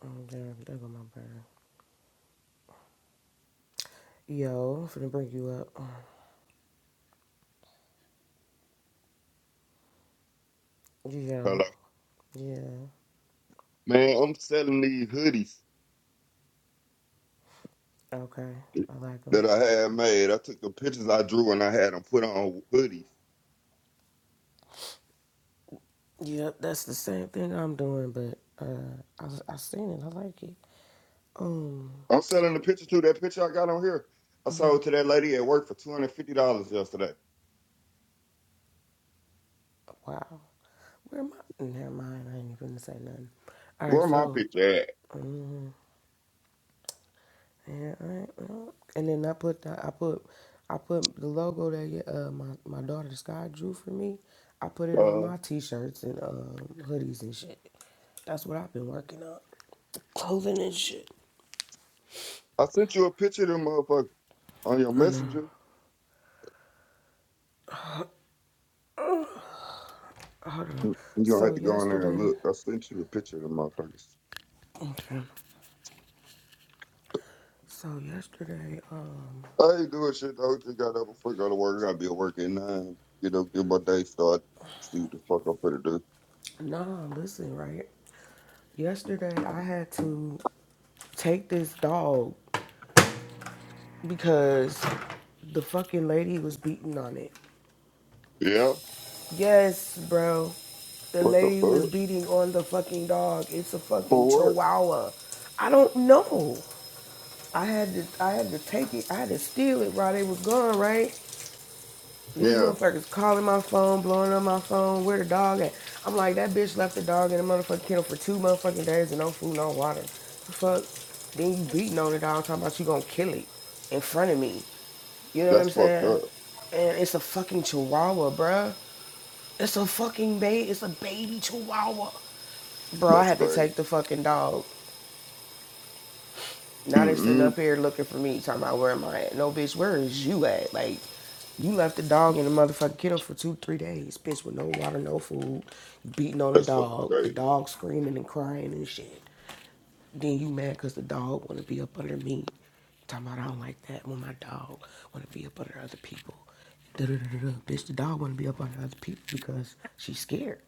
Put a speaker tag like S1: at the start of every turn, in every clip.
S1: Um, there, there go my bird. Yo, finna bring you up. Yo,
S2: Hello.
S1: yeah,
S2: Man, I'm selling these hoodies
S1: okay, I like them.
S2: that I had made. I took the pictures I drew and I had them put on hoodies.
S1: Yep, that's the same thing I'm doing, but uh, I I seen it, I like it. Um,
S2: I'm selling the picture too. That picture I got on here, I sold to that lady at work for two hundred fifty dollars yesterday.
S1: wow, where am I? Never mind, I ain't even gonna say nothing. All right,
S2: Where my
S1: so.
S2: picture at?
S1: um, And I, well, and then I put that. I put I put the logo that yeah, uh, my my daughter Sky drew for me. I put it on
S2: Uh,
S1: my t-shirts and um, hoodies and shit. That's what I've been working on, clothing and shit.
S2: I sent you a picture of them motherfuckers on your
S1: I know.
S2: messenger.
S1: Hold on.
S2: Mm, You gonna
S1: So
S2: have to go in there and
S1: yesterday,
S2: look. I sent you a picture of them motherfuckers.
S1: okay. So yesterday, um,
S2: I ain't doing shit though. Just got up before I go to work. I gotta be at work at nine. Get up, get my day started. See what the fuck I'm gonna do.
S1: nah, listen, right. Yesterday I had to take this dog because the fucking lady was beating on it.
S2: Yeah.
S1: Yes, bro. The
S2: What the
S1: lady was
S2: fuck?
S1: beating on the fucking dog. It's a fucking
S2: For what?
S1: chihuahua. I don't know. I had to I had to take it. I had to steal it while they was gone, right? These
S2: Yeah,
S1: motherfuckers calling my phone, blowing up my phone, where the dog at? I'm like, that bitch left the dog in the motherfucking kennel for two motherfucking days and no food, no water. The fuck? Then you beating on the dog talking about you gonna kill it in front of me. You know what I'm
S2: that's fucked
S1: saying?
S2: up.
S1: And it's a fucking chihuahua, bruh. It's a fucking baby. It's a baby chihuahua. Bro, I
S2: That's
S1: had to
S2: crazy.
S1: take the fucking dog. Now they sitting
S2: Mm-mm.
S1: up here looking for me, talking about where am I at? No, bitch, where is you at? Like, you left the dog and the motherfucking kiddo for two, three days, bitch, with no water, no food, beating on the
S2: That's fucking
S1: dog, the
S2: crazy.
S1: dog screaming and crying and shit. Then you mad because the dog want to be up under me. Talking about I don't like that when my dog want to be up under other people. da da da da Bitch, the dog want to be up under other people because she's scared.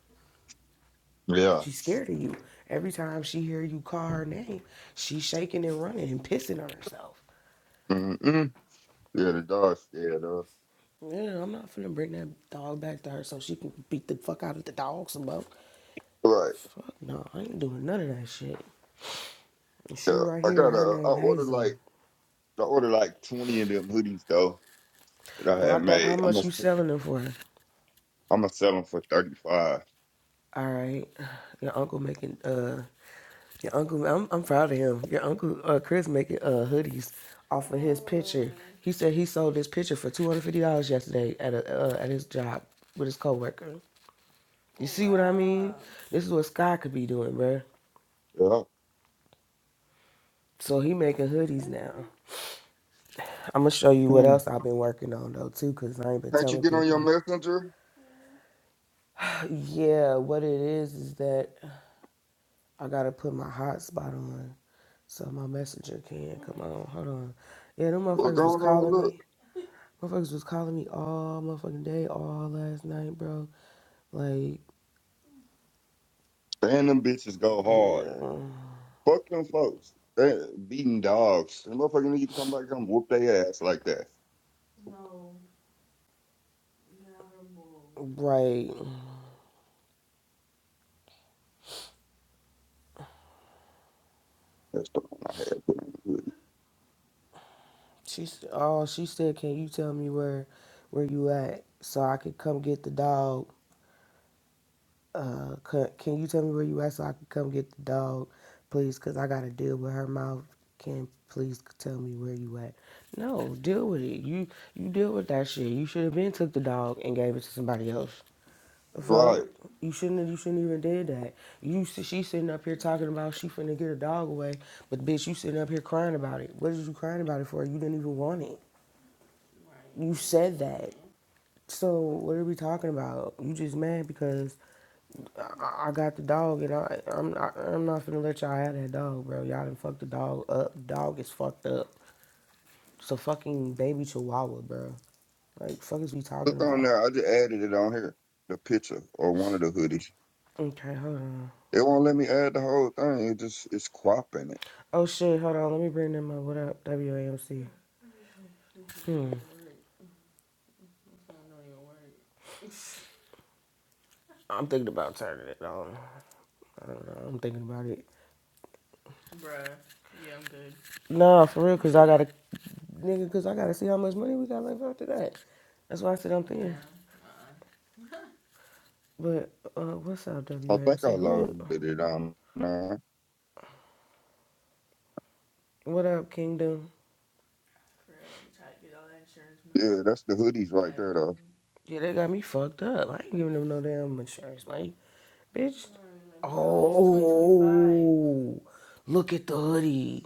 S2: Yeah.
S1: She's scared of you. Every time she hear you call her name, she's shaking and running and pissing on herself.
S2: Mm-mm. Yeah, the dog's scared though.
S1: Yeah, I'm not finna bring that dog back to her so she can beat the fuck out of the dog some more.
S2: Right.
S1: Fuck no, I ain't doing none of that shit. She
S2: Yeah.
S1: right
S2: I
S1: here,
S2: got
S1: her
S2: a. I
S1: name
S2: ordered
S1: Hazel.
S2: like I ordered like twenty of them hoodies though that I
S1: Well, I
S2: had
S1: doubt how
S2: made. I'm
S1: much
S2: gonna
S1: you selling her for.
S2: I'm gonna sell them for thirty five.
S1: All right. Your uncle making uh your uncle I'm I'm proud of him. Your uncle uh Chris making uh hoodies off of his picture. He said he sold this picture for two hundred fifty dollars yesterday at a uh, at his job with his coworker. You see what I mean? This is what Sky could be doing, bruh.
S2: Yeah.
S1: So he making hoodies now. I'm gonna show you what
S2: Hmm.
S1: else I've been working on though too, cause I ain't been
S2: Can't you
S1: telling
S2: get on your
S1: people.
S2: messenger?
S1: Yeah, what it is is that I gotta put my hotspot on so my messenger can come on. Hold on. Yeah, them
S2: What's
S1: motherfuckers was
S2: going on?
S1: calling
S2: Look,
S1: me. Motherfuckers was calling me all motherfucking day, all last night, bro. Like,
S2: and them bitches go hard.
S1: yeah,
S2: Fuck them folks. They're beating dogs. The motherfucker need to come back and whoop their ass like that.
S1: right.
S2: That's the one I had. Put on the hoodie.
S1: She s- all she said, "Can you tell me where, where you at, so I could come get the dog uh, can, can you tell me where you at so I can come get the dog, please? Cause I gotta deal with her mouth. Can please tell me where you at? No, deal with it. You you deal with that shit. You should have been took the dog and gave it to somebody else.
S2: Right.
S1: Fuck, you shouldn't. have- You shouldn't even did that. You s- she sitting up here talking about she finna get a dog away, but bitch, you sitting up here crying about it. What is you crying about it for? You didn't even want it. You said that. So what are we talking about? You just mad because I, I got the dog, and I I'm not I'm not finna let y'all have that dog, bro. Y'all done fucked the dog up. Dog is fucked up. It's a fucking baby chihuahua, bro. Like fuck is we talking
S2: Look on
S1: about?
S2: there. I just added it on here, the picture or one of the hoodies.
S1: Okay, hold on.
S2: It won't let me add the whole thing. It just it's cropping it.
S1: Oh shit, hold on. Let me bring them up. What up, WAMC? Hmm. I'm thinking about turning it on. I don't know. I'm thinking about it. Nah, for real, cause I gotta nigga, cause I gotta see how much money we got left after that. That's why I said I'm thinking. But uh, what's up,
S2: I think I
S1: WAMC? Who?
S2: loaded it on now.
S1: What up, Kingdom?
S2: Yeah, that's the hoodies right there though.
S1: Yeah, they got me fucked up. I ain't giving them no damn insurance, money, bitch. Oh, look at the hoodie.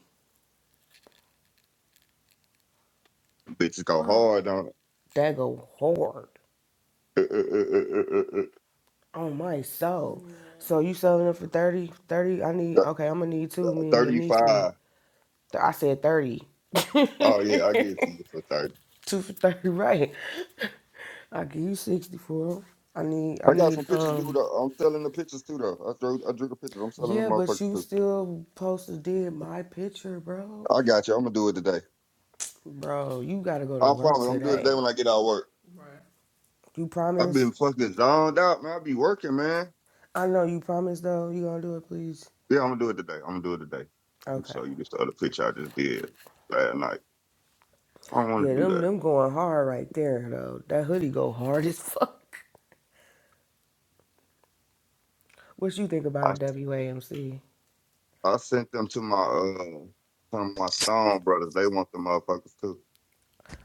S2: Bitches go hard on
S1: That go hard
S2: it.
S1: on my soul. So you selling it for 30? 30? I need, okay, I'm gonna need two. Me and your
S2: Thirty
S1: niece need,
S2: five.
S1: I said 30.
S2: Oh yeah, I get to you for thirty.
S1: two for 30, right. I give you 60 for them. I need, I
S2: I got some
S1: need,
S2: pictures new
S1: um,
S2: though. I'm selling the pictures too though. I drew I drew the pictures. I'm selling the
S1: yeah, but
S2: motherfuckers
S1: you
S2: too.
S1: still posted did my picture, bro.
S2: I got you. I'm gonna do it today.
S1: Bro, you gotta go to
S2: I
S1: work
S2: promise. I'm gonna do it
S1: today.
S2: today when I get out of work.
S1: You
S2: I've
S1: promise?
S2: been fucking zoned out, man. I be working, man.
S1: I know you promise though. You gonna do it, please?
S2: Yeah, I'm gonna do it today. I'm gonna do it today. Let me
S1: Okay.
S2: show you this other picture I just did last night. I don't want
S1: Yeah,
S2: to do
S1: them
S2: that.
S1: them going hard right there though. That hoodie go hard as fuck. What you think about
S2: I
S1: it, WAMC?
S2: I sent them to my uh from my Stone brothers. They want the motherfuckers too.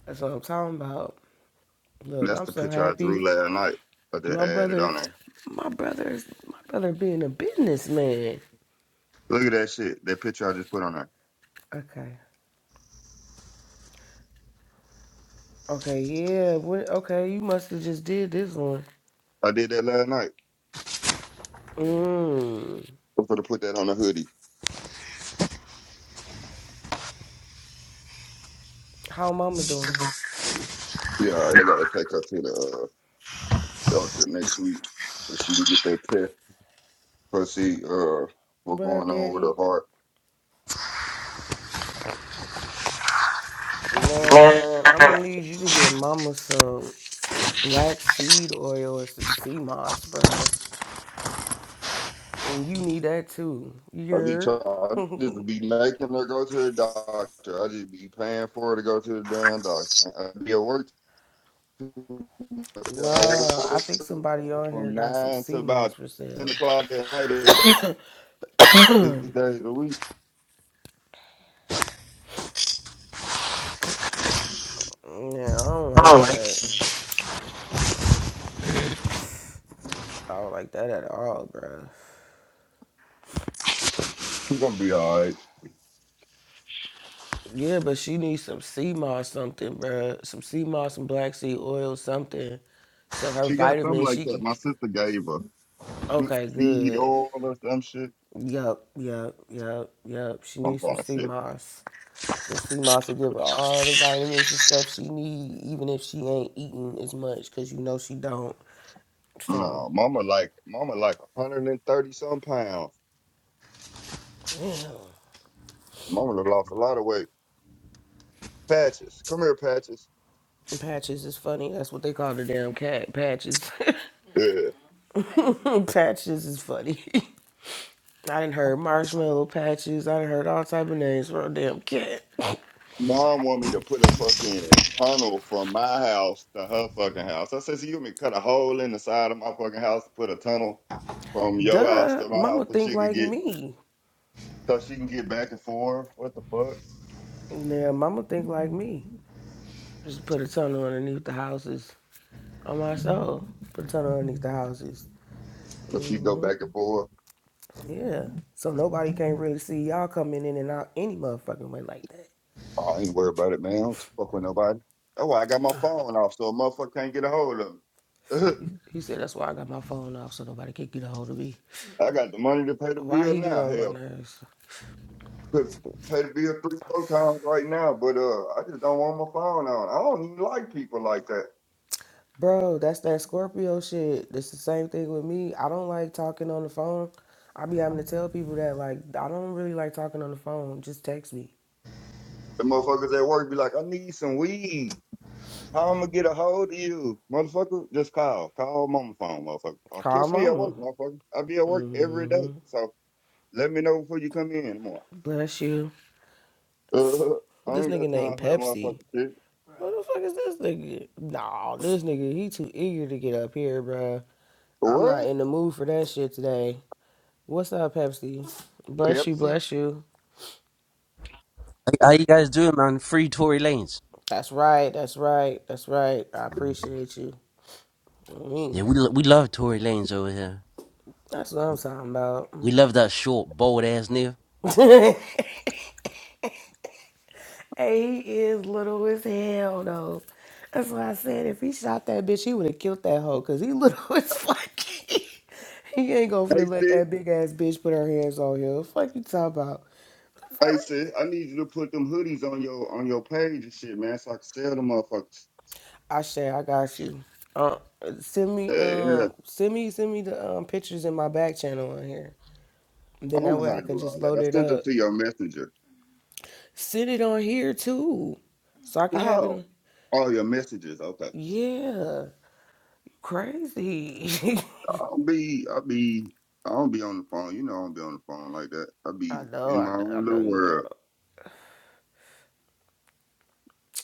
S1: That's what I'm talking about. Look,
S2: that's
S1: I'm
S2: the
S1: so
S2: picture I drew
S1: happy.
S2: last night. I just
S1: My
S2: added
S1: brother,
S2: on there.
S1: my brother's my brother being a businessman.
S2: Look at that shit. That picture I just put on there.
S1: Okay. Okay. Yeah. What, okay. You must have just did this one.
S2: I did that last night.
S1: Mmm.
S2: I'm gonna put that on the hoodie.
S1: How mama doing?
S2: Yeah, all right, I gotta take her to the uh, doctor next week so she can get that test. Cause see uh what's
S1: What up,
S2: going on with her
S1: Danny?
S2: heart.
S3: Man,
S1: Man, I'm
S3: I
S1: gonna need you to get mama some. black seed oil and some sea moss, bruh. And you need that too.
S2: I be
S1: You're
S2: trying, I just be making her go to the doctor. I just be paying for her to go to the damn doctor. I be at work too. I
S1: nah. I
S2: work
S1: think somebody on here
S2: from
S1: got some
S2: nine to
S1: sea moss
S2: about
S1: for
S2: ten
S1: sale.
S2: o'clock at night every day, six days a week.
S1: Yeah, I don't like
S3: don't like it.
S1: that. I don't like that at all, bruh.
S2: She's gonna be all right.
S1: Yeah, but she needs some sea moss something, bruh. Some sea moss and black seed oil something. So her
S2: She got something
S1: vitamins
S2: like
S1: she
S2: that.
S1: can.
S2: My sister gave her
S1: Okay,
S2: seed
S1: good.
S2: oil or some shit.
S1: Yup, yup, yup, yup. She
S2: I'm
S1: needs some
S2: gonna
S1: sea
S2: say
S1: moss. So C-Monster give her all the vitamins and stuff she need, even if she ain't eating as much, cause you know she don't. So
S2: no. Mama like mama like 130 some pounds. Mama done lost a lot of weight. Patches, come here, patches.
S1: patches is funny. That's what they call the damn cat patches.
S2: Yeah.
S1: patches is funny. I done heard marshmallow patches. I done heard all type of names for a damn cat.
S2: Mom want me to put a fucking tunnel from my house to her fucking house. I said, so you want me to cut a hole in the side of my fucking house to put a tunnel from your house
S1: Duh,
S2: to my house
S1: mama
S2: so
S1: think
S2: she could
S1: like
S2: get
S1: me.
S2: so she can get back and forth? What the fuck?
S1: Yeah, mama think like me. Just put a tunnel underneath the houses. On my soul, put a tunnel underneath the houses.
S2: So she go
S1: Mm-hmm.
S2: back and forth.
S1: Yeah. So nobody can't really see y'all coming in and out any motherfucking way like that.
S2: Oh, I ain't worried about it, man. I don't fuck with nobody. That's why I got my phone off so a motherfucker can't get a hold of me.
S1: He, he said that's why I got my phone off so nobody can get a hold of me.
S2: I got the money to pay the
S1: Why
S2: bill
S1: he get
S2: now.
S1: on my
S2: Hell,
S1: nerves?
S2: could pay the bill three, four times right now, but uh I just don't want my phone on. I don't even like people like that.
S1: Bro, that's that Scorpio shit. It's the same thing with me. I don't like talking on the phone. I be having to tell people that like I don't really like talking on the phone. Just text me.
S2: The motherfuckers at work be like, I need some weed. How I'm gonna get a hold of you, motherfucker? Just call, call mama phone, motherfucker. Or
S1: Call
S2: catch me at work,
S1: mama.
S2: motherfucker. I be at work every
S1: Mm,
S2: day, so let me know before you come in tomorrow.
S1: bless you.
S2: Uh,
S1: What
S2: I
S1: this
S2: ain't
S1: nigga
S2: got
S1: named
S2: time for that
S1: Pepsi?
S2: motherfucker shit.
S1: What the fuck is this nigga? Nah, this nigga, he too eager to get up here, bruh. I'm not
S2: What?
S1: in the mood for that shit today. What's up, Pepsi? Bless you,
S2: Pepsi?
S1: bless you.
S4: Hey, How you guys doing, man? Free Tory Lanes.
S1: That's right, that's right, that's right. I appreciate you. Mm,
S4: Yeah, we lo- we love Tory Lanes over here.
S1: that's what I'm talking about.
S4: We love that short, bold ass nigga.
S1: hey, he is little as hell, though. That's why I said if he shot that bitch, he would have killed that hoe, because he little as fuck. he ain't gonna
S2: Hey
S1: finna let
S2: sis,
S1: that big ass bitch put her hands on him. Fuck you talking about?
S2: hey sis, I need you to put them hoodies on your on your page and shit, man, so I can sell them motherfuckers.
S1: I share. I got you. Uh, send me
S2: Yeah, yeah.
S1: um, send me send me the um pictures in my back channel on here.
S2: I
S1: Then that
S2: don't know
S1: way
S2: how
S1: I
S2: to do
S1: can just
S2: all that.
S1: load
S2: I
S1: it
S2: sent them
S1: up.
S2: to your messenger.
S1: Send it on here too, so I can have it.
S2: How?
S1: On.
S2: All your messages, okay.
S1: Yeah, crazy.
S2: I don't be, I be, I don't be on the phone. You know, I don't be on the phone like that. I
S1: I
S2: be
S1: know.
S2: in
S1: I,
S2: my
S1: kn- I
S2: own little
S1: know you.
S2: world.
S1: Know.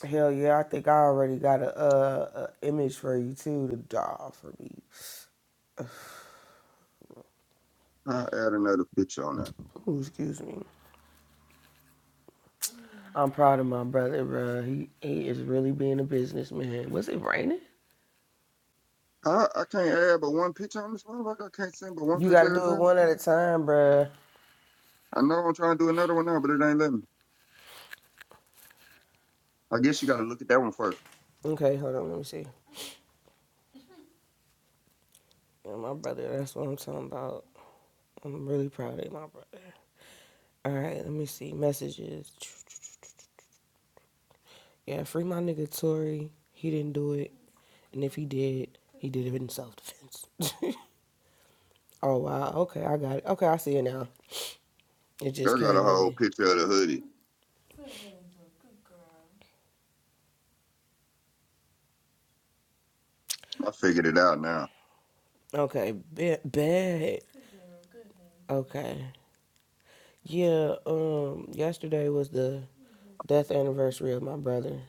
S1: Hell yeah! I think I already got a, uh a image for you too to draw for me.
S2: I add another picture on that.
S1: Ooh, excuse me. I'm proud of my brother, bro. He he is really being a businessman. Was it raining?
S2: I, I can't add but one picture on this motherfucker. I can't send but one
S1: You got to
S2: picture at a
S1: do it
S2: time.
S1: one at a time, bruh.
S2: I know I'm trying to do another one now, but it ain't letting me. I guess you got to look at that one first.
S1: Okay, hold on, let me see. Yeah, my brother, that's what I'm talking about. I'm really proud of my brother. All right, let me see. Messages. Yeah, free my nigga Tory. He didn't do it. And if he did, he did it in self defense. oh, wow. Okay, I got it. Okay, I see it now. It just
S2: Girl got a
S1: came
S2: whole
S1: in.
S2: picture of the hoodie. I figured it out now.
S1: Okay, bad. Okay. Yeah, um, yesterday was the death anniversary of my brother.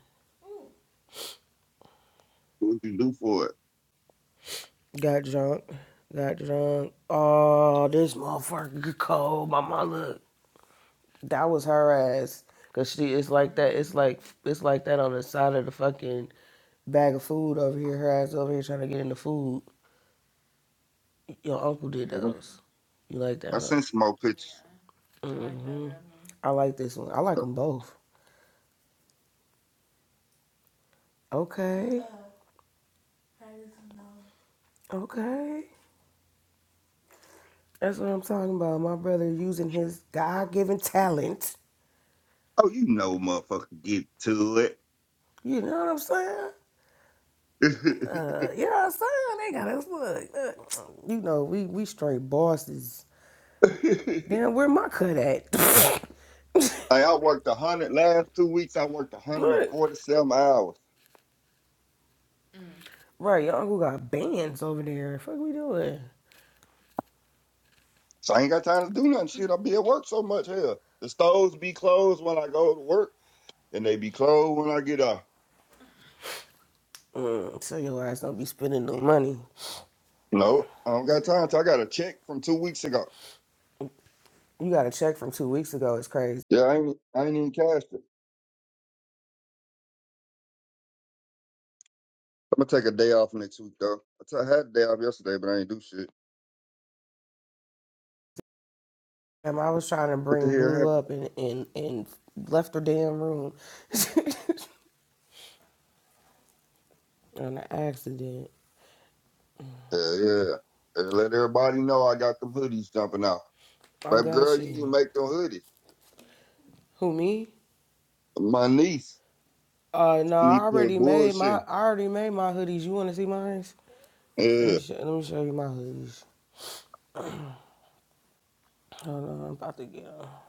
S2: What'd you do for it?
S1: Got drunk. Got drunk. Oh, this motherfucker cold. My mama That was her ass. Cause she it's like that. It's like it's like that on the side of the fucking bag of food over here. Her ass over here trying to get in the food. Your uncle did
S2: You know,
S1: those. You like that,
S2: I
S1: huh?
S2: sent some more pictures.
S1: mm hmm I like this one. I like them both. Okay. Okay. That's what I'm talking about. My brother using his God given talent.
S2: Oh, you know, motherfucker, get to
S1: You know what I'm saying? Uh,
S2: it.
S1: you know what I'm saying? They got us look. look. You know, we, we straight bosses. Damn, where my cut at?
S2: Hey, I worked a hundred last two weeks. I worked a hundred and
S1: What?
S2: forty-seven hours,
S1: Right, your uncle got bands over there. Fuck we doing?
S2: so I ain't got time to do nothing. Shit, I be at work so much. Hell, the stores be closed when I go to work, and they be closed when I get off.
S1: Mm, so your ass don't be spending no money.
S2: No, I don't got time. To. I got a check from two weeks ago.
S1: You got a check from two weeks ago. It's crazy.
S2: Yeah, I ain't, I ain't even cashed it. I'm gonna take a day off next week though. I t- I had a day off yesterday, but I ain't do shit.
S1: And I was trying to
S2: What the
S1: bring
S2: hell
S1: Blue
S2: happened?
S1: up and, and, and left her damn room on an accident.
S2: Yeah, yeah. And let everybody know I got them hoodies jumping out.
S1: I
S2: Baby
S1: got
S2: girl, you
S1: you.
S2: need to make them hoodies.
S1: Who me?
S2: My niece,
S1: Uh no,
S2: she
S1: I
S2: needs to quit
S1: already made my
S2: bullshit.
S1: I already made my hoodies. You want to see mine? Let me
S2: Yeah.
S1: show, let me show you my hoodies. Hold on, I'm about to get get 'em. What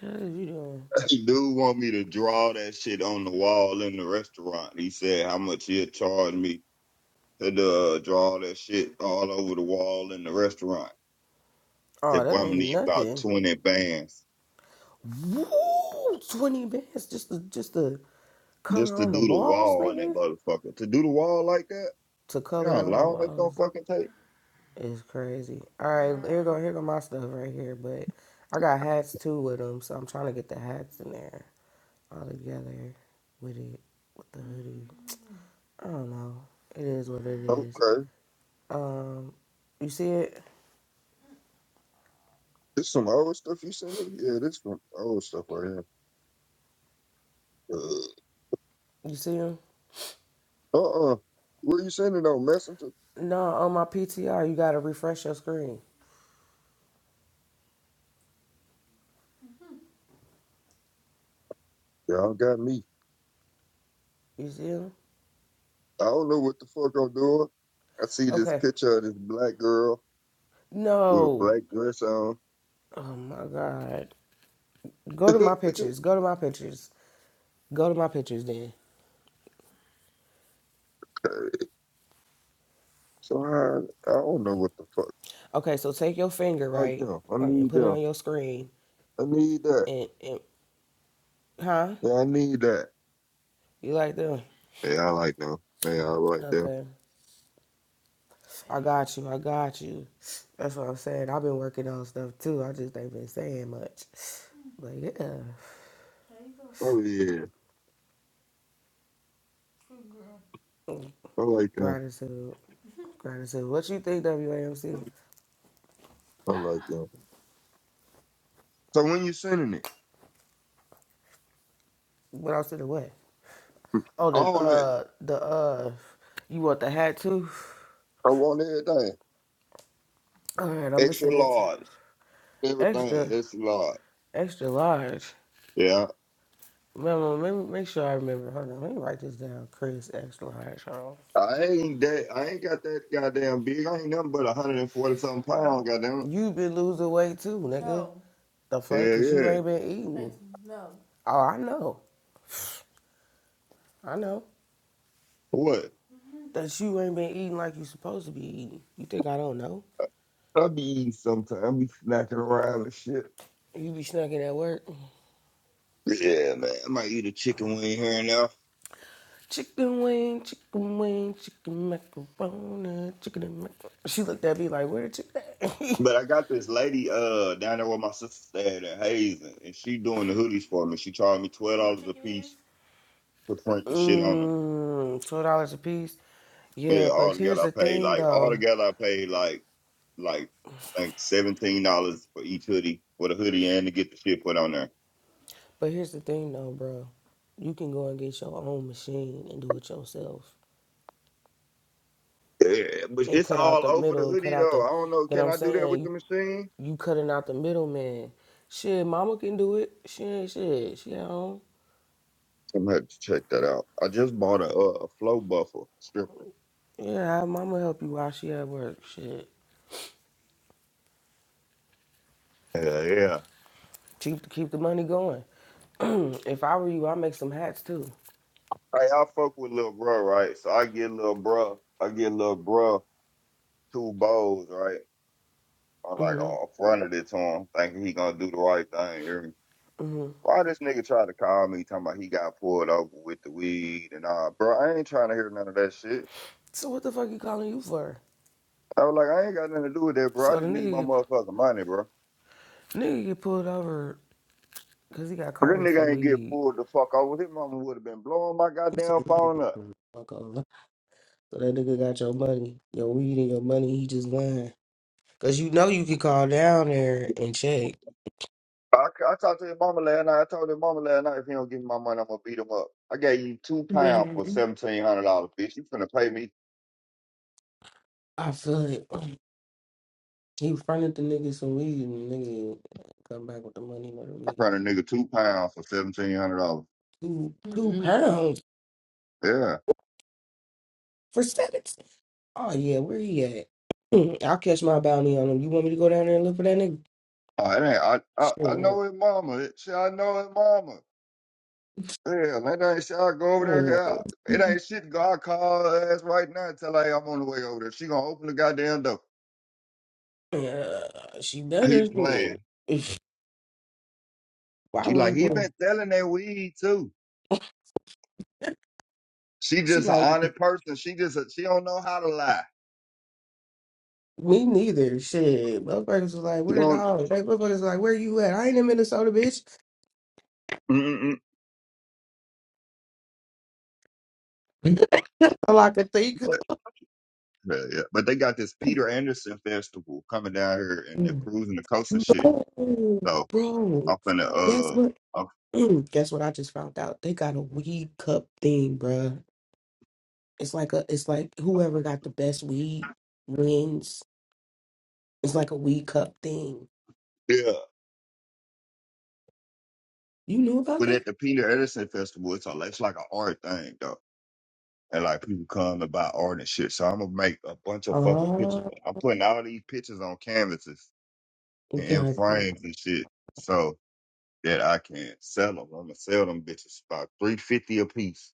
S1: the hell is you doing?
S2: Dude want me to draw that shit on the wall in the restaurant. He said how much he'll charge me to uh, draw that shit all over the wall in the restaurant. I
S1: Oh,
S2: said,
S1: that
S2: boy, I'm gonna
S1: ain't
S2: need about
S1: nothing.
S2: 20 bands
S1: Woo! 20 bands just to, just to
S2: just
S1: color
S2: to
S1: on the
S2: do the
S1: walls,
S2: wall in that
S1: nigga.
S2: motherfucker. To do the wall like that?
S1: To
S2: You know how
S1: color on the
S2: long that's gonna
S1: walls
S2: fucking take?
S1: is crazy. All right, here go here go my stuff right here, but I got hats too with them, so I'm trying to get the hats in there all together with it with the hoodie. I don't know. It is what it is.
S2: Okay.
S1: Um, you see it?
S2: This some old stuff you sent me? Yeah, this some old stuff right here.
S1: You see him?
S2: Uh uh. Where you sending on Messenger?
S1: No, on my PTR, you gotta refresh your screen.
S2: Y'all got me.
S1: You see him?
S2: I don't know what the fuck I'm doing. I see this
S1: Okay.
S2: picture of this black girl with a
S1: No.
S2: black dress on.
S1: Oh my god. Go to my pictures. Go to my pictures. Go to my pictures then.
S2: so I, I don't know what the fuck.
S1: Okay, so take your finger,
S2: I like
S1: right,
S2: them. I
S1: uh, and
S2: need
S1: put it
S2: them.
S1: on your screen.
S2: I need that.
S1: And, and huh?
S2: Yeah, I need that.
S1: You like them?
S2: Yeah, I like them. Yeah, I like them.
S1: Okay. I got you. I got you. That's what I'm saying. I've been working on stuff too. I just ain't been saying much. But yeah,
S2: Oh yeah, I like them.
S1: gratitude. Gratitude. What you think, WAMC?
S2: I like them. So when you sending
S1: What else in the way?
S2: it,
S1: Oh, the,
S2: all that,
S1: uh, the, uh, you want the hat too?
S2: I want everything,
S1: All right, I'm gonna send
S2: extra
S1: it
S2: large, everything
S1: extra,
S2: extra large.
S1: extra large.
S2: Yeah,
S1: Mama, let me make sure I remember. Hold on, let me write this down. Chris X Line Charles.
S2: I ain't that. I ain't got that goddamn big. I ain't nothing but a hundred and forty something pounds. Goddamn.
S1: You been losing weight too, nigga. The fuck?
S2: Yeah,
S1: Cause you
S2: yeah.
S1: ain't been eating. Oh, I know. I know.
S2: What?
S1: That you ain't been eating like you supposed to be eating. You think I don't know?
S2: I be eating sometimes. I be snacking around and shit.
S1: You be snacking at work.
S2: Yeah, man. I might eat a chicken wing here and there.
S1: Chicken wing, chicken wing, chicken macaroni, chicken and mac. She looked at me like, where the chicken at?
S2: But I got this lady uh down there where my sister stayed at Hazen, and she doing the hoodies for me. She charged me twelve dollars a piece to print the shit on them.
S1: Mmm, $12 a piece. Yeah,
S2: Yeah,
S1: but
S2: all
S1: here's
S2: together
S1: the
S2: I paid
S1: thing
S2: like all
S1: though.
S2: together I paid like like like seventeen dollars for each hoodie for the hoodie and to get the shit put on there.
S1: But here's the thing though, bro. You can go and get your own machine and do it yourself
S2: Yeah, but
S1: and
S2: it's
S1: cut out
S2: all
S1: the
S2: over the
S1: middle and cut
S2: hoodie
S1: out the
S2: though. I don't know.
S1: but
S2: Can
S1: I'm
S2: I do that
S1: saying
S2: with
S1: you
S2: the machine?
S1: you cutting out the middleman. Shit, mama can do it. She ain't shit. She at home.
S2: I'm gonna have to check that out. I just bought a uh, a flow buffer stripper.
S1: Yeah, have mama help you while she at work. Shit.
S2: Yeah, yeah.
S1: Keep keep the money going. if I were you, I'd make some hats too.
S2: Hey, I fuck with Lil Bruh, right? So I get Lil Bruh, I get Lil Bruh two bowls, right? I'm like,
S1: hmm
S2: oh, I fronted it to him, thinking he gonna do the right thing. you hear me?
S1: hmm
S2: Why this nigga try to call me talking about he got pulled over with the weed and all, bro? I ain't trying to hear none of that shit.
S1: So what the fuck you calling you for?
S2: I was like, I ain't got nothing to do with that, bro. I
S1: So the
S2: just need
S1: nigga
S2: my
S1: get,
S2: motherfucking money, bro.
S1: nigga get pulled over because he got
S2: But
S1: caught
S2: this
S1: with the
S2: nigga ain't get
S1: weed.
S2: pulled the fuck over. His mama would have been blowing my
S1: He said,
S2: goddamn
S1: "You need to
S2: phone
S1: get
S2: up.
S1: the fuck over." So that nigga got your money, your weed and your money. He just lying. Cause you know you could call down there and check.
S2: I, I talked to his mama last night. I told his mama last night if he don't give me my money, I'm gonna beat him up. I gave you two pounds for seventeen hundred dollars, bitch. You finna pay me
S1: I feel it. He fronted the nigga some weed and the nigga come back with the money and the
S2: I
S1: weed.
S2: run a nigga two pounds for seventeen hundred dollars.
S1: Two two pounds
S2: Yeah.
S1: for seven. Oh yeah, where he at? Hmm, I'll catch my bounty on him. You want me to go down there and look for that nigga?
S2: Oh, it ain't, I, I I
S1: Sure.
S2: know his mama. It, shit, I know his mama. Yeah, man, that ain't shit. I go over there. Yeah, it
S1: Hmm,
S2: ain't shit. God I call her ass right now and tell her hey, I'm on the way over there. She gonna open the goddamn door.
S1: Yeah, she
S2: He
S1: better. Mm.
S2: playing.
S1: Why
S2: She
S1: would he
S2: like he
S1: go?
S2: been selling that weed too. She
S1: She
S2: just an
S1: like.
S2: honest person. She just a, she don't know how to lie.
S1: Me neither. Shit. Motherfuckers was like,
S2: She
S1: where the
S2: don't.
S1: dog? Like, motherfuckers was like, where you at? I ain't in Minnesota, bitch. All I could think. of.
S2: But yeah, yeah. But they got this Peter Anderson festival coming down here and they're cruising the coast and shit.
S1: No,
S2: So
S1: bro.
S2: I'm finna
S1: Guess
S2: uh
S1: what?
S2: I'm,
S1: Guess what I just found out? They got a weed cup thing, bruh. It's like a it's like whoever got the best weed wins. It's like a weed cup thing.
S2: yeah.
S1: You knew about
S2: But
S1: that?
S2: at the Peter Anderson festival, it's a it's like an art thing though. And like people come to buy art and shit. So I'm gonna make a bunch of fucking pictures.
S1: Oh,
S2: I'm putting all these pictures on canvases and in
S1: gotcha.
S2: frames and shit. So that I can sell them. I'm gonna sell them bitches about three fifty a piece.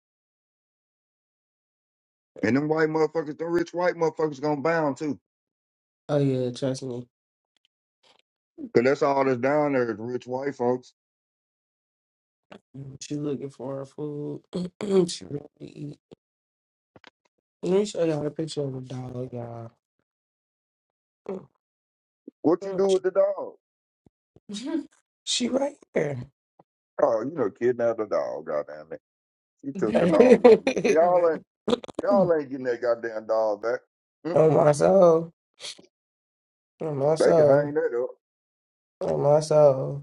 S2: And them white motherfuckers, them rich white motherfuckers gonna buy buy them too.
S1: Oh yeah, trust me.
S2: Cause that's all that's down there is rich white folks.
S1: She looking for her food. she ready to eat. Let me show y'all the picture of the dog, y'all.
S2: What you do with the dog?
S1: she right here.
S2: Oh, you know, kidnap the dog, goddamn it. She took the dog with her. Y'all ain't y'all ain't getting that goddamn dog back. Mm,
S1: on my soul. On my
S2: They can
S1: soul.
S2: hang that up.
S1: On my soul.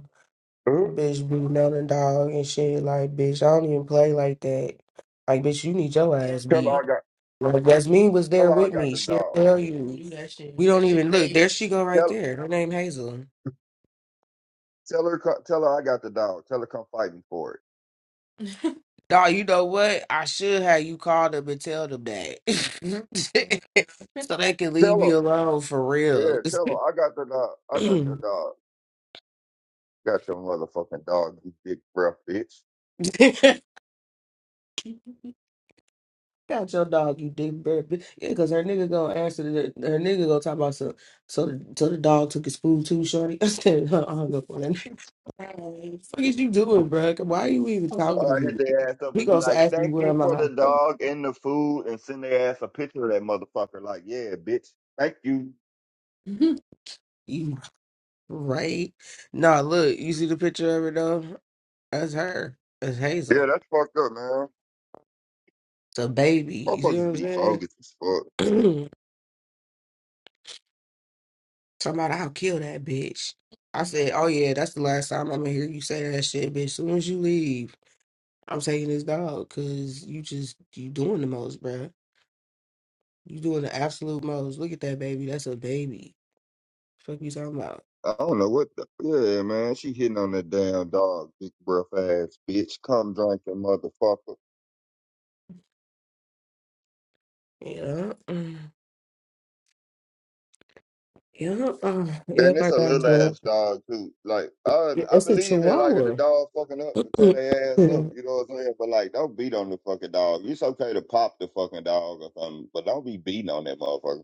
S2: Uh-huh.
S1: Bitch beating on the dog and shit. Like, bitch, I don't even play like that. Like, bitch, you need your ass
S2: Tell
S1: beat.
S2: her I got
S1: Like, Jasmine was
S2: tell
S1: there
S2: her I
S1: with
S2: got
S1: me.
S2: the
S1: She'll
S2: dog.
S1: tell you. We don't even look. There she go right
S2: Tell
S1: there. Her name Hazel.
S2: tell her co- tell her I got the dog. Tell her come fight me for it.
S1: Dog, you know what? I should have you call them and tell them that. so they can leave
S2: Tell
S1: me
S2: her
S1: alone for real.
S2: yeah, tell her I got the dog. I got your dog. Got your motherfucking dog, you big breath bitch.
S1: Got your dog, you dick bird. Yeah, because her nigga gonna answer the, her nigga gonna talk about some so the so the dog took his food too, shorty. I said, huh, I hung up on that nigga. What the fuck is you doing, bro? Why are you even talking to
S2: I hit
S1: me?
S2: their ass up
S1: He
S2: and be
S1: gonna
S2: like,
S1: ask me
S2: "Thank
S1: what
S2: you
S1: am
S2: for
S1: I?
S2: the
S1: Fuck
S2: dog and the food," and send their ass a picture of that motherfucker. Like, yeah, bitch. Thank you.
S1: You right? Nah, look, you see the picture of her though? That's her. That's Hazel.
S2: Yeah, that's fucked up, man.
S1: It's A baby, You know
S2: Motherfuckers
S1: what
S2: be
S1: I'm
S2: bogus as fuck.
S1: saying? Talking about I'll kill that bitch. I said, oh yeah, that's the last time I'm gonna hear you say that shit, bitch. Soon as you leave, I'm taking this dog because you just you doing the most, bruh. You doing the absolute most. Look at that baby. That's a baby. Fuck you talking about?
S2: I don't know what the yeah, man. She hitting on that damn dog, big breath ass bitch. Come drinking motherfucker.
S1: Yeah, mm, yeah, uh, yeah.
S2: And it's
S1: I
S2: a
S1: got
S2: little
S1: drunk.
S2: ass dog too. Like I,
S1: Yeah,
S2: I
S1: it's a
S2: believe in like if the
S1: chihuahua.
S2: dog fucking up to tear their ass up.
S1: Mm,
S2: You know what I'm saying? But like, don't beat on the fucking dog. It's okay to pop the fucking dog or something, but don't be beating on that motherfucker.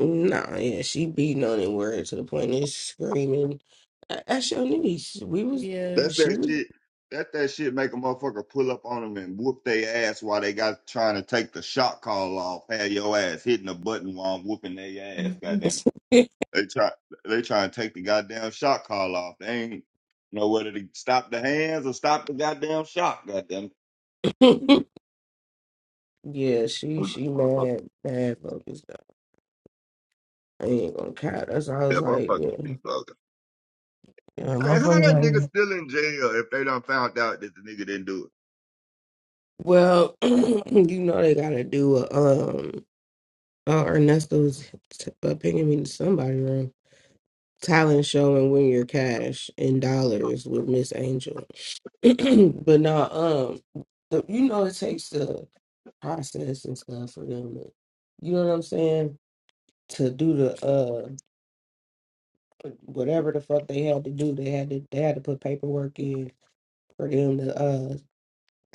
S1: mm. nah, yeah, she beating on it word to the point of screaming. "Uh, That's your niece. We was Yeah.
S2: That's
S1: she
S2: that
S1: was
S2: shit. That that shit make a motherfucker pull up on them and whoop their ass while they got trying to take the shot call off. Have your ass hitting the button while I'm whooping their ass. Goddamn it! They try they trying to take the goddamn shot call off. They ain't know whether to stop the hands or stop the goddamn shot. Goddamn.
S1: yeah, she
S2: it.
S1: she
S2: Motherfucker,
S1: mad mad focused. though. I ain't gonna count. That's why I
S2: Yeah,
S1: was like, yeah,
S2: motherfuckers be fucking.
S1: yeah
S2: Hey, how that
S1: motherfucker.
S2: nigga
S1: Like,
S2: still in jail if they done found out that the nigga didn't do
S1: well, you know they gotta do a um. Uh, Ernesto's t- uh, picking me to somebody room talent show and win your cash in dollars with Miss Angel. but now, um, the, you know it takes the process and stuff for them. To, you know what I'm saying? To do the uh whatever the fuck they had to do, they had to they had to put paperwork in for them to uh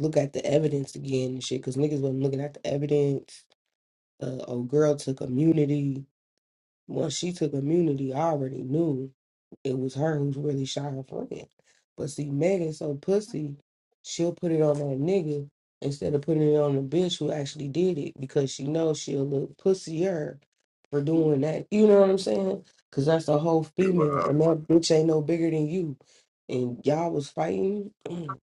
S1: look at the evidence again and shit. Cause niggas wasn't looking at the evidence. Uh, old girl took immunity. Once she took immunity, I already knew it was her who's really shot her friend. But see, Megan so pussy, she'll put it on that nigga instead of putting it on the bitch who actually did it because she knows she'll look pussier for doing that. You know what I'm saying? Because that's a whole
S2: it? Shit,
S1: female,
S2: Wow.
S1: and that bitch ain't no bigger than you. And y'all was fighting.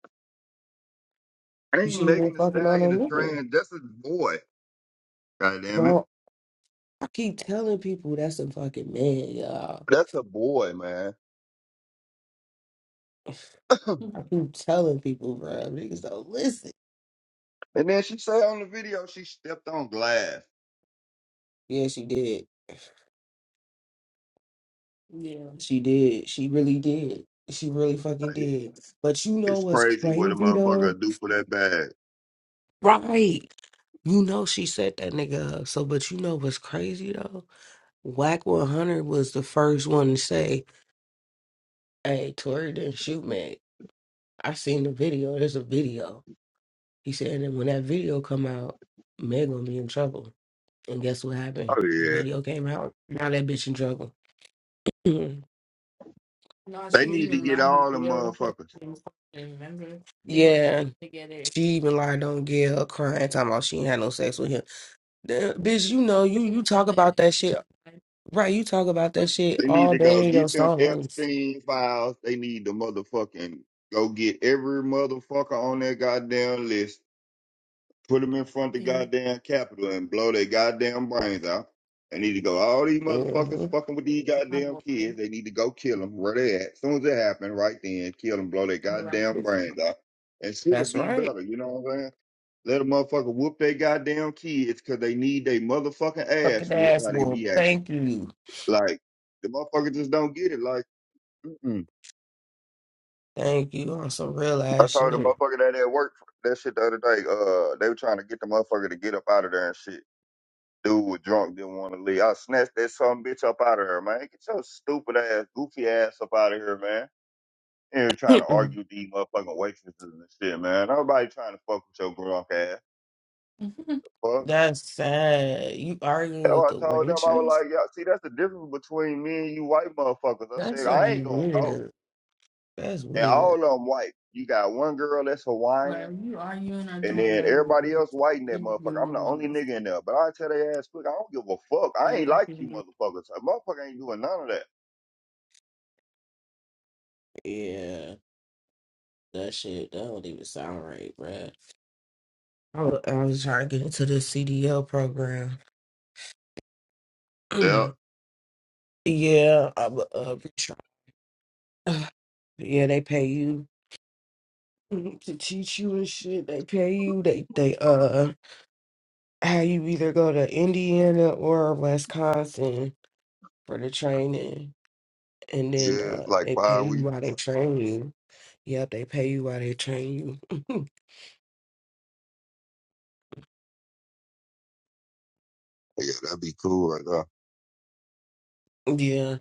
S1: You
S2: Ain't
S1: shouldn't
S2: making
S1: have been
S2: the
S1: fucking on a
S2: stallion a
S1: nigga,
S2: trans. That's a boy. Goddamn it.
S1: bro. I keep telling people that's a fucking man, y'all.
S2: That's a boy, man.
S1: I keep telling people, bro, niggas don't listen.
S2: And then she said on the video she stepped on glass.
S1: Yeah, she did. Yeah. She did. She really did. She really fucking
S2: Like,
S1: did. But you know
S2: it's
S1: what's
S2: crazy what a
S1: crazy though?
S2: motherfucker do for that bag.
S1: Right. You know she set that nigga up. So, but you know what's crazy though? Whack 100 was the first one to say, "Hey, Tori didn't shoot Meg." I seen the video. There's a video. He said, and when that video come out, Meg gonna be in trouble. And guess what happened?
S2: Oh
S1: The
S2: yeah.
S1: video came out. Now that bitch in trouble.
S2: They need to get all the motherfuckers.
S1: Yeah, together. she even lied on Gail crying, talking about she ain't had no sex with him. Damn, bitch, you know, you you talk about that shit, right? You talk about that shit
S2: They need
S1: all
S2: to go
S1: day in your
S2: get them
S1: songs.
S2: Epstein files. They need to motherfucking go get every motherfucker on that goddamn list Put them in front of the
S1: Yeah.
S2: goddamn Capitol and blow their goddamn brains out. They need to go. All these motherfuckers
S1: hmm
S2: fucking with these goddamn kids. They need to go kill them where they at. As soon as it happen, right then, kill them, blow their goddamn brains out, and shit'll
S1: That's
S2: be
S1: right.
S2: better. You know what I'm saying? Let a motherfucker whoop their goddamn kids because they need their motherfucking ass
S1: Fucking
S2: whooped
S1: ass
S2: how they
S1: whoop.
S2: be acting.
S1: Thank you.
S2: Like the motherfucker just don't get it. Like mm-mm.
S1: Thank you on some real
S2: I
S1: ass
S2: told the
S1: shit.
S2: motherfucker that at work that shit the other day. Uh, they were trying to get the motherfucker to get up out of there and shit. Dude was drunk, didn't want to leave. I snatched that some bitch up out of her, man. Get your stupid ass, goofy ass up out of here, man. And you're trying to
S1: Mm-mm.
S2: argue with these motherfucking waitresses and shit, man. Nobody trying to fuck with your drunk ass. Fuck.
S1: That's sad. You arguing
S2: That's
S1: with
S2: what
S1: the
S2: I told them. I
S1: waitress?
S2: was like, y'all see, that's the difference between me and you white motherfuckers. I
S1: That's
S2: said,
S1: gonna
S2: I
S1: be
S2: ain't gonna go.
S1: weird. That's
S2: And all
S1: weird.
S2: of them white. You got one girl that's Hawaiian, and then everybody else white in that motherfucker. I'm the only nigga in there. But I tell their ass quick, I don't give a fuck. I ain't like you motherfuckers. A motherfucker ain't doing none of that.
S1: Yeah. That shit, that don't even sound right, bruh. I was, I was trying to get into the CDL program.
S2: Yeah.
S1: yeah, I'm uh, retry. Yeah, they pay you to teach you and shit. They pay you. They they uh how you either go to Indiana or Wisconsin for the training, and then
S2: Yeah,
S1: uh
S2: like
S1: they pay
S2: five
S1: you
S2: weeks.
S1: while they train you. Yep, they pay you while they train you.
S2: Yeah, that'd be cool right now.
S1: yeah,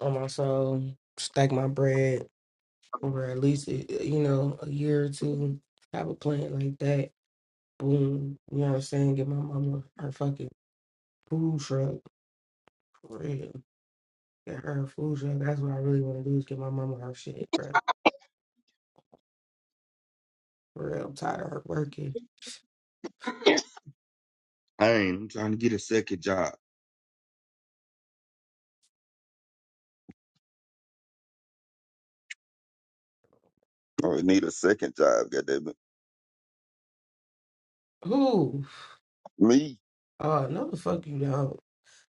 S1: I'm also stack my bread. or at least uh, you know a year or two have a plant like that boom you know what i'm saying get my mama her fucking food truck for real get her a food truck that's what i really want to do is get my mama her shit bro for real i'm tired of her working
S2: Dang, I'm trying to get a second job. I need a second job, goddammit.
S1: who
S2: Me?
S1: oh no the fuck you don't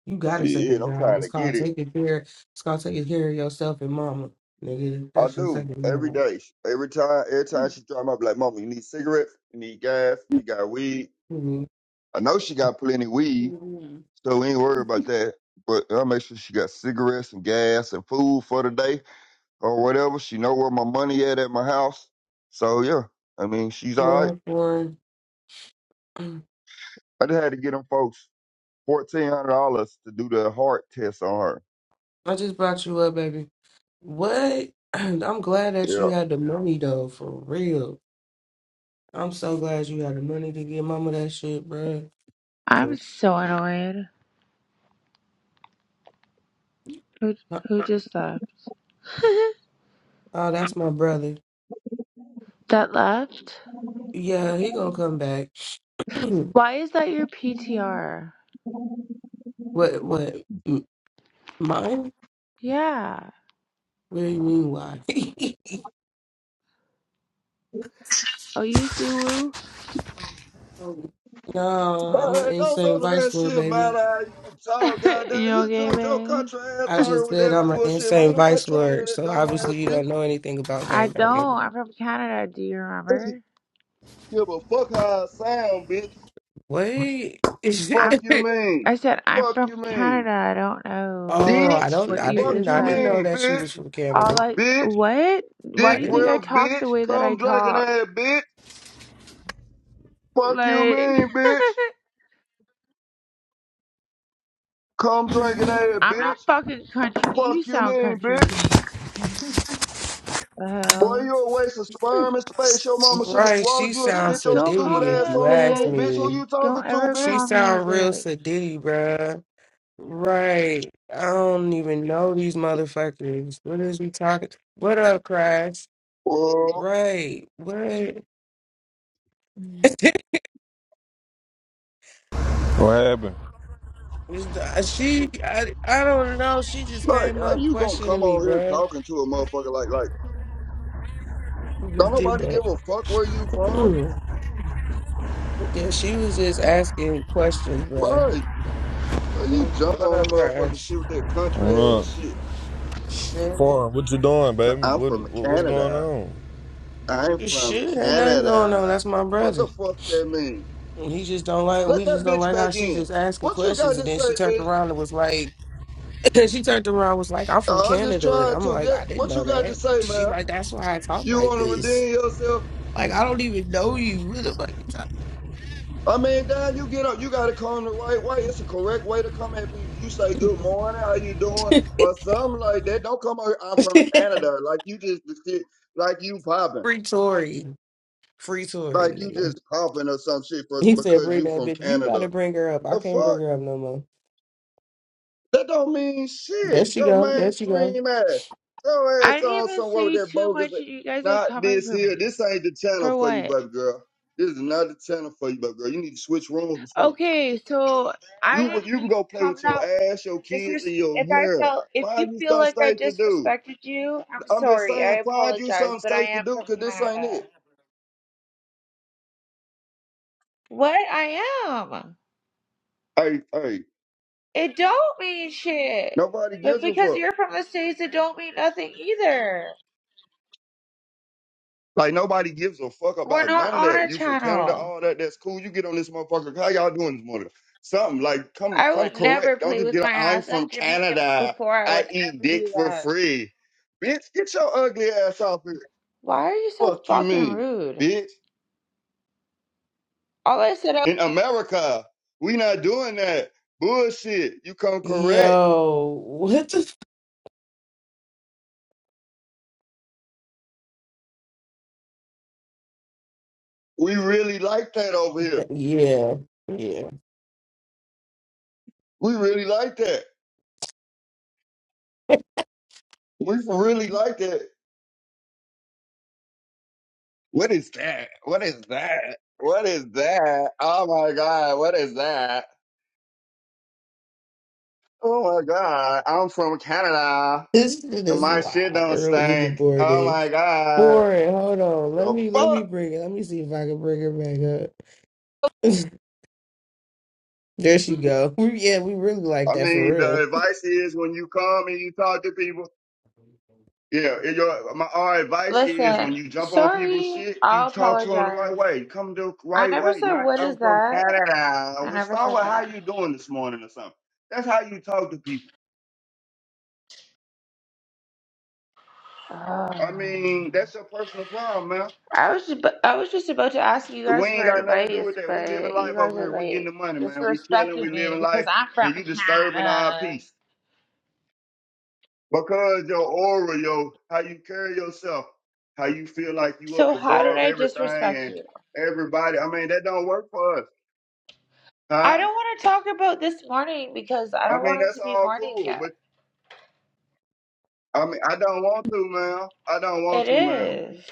S1: you got a
S2: Shit,
S1: second
S2: I'm
S1: job
S2: trying
S1: it's
S2: to get
S1: called
S2: it.
S1: taking care it's called taking care of yourself and mama nigga
S2: I
S1: that's your
S2: do.
S1: second
S2: Every
S1: job
S2: day. Every time every time she drive my black mama, you need cigarettes, you need gas, you got weed.
S1: you know
S2: I know she got plenty weed,
S1: Mhm.
S2: so we ain't worried about that. But I'll make sure she got cigarettes and gas and food for the day or whatever. She know where my money at at my house. So yeah. I mean she's
S1: what
S2: all
S1: up,
S2: right.
S1: am
S2: I just had to get them folks. fourteen hundred dollars to do the heart test on her.
S1: I just brought you up, baby. What? I'm glad that
S2: Yeah.
S1: you had the money though, for real. I'm so glad you had the money to give mama that shit, bruh.
S5: I'm
S1: 'Cause-
S5: so annoyed. Who who just left?
S1: Oh, that's my brother.
S5: That left?
S1: Yeah, he gonna come back. what?
S5: Why is that your PTR?
S1: What? M- Mine?
S5: Yeah.
S1: What do you mean? Why?
S5: Oh, you Suwu?
S1: Um, no, I'm an
S2: Man, don't
S1: insane
S2: do
S1: vice
S2: that
S1: lord,
S2: shit,
S1: baby.
S2: man. I- You dog,
S5: you
S2: goddamn, you
S5: okay,
S2: dropped your
S5: babe?
S2: country ass
S1: I
S2: on her
S1: just
S2: with
S1: said
S2: that
S1: I'm an
S2: bullshit, man. Ain't
S1: insane
S2: Nobody
S1: vice
S2: trying to hear
S1: lord,
S2: that
S1: so
S2: dumb ass
S1: obviously you don't know anything about
S5: I
S1: gangbanging.
S5: don't. I'm from Canada. Do you
S2: shit.
S5: remember?
S2: Give a fuck how I sound, bitch.
S1: Wait.
S2: Fuck
S5: I'm.
S2: you
S5: I
S2: mean.
S5: said I'm
S2: Fuck you
S5: from
S2: mean.
S5: Canada. I don't know
S1: Oh,
S5: about
S1: I
S2: Bitch.
S1: don't,
S5: what
S1: I
S5: you
S2: Fuck
S1: didn't,
S5: just
S1: I
S2: you
S1: didn't
S5: said.
S1: know
S2: mean,
S1: that she was
S2: bitch.
S1: from
S5: All
S1: Canada.
S5: I
S2: Bitch.
S5: what? Why
S1: I
S5: do
S2: Dick
S5: you think
S1: didn't.
S5: I
S2: breath,
S5: talk
S2: bitch.
S5: the way that I
S2: Come drinking
S5: talk?
S2: ass, bitch. Fuck you
S5: Like
S2: mean, bitch. Come drinking ass,
S5: I'm not
S2: bitch.
S5: fucking country. You
S2: Fuck you
S5: sound
S2: mean, bitch.
S5: country. The
S2: Boy,
S5: hell?
S2: you a waste of sperm and space. Your mama should have
S1: Right, she
S2: swallowed you and
S1: sounds
S2: spit your
S5: Don't
S2: stupid
S5: call
S1: sedity
S5: me
S1: if
S2: ass
S5: a
S1: you
S2: on the
S1: ask
S2: floor,
S5: bitch.
S2: bitch. Who
S1: me.
S2: you talking
S5: Don't
S2: to,
S5: ever
S2: bitch?
S1: She
S5: call me a
S1: sound real
S5: bitch.
S1: sedity, bruh. Right, I don't even know these motherfuckers. What is we talking? What up, Crash?
S2: Well,
S1: Right, what?
S6: What happened?
S1: she, I, I don't know. She just
S2: like,
S1: came
S2: how
S1: up
S2: you gonna
S1: questioning
S2: come
S1: me,
S2: on here
S1: bruh.
S2: talking to a motherfucker like, like,
S1: She
S2: don't
S1: just did
S2: nobody
S1: that.
S2: give a fuck where you from?
S1: Yeah, she was just asking questions, bruh.
S2: Right. Girl, You jump
S1: What
S2: on a
S1: up,
S2: motherfucking
S1: Crash?
S2: shit with that country
S6: What
S2: ass
S6: up?
S2: shit.
S1: Shit.
S6: Foreign, what you doing,
S2: "C-
S6: baby?
S2: I'm
S6: What,
S2: from
S6: what what's going
S2: Canada.
S6: on?
S2: I'm from
S1: Shit, ain't nothing going on.
S2: Canada.
S1: That's my
S2: What
S1: brother.
S2: the fuck that mean?
S1: He just don't like
S2: Let
S1: we
S2: that
S1: just don't
S2: bitch
S1: like how
S2: back
S1: she
S2: in.
S1: just asking
S2: What you got
S1: questions and
S2: to
S1: then she
S2: say,
S1: turned
S2: bitch?
S1: around and was like she turned around and was like, I'm from
S2: Oh, I just
S1: Canada.
S2: tried
S1: I'm
S2: to.
S1: like,
S2: Yeah,
S1: I didn't
S2: what
S1: know
S2: you got to
S1: that.
S2: say,
S1: She
S2: man?
S1: like, that's why I talk
S2: You
S1: like
S2: want to
S1: this.
S2: redeem yourself?
S1: Like I don't even know you. What the fuck
S2: I mean, Dan, you get up. You got to come the right way. It's the correct way to come at people. You say good morning, how you doing, or something like that. Don't come out. I'm from
S1: you talking?
S2: Canada. Like you just like you popping,
S1: Free Tory. Free Tory,
S2: like you
S1: nigga.
S2: just popping or some shit for,
S1: He said,
S2: because
S1: bring
S2: you
S1: that
S2: from
S1: bitch. You gotta
S2: Canada.
S1: bring her up. I
S2: The
S1: can't bring
S2: fuck?
S1: her up no more.
S2: That don't mean
S1: There
S2: shit.
S1: she
S2: Your
S1: go. There she go.
S2: mainstream ass. Your
S5: I
S2: ass
S5: didn't
S2: on
S5: even
S2: somewhere with
S5: say
S2: that
S5: too
S2: bogus.
S5: much, and you guys are
S2: Not
S5: coming
S2: this
S5: for
S2: here.
S5: me.
S2: This ain't the channel
S5: For
S2: for you,
S5: what?
S2: baby girl. This is not the channel for you, baby girl. You need to switch rooms or something.
S5: Okay, so I
S2: You
S5: didn't
S2: you can
S5: mean
S2: go
S5: to
S2: play
S5: come
S2: with your
S5: that way.
S2: ass, your
S5: But
S2: kids,
S5: disres-
S2: and your
S5: if I
S2: hair.
S5: felt, if you
S2: Find you
S5: feel
S2: something
S5: like I
S2: safe to do.
S5: disrespected you, I'm
S2: I'm just
S5: sorry. I
S2: saying, find you
S5: apologize,
S2: something
S5: but I
S2: safe to
S5: am
S2: do,
S5: from
S2: cause this ain't
S5: Canada.
S2: it.
S5: What? I am.
S2: Hey, hey,
S5: It don't mean shit.
S2: nobody
S5: But
S2: gives a
S5: because
S2: fuck.
S5: you're from the States, it don't mean nothing either.
S2: Like nobody gives a fuck
S5: We're
S2: about
S5: not
S2: none of
S5: on
S2: that.
S5: a
S2: You from Canada,
S5: channel.
S2: all that, that's cool. You get on this motherfucker. How y'all doing this morning? Something like come
S5: I
S2: come
S5: would
S2: correct.
S5: never
S2: Don't
S5: play
S2: just
S5: with
S2: get
S5: my
S2: on, I'm
S5: ass
S2: from
S5: up Jamaican
S2: Canada.
S5: before I would
S2: I eat
S5: ever
S2: dick
S5: do
S2: for
S5: that.
S2: free. Bitch, get your ugly ass off here.
S5: Why are you so
S2: Fuck you
S5: fucking
S2: mean,
S5: rude?
S2: bitch.
S5: All I said, I-
S2: In America, we not doing that. Bullshit. You come correct.
S1: Yo, what the? F-
S2: We really like that over here.
S1: Yeah. Yeah.
S2: We really like that. We really like that. What is that? What is that? What is that? Oh my God. What is that? Oh my God. I'm from Canada.
S1: This shit
S2: And
S1: is
S2: my shit
S1: wild
S2: don't
S1: early in the
S2: stink. Oh
S1: morning.
S2: my God.
S1: Boring. Hold on. Let
S2: The
S1: me let me
S2: fuck?
S1: bring it. Let me see if I can bring her back up. there she go. Yeah, we really like
S2: I
S1: that for
S2: mean, the
S1: real.
S2: advice is when you come and you talk to people, Yeah, and your my our advice is when
S5: listen,
S2: you jump on people's
S5: sorry,
S2: shit, you
S5: I'll
S2: talk to them the right
S5: apologize.
S2: way. Come the
S5: I
S2: right
S5: never
S2: way.
S5: said
S2: Not
S5: what is
S2: I'm from
S5: that.
S2: Canada.
S5: I
S2: We
S5: never
S2: start
S5: said
S2: with how
S5: that.
S2: you doing this morning or something. That's how you talk to people.
S5: Ugh.
S2: I mean, that's your personal problem, man.
S5: I was just, I was just about to ask you
S2: We
S5: guys for
S2: ain't got nothing to do
S5: advice,
S2: with that. We
S5: but
S2: living
S5: you
S2: life
S5: guys
S2: over
S5: are
S2: here. We getting
S5: like
S2: the money, man. We chilling. We
S5: disrespecting me
S2: living
S5: because
S2: life,
S5: I'm from
S2: and you disturbing our
S5: Canada.
S2: peace because your aura, your how you carry yourself, how you feel like you
S5: So
S2: up
S5: how did
S2: above
S5: I
S2: everything
S5: disrespect
S2: and
S5: you?
S2: everybody. I mean, that don't work for us,
S5: I
S2: huh?
S5: don't want to talk about this morning because I
S2: I
S5: don't
S2: mean,
S5: want it
S2: that's
S5: to be
S2: all
S5: morning
S2: cool,
S5: yet.
S2: but I mean, I don't want to, man. I don't
S5: It
S2: want to, man.
S5: is.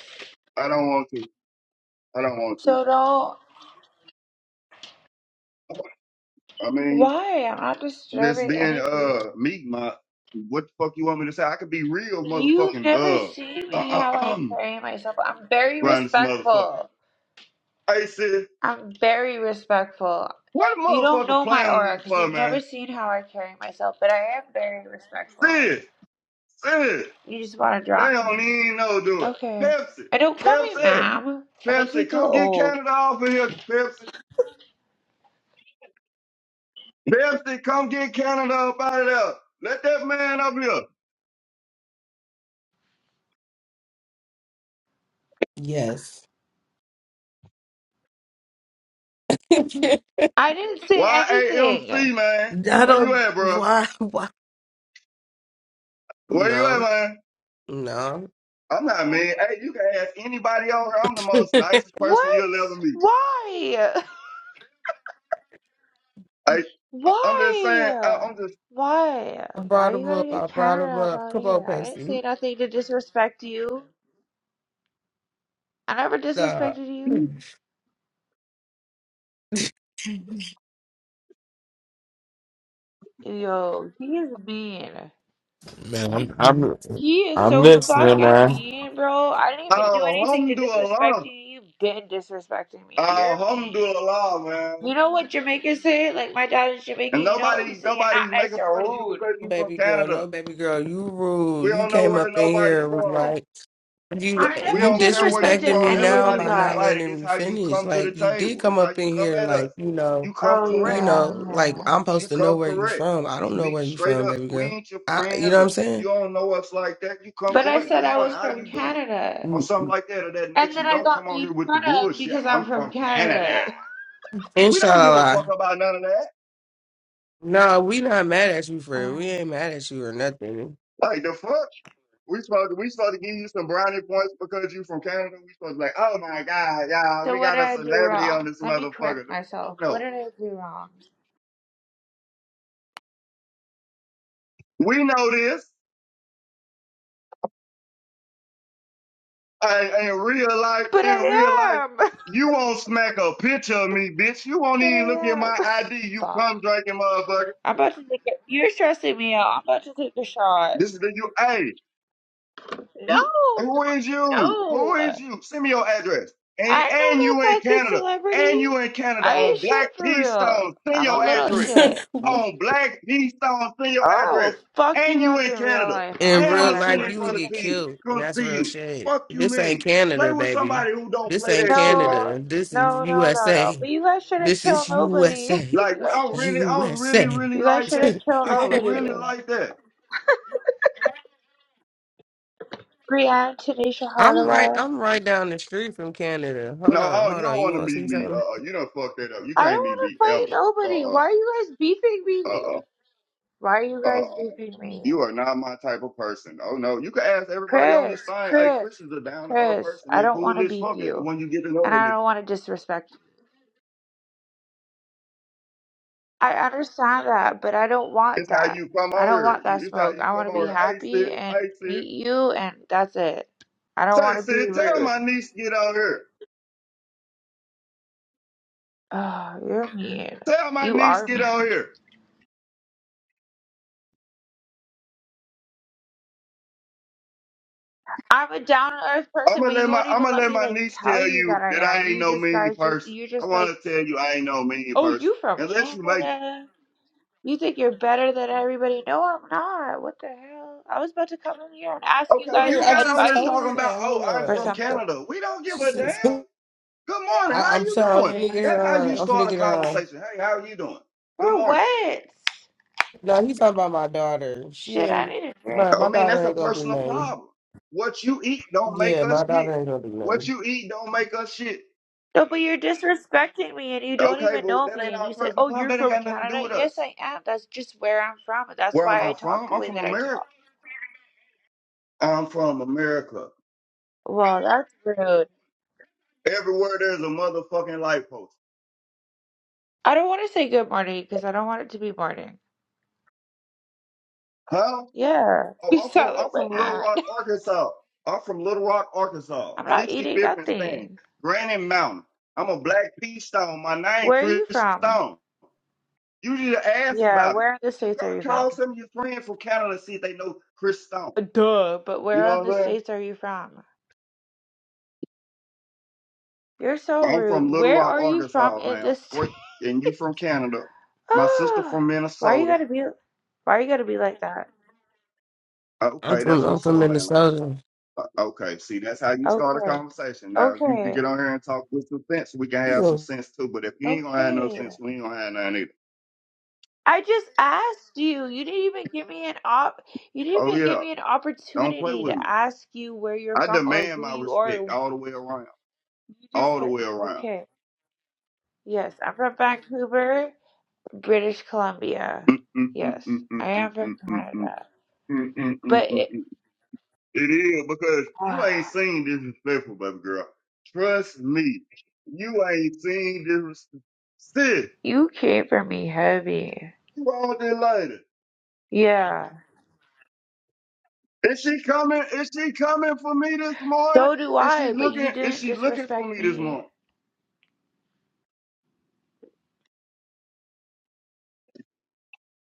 S2: I don't want to. I don't want to.
S5: So don't.
S2: I mean,
S5: Why? I'm not
S2: this
S5: disturbing
S2: being
S5: any of you.
S2: uh meek, my what the fuck you want me to say? I could be real,
S5: You've
S2: motherfucking
S5: never
S2: uh,
S5: seen me
S2: uh,
S5: how
S2: uh
S5: I
S2: um
S5: carry myself. I'm very
S2: around this motherfucker.
S5: respectful.
S2: Hey, sis,
S5: I'm very respectful.
S2: what the
S5: You don't
S2: motherfucker
S5: know my
S2: playing with me
S5: aura because
S2: for,
S5: you've never
S2: man?
S5: seen how I carry myself, but I am very respectful.
S2: Sis, sis,
S5: You just want to
S2: they
S5: drop me.
S2: don't even know do it.
S5: Okay.
S2: Pepsi,
S5: And don't call me
S2: Pepsi,
S5: ma'am. That makes
S2: Pepsi,
S5: me feel
S2: come get
S5: old.
S2: Canada off of here, Pepsi. Bestie, come get Canada up out of there. Let that man up here.
S1: Yes. I
S5: I didn't say anything.
S2: YAMC, man. Where you
S1: don't.
S2: at, bro?
S1: Why? Why?
S2: Where you at,
S1: No.
S2: man?
S1: No.
S2: I'm not mean. Hey, you can ask anybody on here. I'm the most
S1: I
S2: nicest person you'll ever
S5: What?
S2: meet.
S5: Why?
S2: Hey, I- I'm just saying,
S5: Why?
S2: I- I'm just,
S5: Why? Why
S1: brought
S5: you
S1: him
S5: gotta
S1: up. I
S5: get
S1: brought him
S5: Canada up
S1: up.
S5: out of
S1: Come on,
S5: here? I didn't
S1: Pepsi.
S5: say nothing to disrespect you. I never
S1: Nah.
S5: disrespected you. Yo, he is mean.
S3: Man, I'm I'm
S5: He is
S3: I'm
S5: so
S3: listening,
S5: fucking
S3: man.
S5: mean, bro. I didn't even do anything to disrespect
S2: alhamdulillah.
S5: you. You've been disrespecting me. You're mean.
S2: Alhamdulillah, man.
S5: You know what Jamaicans say? Like my dad is Jamaican.
S2: And
S5: You know what we
S2: nobody,
S5: say? You're not
S2: nobody's
S5: nice.
S2: making
S5: You're
S2: fun of you
S5: rude.
S2: because you from
S1: baby girl,
S2: Canada.
S1: no baby girl, you rule.
S2: We
S1: You
S2: don't know
S1: came
S2: where
S1: up in
S2: nobody's
S1: here and was
S2: from.
S1: like you
S5: I never
S2: We
S1: you
S2: don't care where you
S5: disrespected
S1: disrespecting
S2: from.
S1: me
S5: any of
S1: now
S5: you
S1: by
S2: Everybody's
S1: not
S5: guys.
S2: invited.
S1: letting
S2: It's
S1: me
S2: how you
S1: finish.
S2: come to the
S1: Like you did
S2: table.
S1: come
S2: It's how
S1: up
S2: you
S1: in
S2: come
S1: here
S2: at us.
S1: like, you know,
S2: You come
S5: Oh
S1: you
S2: correct.
S5: yeah,
S1: know, like
S5: yeah.
S1: I'm supposed
S2: You
S1: to know
S2: come
S1: where you
S2: correct.
S1: from. I
S2: You
S1: don't know
S2: be
S1: where you
S2: straight
S1: from,
S2: up.
S1: baby
S2: We
S1: girl.
S2: ain't your
S1: I you know
S2: friends
S1: what I'm
S2: or you
S1: saying?
S2: don't know us like that. You come
S5: But I
S2: correct.
S5: said
S2: Good
S5: I
S2: morning.
S5: was
S2: How
S5: from
S2: you doing?
S5: Canada,
S2: Or
S1: Mm.
S2: something like that or that
S5: and
S2: nature.
S5: then
S2: You
S5: I
S2: don't
S5: got
S2: come on
S5: made
S2: here with the
S5: fun of
S2: bullshit.
S5: because I'm
S2: I'm
S5: from
S2: from Canada.
S5: Canada.
S2: We don't give a fuck
S1: Inshallah.
S2: about none of that.
S1: No, we not mad at you for
S5: Uh,
S1: it. We ain't mad at you or nothing.
S2: Like the fuck? We supposed to, we supposed to give you some brownie points because you from Canada. We supposed to be like, oh my God, y'all,
S5: so
S2: we
S5: what did
S2: got a
S5: I do
S2: celebrity on
S5: wrong?
S2: this
S5: Let me
S2: motherfucker.
S5: correct
S2: The fuck
S5: myself. What
S2: No.
S5: did I do wrong?
S2: We know this. I, in real life,
S5: But
S2: in real
S5: I
S2: life,
S5: am.
S2: you won't smack a picture of me, bitch. You won't
S5: But I
S2: even look at
S5: am.
S2: my ID. You
S5: Fuck.
S2: come drinking, motherfucker.
S5: I'm about to take a. You're stressing me out. I'm about to take a shot.
S2: This is the you. Hey,
S5: No,
S2: you. Who is you?
S5: no.
S2: Who is you? Send me your address. And
S5: I
S2: and you
S5: don't know
S2: in
S5: fucking
S2: Canada.
S5: celebrity.
S2: And you in Canada
S5: I ain't
S2: on Black
S5: shit for
S2: Peace
S5: real.
S2: Stone. Send
S5: I'm a
S2: your
S5: little
S2: address.
S5: shit.
S2: On Black Peace Stone. Send
S5: Oh,
S2: your
S5: I
S2: address.
S5: will fuck
S2: And
S5: you
S2: you
S5: up
S2: in
S5: in real
S2: Canada.
S5: life. Oh
S1: In
S2: And
S5: God,
S1: real
S2: I'ma
S5: I
S1: life,
S2: send them
S5: would.
S1: you would
S5: You
S2: brothers
S1: get
S2: to
S5: know-
S2: you.
S1: killed. And
S2: Come
S1: that's
S2: see
S1: real
S2: you.
S1: shit.
S2: Fuck you
S1: This ain't
S2: mean? Play
S1: Canada,
S2: with
S1: baby.
S2: somebody who don't
S1: This
S2: play
S1: ain't
S2: that shit, man.
S5: No,
S1: Canada. This is
S5: no, no, no, no.
S1: USA.
S5: But you guys shouldn't
S1: This
S5: kill
S1: is
S5: nobody.
S1: USA.
S2: Like
S5: you
S2: I
S5: guys shouldn't.
S2: really, I don't really,
S1: USA.
S2: really
S5: You guys
S2: like that.
S5: shouldn't kill
S2: I don't
S5: nobody.
S2: really like that.
S5: Brianne, Tanisha
S1: I'm right.
S5: Hardaway.
S1: I'm right down the street from Canada. Hold
S2: No,
S1: on.
S2: oh, you
S1: Hold
S2: don't
S1: on. You
S2: want to
S1: want to
S2: meet
S1: see
S2: me. Uh,
S1: something?
S2: uh you don't fuck that up. You
S5: I don't
S2: can't meet
S5: want to
S2: me
S5: fight
S2: ever. Uh,
S5: nobody.
S2: uh,
S5: Why are you guys beefing
S2: uh,
S5: me?
S2: uh,
S5: Why are you
S2: uh.
S5: guys
S2: uh.
S5: beefing me?
S2: You are not my type of person. Oh no, you can ask everybody on
S5: Chris,
S2: this thing. Hey,
S5: Chris,
S2: Christian's a down to earth
S5: Chris.
S2: person.
S5: I
S2: They're
S5: don't want
S2: cool
S5: to
S2: as
S5: beef
S2: fuck. it-
S5: you,
S2: When you get to know
S5: and
S2: that
S5: I
S2: nigga,
S5: don't want to disrespect. I understand that, but I don't want
S2: it's how
S5: that.
S2: you come
S5: I
S2: on
S5: don't
S2: here.
S5: want that
S2: You, it's how
S5: smoke.
S2: you
S5: I want
S2: come
S5: to
S2: on
S5: be
S2: here. Hey,
S5: happy
S2: sis.
S5: and
S2: Hey, sis.
S5: meet you, and that's it. I don't
S2: Say,
S5: want to be
S2: sis. Tell
S5: rude.
S2: my niece to get on here.
S5: Oh, you're mean.
S2: Tell my
S5: You
S2: niece to
S5: are
S2: get
S5: mean.
S2: on here.
S5: I'm a down to earth
S2: I'm
S5: person, but
S2: gonna
S5: you
S2: let my
S5: won't
S2: I'm
S5: even
S2: gonna
S5: let
S2: let
S5: me
S2: my
S5: like
S2: niece
S5: tell
S2: tell
S5: you that
S2: you
S5: I
S2: that
S5: am.
S2: I ain't
S5: You
S2: no
S5: just
S2: mean
S5: guys just
S2: person.
S5: you're
S2: I
S5: just like,
S2: want to tell you I ain't no mean
S5: oh,
S2: person
S5: you from
S2: unless you make me.
S5: Canada. You think you're better than everybody. No, I'm not. What the hell? I was about to come in here and ask you
S2: Okay,
S1: Told
S5: guys
S1: her-
S2: you
S1: I
S2: got on
S1: just
S2: here
S1: told
S2: talking
S5: advice
S1: her
S2: about
S1: that.
S2: oh
S1: Hold
S2: I'm
S5: for
S2: from
S1: on.
S5: something.
S2: Canada. We don't
S1: She
S2: give a damn.
S1: says, I,
S2: Good morning. How
S1: "I'm
S2: you
S1: sorry.
S2: doing?
S1: I'm finna get her
S2: That's how
S1: on.
S2: you
S1: I'm finna
S2: start a
S1: get her on."
S2: conversation. Hey, how are you doing? Good
S5: For
S2: morning.
S5: what?
S1: No, he's talking about my daughter. She
S5: Shit, I
S1: ain't.
S5: need a drink.
S1: My
S2: I
S1: my
S2: mean
S1: daughter
S2: that's a
S1: ain't gonna do
S2: personal
S1: nothing.
S2: problem. What you eat don't make
S1: Yeah,
S2: us
S1: my
S2: shit.
S1: daughter ain't gonna do
S2: What
S1: nothing.
S2: you eat don't make us shit.
S5: No, but you're disrespecting me and you don't
S2: Okay,
S5: even
S2: well
S5: know
S2: that
S5: me.
S2: ain't
S5: And
S2: our
S5: you said,
S2: personal
S5: Oh,
S2: problem.
S5: you're
S2: That ain't
S5: from
S2: got nothing to do
S5: Canada?
S2: with
S5: Yes,
S2: us.
S5: I am. That's just where I'm from. That's
S2: Where am
S5: why
S2: I
S5: I talk
S2: from?
S5: the
S2: I'm
S5: way
S2: from
S5: that I
S2: America.
S5: talk.
S2: I'm from America.
S5: Well, that's rude.
S2: Everywhere there's a motherfucking light post.
S5: I don't want to say good morning because I don't want it to be morning.
S2: Huh?
S5: Yeah.
S2: Oh,
S5: You
S2: I'm from
S5: sound like
S2: I'm
S5: my
S2: from Little
S5: aunt.
S2: Rock, Arkansas. I'm from Little Rock, Arkansas.
S5: I'm not eating
S2: 65th and Stand,
S5: nothing.
S2: Granite Mountain. I'm a black pea stone. My name
S5: Where are
S2: Chris
S5: you from?
S2: Stone. You need to ask
S5: Yeah,
S2: about me.
S5: where in the
S2: You
S5: States are
S2: ca-
S5: you from?
S2: call some of your friends from Canada and see if they know Chris Stone.
S5: Uh, Duh, but
S2: You
S5: where in
S2: know
S5: the
S2: what I'm saying?
S5: States are you from? You're so
S2: I'm
S5: rude.
S2: from Little
S5: Where
S2: Rock,
S5: are you from
S2: Arkansas,
S5: in the
S2: man.
S5: States?
S2: Where- And you from Canada. My sister from
S5: why you
S2: Minnesota.
S5: gotta be why you gotta be like that?
S1: I'm
S2: Okay,
S1: from
S2: that's
S1: I'm
S2: what's
S1: from
S2: up, man.
S1: Minnesota.
S2: Uh, Okay, see, that's how you start a
S5: Okay.
S2: conversation. Now, if you can
S5: Okay.
S2: get on here and talk with some sense, we can
S1: You
S2: have some
S1: know,
S2: sense too. But if you ain't gonna have no
S5: Okay.
S2: sense, we ain't gonna have none either.
S5: I just asked you. You didn't even give me an op. You didn't
S2: Oh
S5: even give
S2: yeah,
S5: me an
S2: don't play
S5: opportunity
S2: with me.
S5: to ask you where you're
S2: I
S5: from or
S2: demand
S5: who
S2: my
S5: you are.
S2: respect all the way around,
S5: You just
S2: all the
S5: said,
S2: way around.
S5: "Okay, yes, I'm from Vancouver, British Columbia.
S2: Mm, mm, mm,
S5: Yes,
S2: mm, mm,
S5: I
S2: mm,
S5: am from
S2: mm, mm, mm, mm,
S5: Canada."
S2: mm, mm, mm, mm.
S5: But it,
S2: mm. It is because you
S5: ah,
S2: ain't seen disrespectful, baby girl. Trust me, you ain't seen disrespectful. Sis,
S5: you came for me heavy.
S2: you all did later.
S5: Yeah.
S2: Is she coming? Is she coming for me this morning?
S5: So do
S2: Is she
S5: I. But you
S2: looking? Is
S5: didn't
S2: she
S5: just
S2: looking for
S5: respect
S2: me this
S5: me.
S2: morning?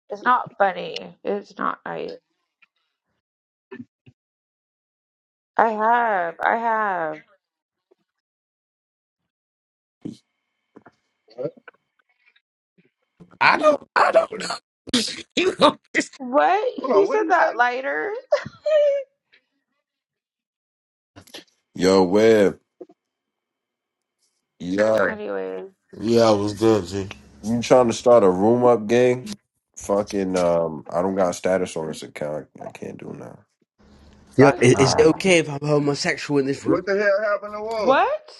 S5: It's not funny. It's not. nice. I have. I have.
S1: I don't I don't know. you know,
S5: What?
S2: Hold
S5: He
S2: on, what did
S5: said
S2: he say?
S5: that lighter?
S7: Yo, Web, yeah,
S5: anyway,
S3: Yeah, I was good, G.
S7: you trying to start a room up gang? Fucking, um, I don't got status on this account. I can't do now.
S4: Yo,
S5: Bugs
S4: i- is, it
S5: got
S3: Uh,
S5: it.
S4: okay if I'm homosexual in this
S2: What
S4: room?
S2: the hell happened to Wall?
S5: What?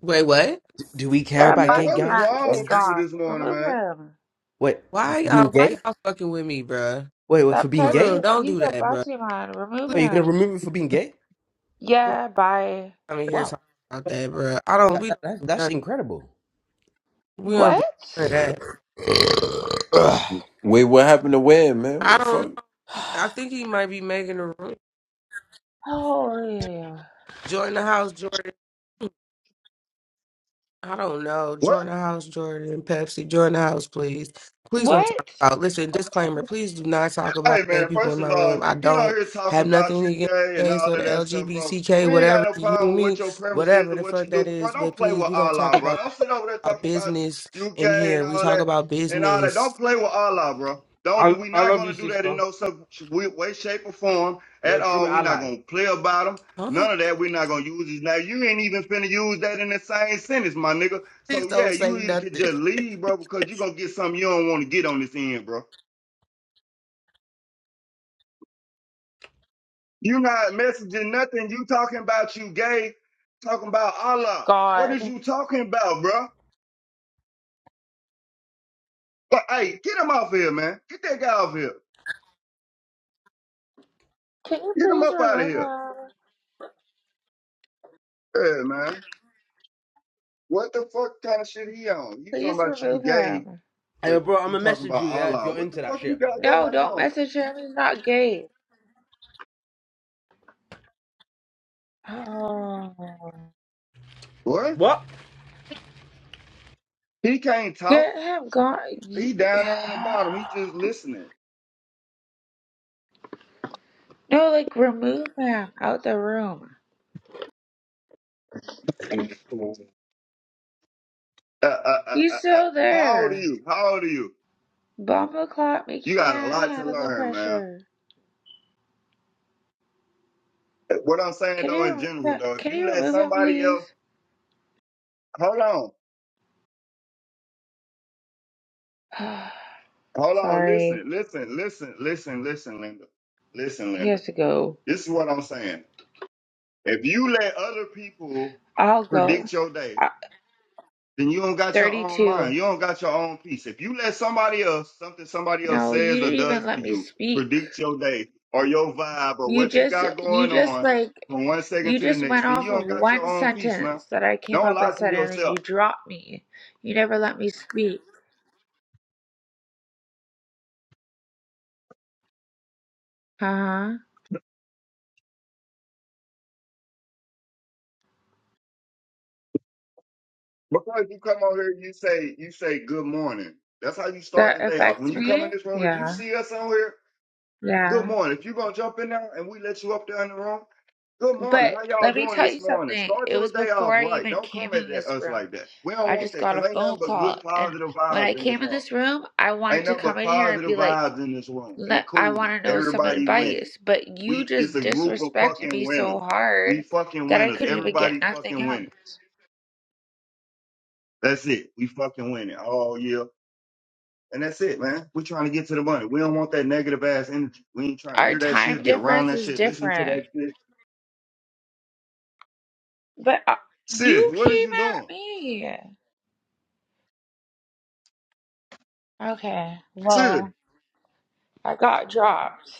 S1: wait, what?
S4: Do we care
S2: Hey
S5: That
S4: about
S2: man,
S4: gay
S5: Bachi
S2: what is
S5: man,
S4: guys
S2: wrong
S4: in
S5: get
S2: with
S4: this room?
S2: people
S5: gone.
S2: this morning,
S5: Remove
S2: man?
S5: him.
S4: Wait,
S1: Why
S4: for being
S1: y'all why
S4: gay?
S1: y'all fucking with me, bruh?
S4: Wait, wait, for
S5: That
S4: being
S1: For
S4: gay?
S1: real,
S5: Pepsi,
S1: don't
S5: he's
S1: do
S5: a
S1: that, bruh.
S5: Bachi man. Remove
S1: Please,
S4: Wait, you're
S5: him.
S4: gonna remove me for being
S1: bruh.
S4: gay?
S1: We're not
S5: Yeah, bye.
S1: coming here
S4: Wow,
S1: talking about that, bruh. I don't
S4: that,
S1: we
S4: that,
S1: don't
S4: that-
S1: do
S4: that's
S1: that.
S4: incredible.
S1: We don't do none
S5: What?
S1: of that.
S7: Wait, what happened to Web, man? What
S1: I
S7: the
S1: don't
S7: fuck?
S1: know. I think he might be making a room.
S5: Holy.
S1: Join the house, Jordan. I don't know.
S2: What?
S1: Join the house, Jordan, Pepsi. Join the house, please. Please don't talk
S5: What?
S1: about. Listen, disclaimer. Please do not talk about
S2: Hey
S1: gay
S2: man,
S1: people in
S2: first of
S1: my
S2: all,
S1: room.
S2: if
S1: I
S2: you get on
S1: don't
S2: here talking
S1: have
S2: about
S1: nothing
S2: you
S1: against
S2: gay and
S1: gays
S2: all
S1: or the
S2: of that stuff, bro,
S1: LGBTK,
S2: we ain't got
S1: whatever
S2: no
S1: you hear
S2: problem with what
S1: me,
S2: your preference is
S1: whatever
S2: or
S1: the
S2: what you
S1: fuck
S2: do,
S1: that
S2: but bro,
S1: is.
S2: don't
S1: But
S2: play with
S1: please, we don't talk
S2: Allah, bro.
S1: about that.
S2: Don't sit over there
S1: About
S2: talking about
S1: business
S2: you
S1: in
S2: gay and
S1: here. We
S2: all
S1: talk
S2: that
S1: about
S2: and all that. Don't
S1: business.
S2: play with Allah, bro. Don't do
S4: I
S2: we
S4: I
S2: not
S4: love you,
S2: gonna do that in
S4: sister.
S2: no some way, way, shape, or form
S4: You're
S2: at
S4: a true
S2: all. we not
S4: ally.
S2: gonna play about him.
S1: Huh?
S2: None of that. we not gonna use his name. You ain't even finna use that in the same sentence, my nigga.
S1: Please
S2: So yeah,
S1: don't
S2: you
S1: say
S2: either could
S1: nothing.
S2: just leave, bro, because you gonna get something you don't wanna get on this end, bro. You not messaging nothing. You talking about you gay, talking about Allah. What is
S5: Gone.
S2: you talking about, bro? But hey, get him off here, man. Get that guy off here.
S5: Can you
S2: Get him
S5: please
S2: up out of
S5: remove
S2: here.
S5: him?
S2: Yeah, man. What the fuck kind of shit he on? You talking
S5: Please
S2: about you
S5: remove
S2: gay,
S5: him.
S4: Hey,
S2: but
S4: bro, I'm
S2: you
S4: gonna
S2: talking
S4: message
S2: about
S4: you, yeah, if
S2: Allah.
S4: you're
S2: What the
S4: into that
S2: fuck you
S4: shit.
S2: got
S5: No,
S2: going
S5: don't
S2: on?
S5: message him. He's not gay. Oh.
S2: Boy,
S4: What?
S2: he can't talk.
S5: Get him gone.
S2: He
S5: y-
S2: down there on the bottom. He just listening.
S5: No, like remove him out the room.
S2: Uh, uh, uh,
S5: He's
S2: uh, uh.
S5: still
S2: How old are
S5: there.
S2: you? How old are you?
S5: Bomba clock, we
S2: You got a
S5: can't
S2: lot to
S5: handle the
S2: learn, man.
S5: pressure.
S2: What I'm saying
S5: Can
S2: though, in
S5: you
S2: general
S5: remo- uh,
S2: though, if
S5: can
S2: you
S5: you
S2: let
S5: remove him,
S2: somebody else,
S5: please?
S2: hold on, hold on, listen,
S5: Sorry,
S2: listen, listen, listen, listen, Linda, listen,
S5: he
S2: Linda.
S5: has to go.
S2: This is what I'm saying. If you let other people
S5: I'll go.
S2: predict your day,
S5: Uh,
S2: then you don't got your own mind.
S5: Thirty-two.
S2: You don't got your own peace. If you let somebody else, something somebody else
S5: No, you
S2: says or
S5: didn't even
S2: does to
S5: let me
S2: you,
S5: speak.
S2: predict your day or your vibe or
S5: You
S2: what you
S5: just,
S2: got
S5: you
S2: going
S5: just
S2: on
S5: like,
S2: from one second
S5: you
S2: to the
S5: just
S2: next,
S5: went
S2: then you
S5: off of
S2: don't got your
S5: one
S2: own peace, man.
S5: sentence that I came
S2: Don't
S5: up and
S2: lie to
S5: said, and then
S2: yourself.
S5: you dropped me. You never let me speak. Uh-huh.
S2: Because you come on here, you say you say good morning. That's how you start the
S5: That
S2: day off. When
S5: affects
S2: you come in
S5: me?
S2: this room, if you
S5: Yeah.
S2: see us on here, good
S5: Yeah.
S2: morning. If you're gonna jump in there and we let you up there in the room, good morning.
S5: But
S2: How y'all
S5: let me
S2: doing
S5: tell you
S2: this morning?
S5: something.
S2: Start
S5: It
S2: your
S5: was
S2: day
S5: before
S2: off
S5: I
S2: right.
S5: even
S2: Don't come
S5: came
S2: at
S5: in
S2: that-
S5: this
S2: us
S5: room.
S2: like that. We don't
S5: I
S2: want
S5: just
S2: that
S5: got a
S2: because ain't nothing
S5: phone
S2: but
S5: call.
S2: good
S5: And
S2: positive
S5: when I
S2: vibes in this
S5: came in
S2: room.
S5: this room, I
S2: Ain't
S5: wanted to
S2: nothing
S5: come
S2: but
S5: in here and
S2: positive
S5: be like,
S2: vibes in this room. We
S5: let, I want
S2: cooling.
S5: to know some
S2: Everybody winning.
S5: advice. But you
S2: We it's
S5: just
S2: a group of
S5: disrespected
S2: fucking
S5: me so
S2: winners. We
S5: hard
S2: fucking
S5: that I
S2: winners.
S5: couldn't even get
S2: Everybody
S5: nothing
S2: fucking
S5: out.
S2: winning. That's it. We fucking winning all year And that's it, man. We're trying to get to the money. We don't want that negative ass energy. We ain't trying to
S5: Our
S2: hear that
S5: time
S2: shit, be around
S5: difference
S2: that
S5: is
S2: shit, listen to
S5: different.
S2: that shit.
S5: But uh, you
S2: Sid, what
S5: came
S2: is you
S5: at
S2: doing?
S5: me. Okay.
S2: Sid,
S5: Well, I got dropped.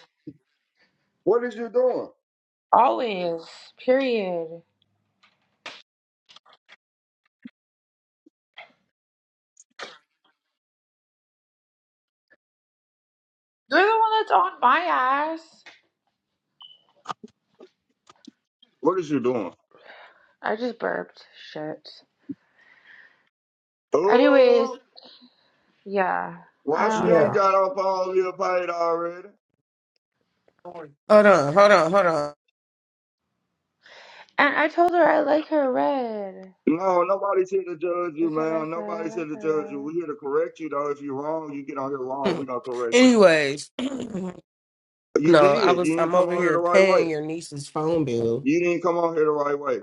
S2: what is you doing?
S5: Always. Period. You're the one that's on my ass.
S2: What is you doing?
S5: I just burped. Shit. Anyways,
S2: Oh,
S5: yeah. I
S2: why she
S5: don't
S2: ain't
S1: yeah.
S5: know.
S2: got off all your plate already?
S1: Hold on. Hold on. Hold
S5: And I told her I like her red.
S2: No, nobody's here to judge you,
S5: That's what I
S2: man.
S5: said. I
S2: Nobody's here
S5: like
S2: to
S5: her
S2: judge you. we
S5: red.
S2: here to correct you, though. If you're wrong, you get on here wrong. we
S1: on.
S2: going to correct you.
S1: Anyways.
S2: You
S1: No, I
S2: did.
S1: was
S2: You didn't
S1: I'm
S2: come
S1: over
S2: on here
S1: here
S2: the right way.
S1: paying your niece's phone bill.
S2: You didn't come on here the right way.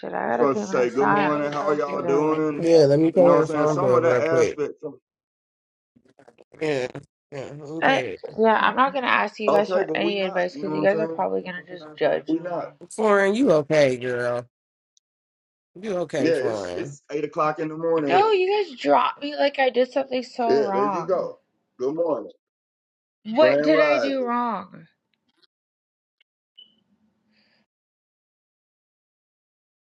S5: Shit, I
S2: You're
S5: gotta
S2: supposed
S5: pay
S2: to
S5: my
S2: say, good
S1: Yeah,
S5: sons
S1: let
S2: morning, how y'all
S5: today.
S2: doing?
S1: me pay
S2: You know
S1: her
S2: what I'm saying?
S1: phone
S2: Some
S1: bill
S2: of that
S1: real quick.
S2: aspect, some-
S1: Yeah, yeah, who
S5: I,
S1: paid
S5: yeah,
S1: it?
S5: I'm not gonna ask you guys
S2: okay,
S5: for
S2: but we
S5: any
S2: not,
S5: advice
S2: you
S5: because
S2: know
S5: you
S2: what I'm
S5: guys are
S2: saying?
S5: probably gonna just judge
S2: We not.
S5: me.
S1: Foreign, you okay, girl? You okay,
S2: Yeah, it's
S1: Foreign?
S2: it's eight o'clock in the morning
S5: No,
S2: here.
S5: you guys dropped me like I did something so
S2: Yeah, there you
S5: wrong.
S2: go. Good morning.
S5: What
S2: Grand
S5: did I do
S2: rising.
S5: wrong?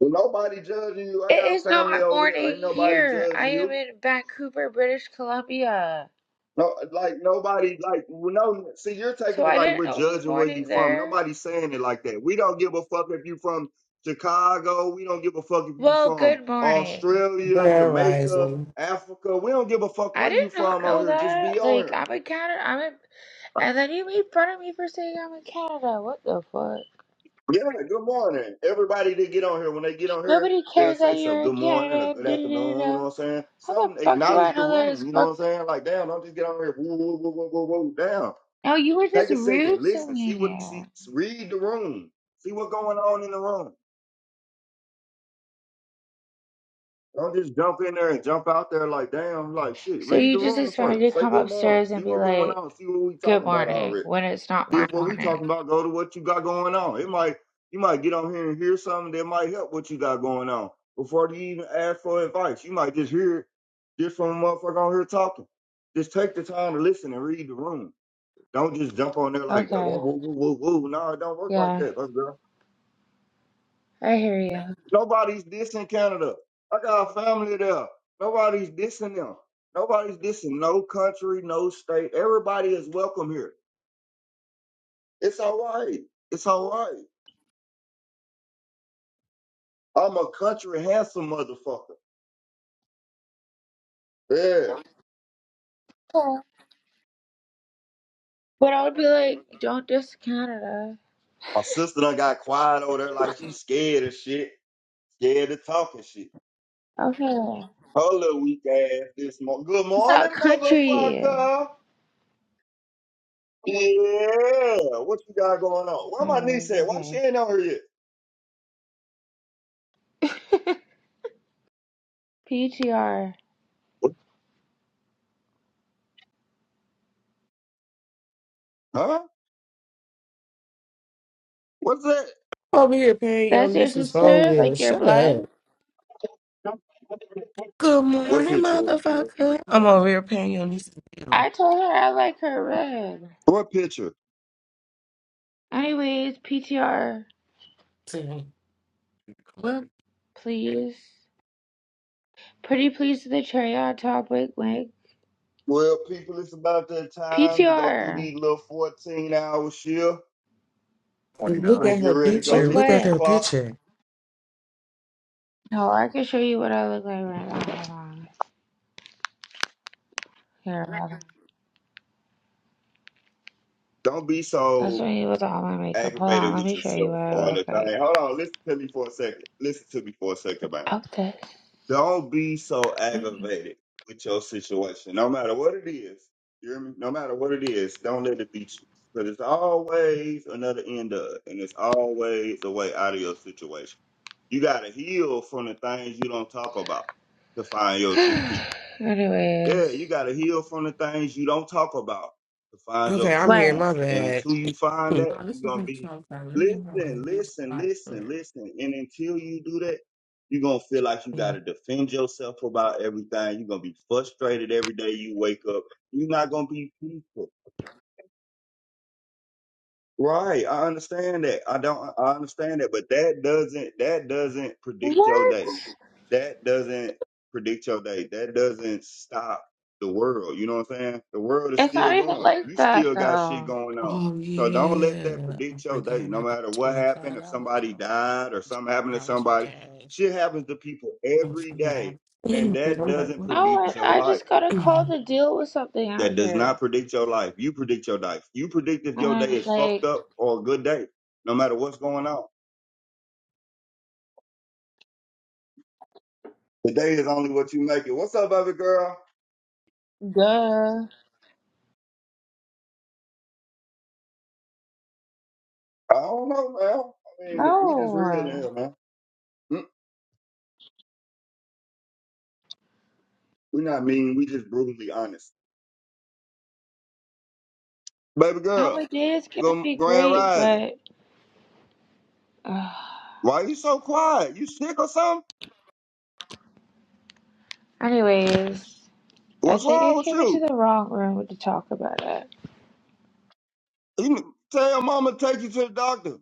S2: Well, nobody judging you. I
S5: It
S2: got
S5: is
S2: family
S5: not
S2: over there. Ain't
S5: morning
S2: nobody
S5: here. I
S2: judging
S5: am
S2: you.
S5: in Vancouver, British Columbia.
S2: No, like nobody, like no. See, you're
S5: So
S2: taking it
S5: I
S2: like
S5: didn't
S2: we're
S5: know it was
S2: judging where you
S5: morning
S2: from.
S5: there.
S2: Nobody's saying it like that. We don't give a fuck if you from Chicago. We don't give a fuck if you
S5: Well,
S2: from
S5: good morning.
S2: Australia,
S1: Grand
S2: Jamaica,
S1: Rising.
S2: Africa. We don't give a fuck where
S5: I did
S2: you
S5: not
S2: from on
S5: know
S2: here. Just be
S5: that.
S2: on
S5: Like
S2: here.
S5: I'm in Canada. I'm in, and then you made fun of me for saying I'm in Canada. What the fuck?
S2: Yeah. Good morning, everybody. That get on here when they get on here,
S5: Nobody
S2: they'll
S5: cares that
S2: say so.
S5: you're in
S2: Good morning or
S5: Canada.
S2: good
S5: Da da da da.
S2: afternoon. You know what I'm saying?
S5: How the
S2: Some
S5: fuck do I
S2: acknowledge the
S5: know that it's
S2: room. You know what
S5: fuck?
S2: I'm saying? Like damn, don't just get on here. Woo, woo, woo, woo, woo, woo, down.
S5: No, you were just
S2: Take a
S5: rude
S2: second,
S5: to
S2: listen, see what
S5: me.
S2: see, read the room, see what's going on in the room. Don't just jump in there and jump out there like damn, like shit.
S5: So
S2: Read
S5: you
S2: the
S5: just
S2: room
S5: expect me
S2: first.
S5: to
S2: Say
S5: come
S2: good morning.
S5: upstairs and
S2: See
S5: be
S2: what's going
S5: like,
S2: on. See what we
S5: "Good
S2: talking about
S5: morning,"
S2: already.
S5: when it's not
S2: See
S5: my
S2: if what we
S5: morning.
S2: talking about go to what you got going on. It might you might get on here and hear something that might help what you got going on before you even ask for advice. You might just hear it just from a motherfucker on here talking. Just take the time to listen and read the room. Don't just jump on there like that.
S5: Okay.
S2: Whoa, whoa, whoa, whoa, whoa. No, it don't work like
S5: Yeah,
S2: that, bro.
S5: I hear you.
S2: Nobody's dissing Canada. I got a family there. Nobody's dissing them. Nobody's dissing no country, no state. Everybody is welcome here. It's all right. It's all right. I'm a country handsome motherfucker. Yeah.
S5: Yeah. But I would be like, don't diss Canada.
S2: My sister done got quiet over there like she's scared of shit. Scared of talking shit.
S5: Okay.
S2: Her little weak ass this morning. Good
S5: It's our
S2: morning,
S5: country.
S2: motherfucker. Yeah. What you got going on? Where my niece
S5: Anyways,
S2: at? Why she
S5: okay.
S2: ain't on here
S5: PTR.
S2: yet? Huh? What's that?
S1: Over here paying your
S5: That's your
S1: niece's phone
S5: sister?
S1: bill.
S5: Like your
S1: Shut up.
S5: blood?
S1: Good
S2: What
S1: morning,
S2: picture?
S1: motherfucker. I'm over here paying your niece's bill.
S5: I told her I like her red.
S2: What picture?
S5: Anyways, PTR,
S1: too. What?
S5: please. Pretty please to the cherry on top. Wink, wink.
S2: Well, people, it's about that time to go do
S5: PTR.
S2: these little 14 hour shift.
S1: Look
S2: Gonna
S1: at
S2: get
S1: her
S2: ready to go
S1: picture.
S5: What's
S2: hit
S1: Look
S2: this
S1: at her
S5: what?
S2: clock.
S1: picture.
S5: No, I can show you what I look like right now. Hold on. Here, hold on.
S2: Don't be
S5: That's
S2: so
S5: when he was all my makeup. Hold on,
S2: aggravated
S5: let
S2: with
S5: me show you what
S2: yourself
S5: I
S2: all
S5: look
S2: the time.
S5: like
S2: Hold on, listen to me for a second. Listen to me for a second, man.
S5: without this.
S2: Don't be so aggravated with your situation, no matter what it is. You hear me? No matter what it is, don't let it beat you. Because it's always another end of it, and it's always a way out of your situation. You got to heal from the things you don't talk about to find your true peace.
S5: Anyways,
S2: Yeah, you gotta heal from the things you don't talk about to find your
S1: Okay, I'm
S2: true
S1: here.
S5: what?
S1: My
S2: peace. And
S1: bad.
S2: until you find
S1: Oh,
S2: that,
S1: this
S2: you're
S1: is
S2: gonna
S1: from
S2: be
S1: Trump time. This is from
S2: listen,
S1: a real
S2: listen,
S1: spot for
S2: listen,
S1: it.
S2: listen. And until you do that, you're gonna feel like you
S1: Mm.
S2: gotta defend yourself about everything. You're gonna be frustrated every day you wake up. You're not gonna be peaceful. Right, I understand that. I don't I understand that, but that doesn't that doesn't predict your
S5: What?
S2: day that doesn't predict your day. That doesn't stop the world. You know what I'm saying? The world is
S5: It's not
S2: still
S5: even
S2: going.
S5: like
S2: You
S5: that
S2: still got shit
S5: though.
S2: going on.
S1: Oh
S2: So don't let that
S1: yeah, I
S2: predict your
S1: forgot
S2: day. No
S1: I got
S2: matter what
S1: twenty
S2: happened,
S1: five
S2: if
S1: dollars.
S2: somebody died or something happened to
S1: I was in
S2: somebody,
S1: cash.
S2: shit happens to people
S1: I
S2: every
S1: forgot.
S2: day. And
S1: And
S2: that
S1: I'm like,
S2: doesn't
S1: what
S5: No,
S2: predict your
S5: I, I
S2: life.
S5: just gotta
S1: the-
S5: call the deal with something out
S2: That does
S5: here.
S2: not predict your life. You predict your life. You predict if your day
S5: And
S2: is fucked
S5: like,
S2: up or a good day, no matter what's going on. Today is only what you make it. What's up, baby girl?
S5: duh.
S2: I don't know, man. I mean, we just real in
S5: No.
S2: here, man. Mm, We not mean. We just brutally honest. Baby
S5: Now my
S2: girl,
S5: day is gonna
S2: go
S5: be
S2: Grand
S5: great,
S2: Rising.
S5: but. Uh,
S2: Why you so quiet? You sick or something?
S5: anyways, I
S2: What's
S5: think I
S2: wrong with
S5: came into
S2: you?
S5: the wrong room to talk about it.
S2: You need- tell mama to take you to the doctor.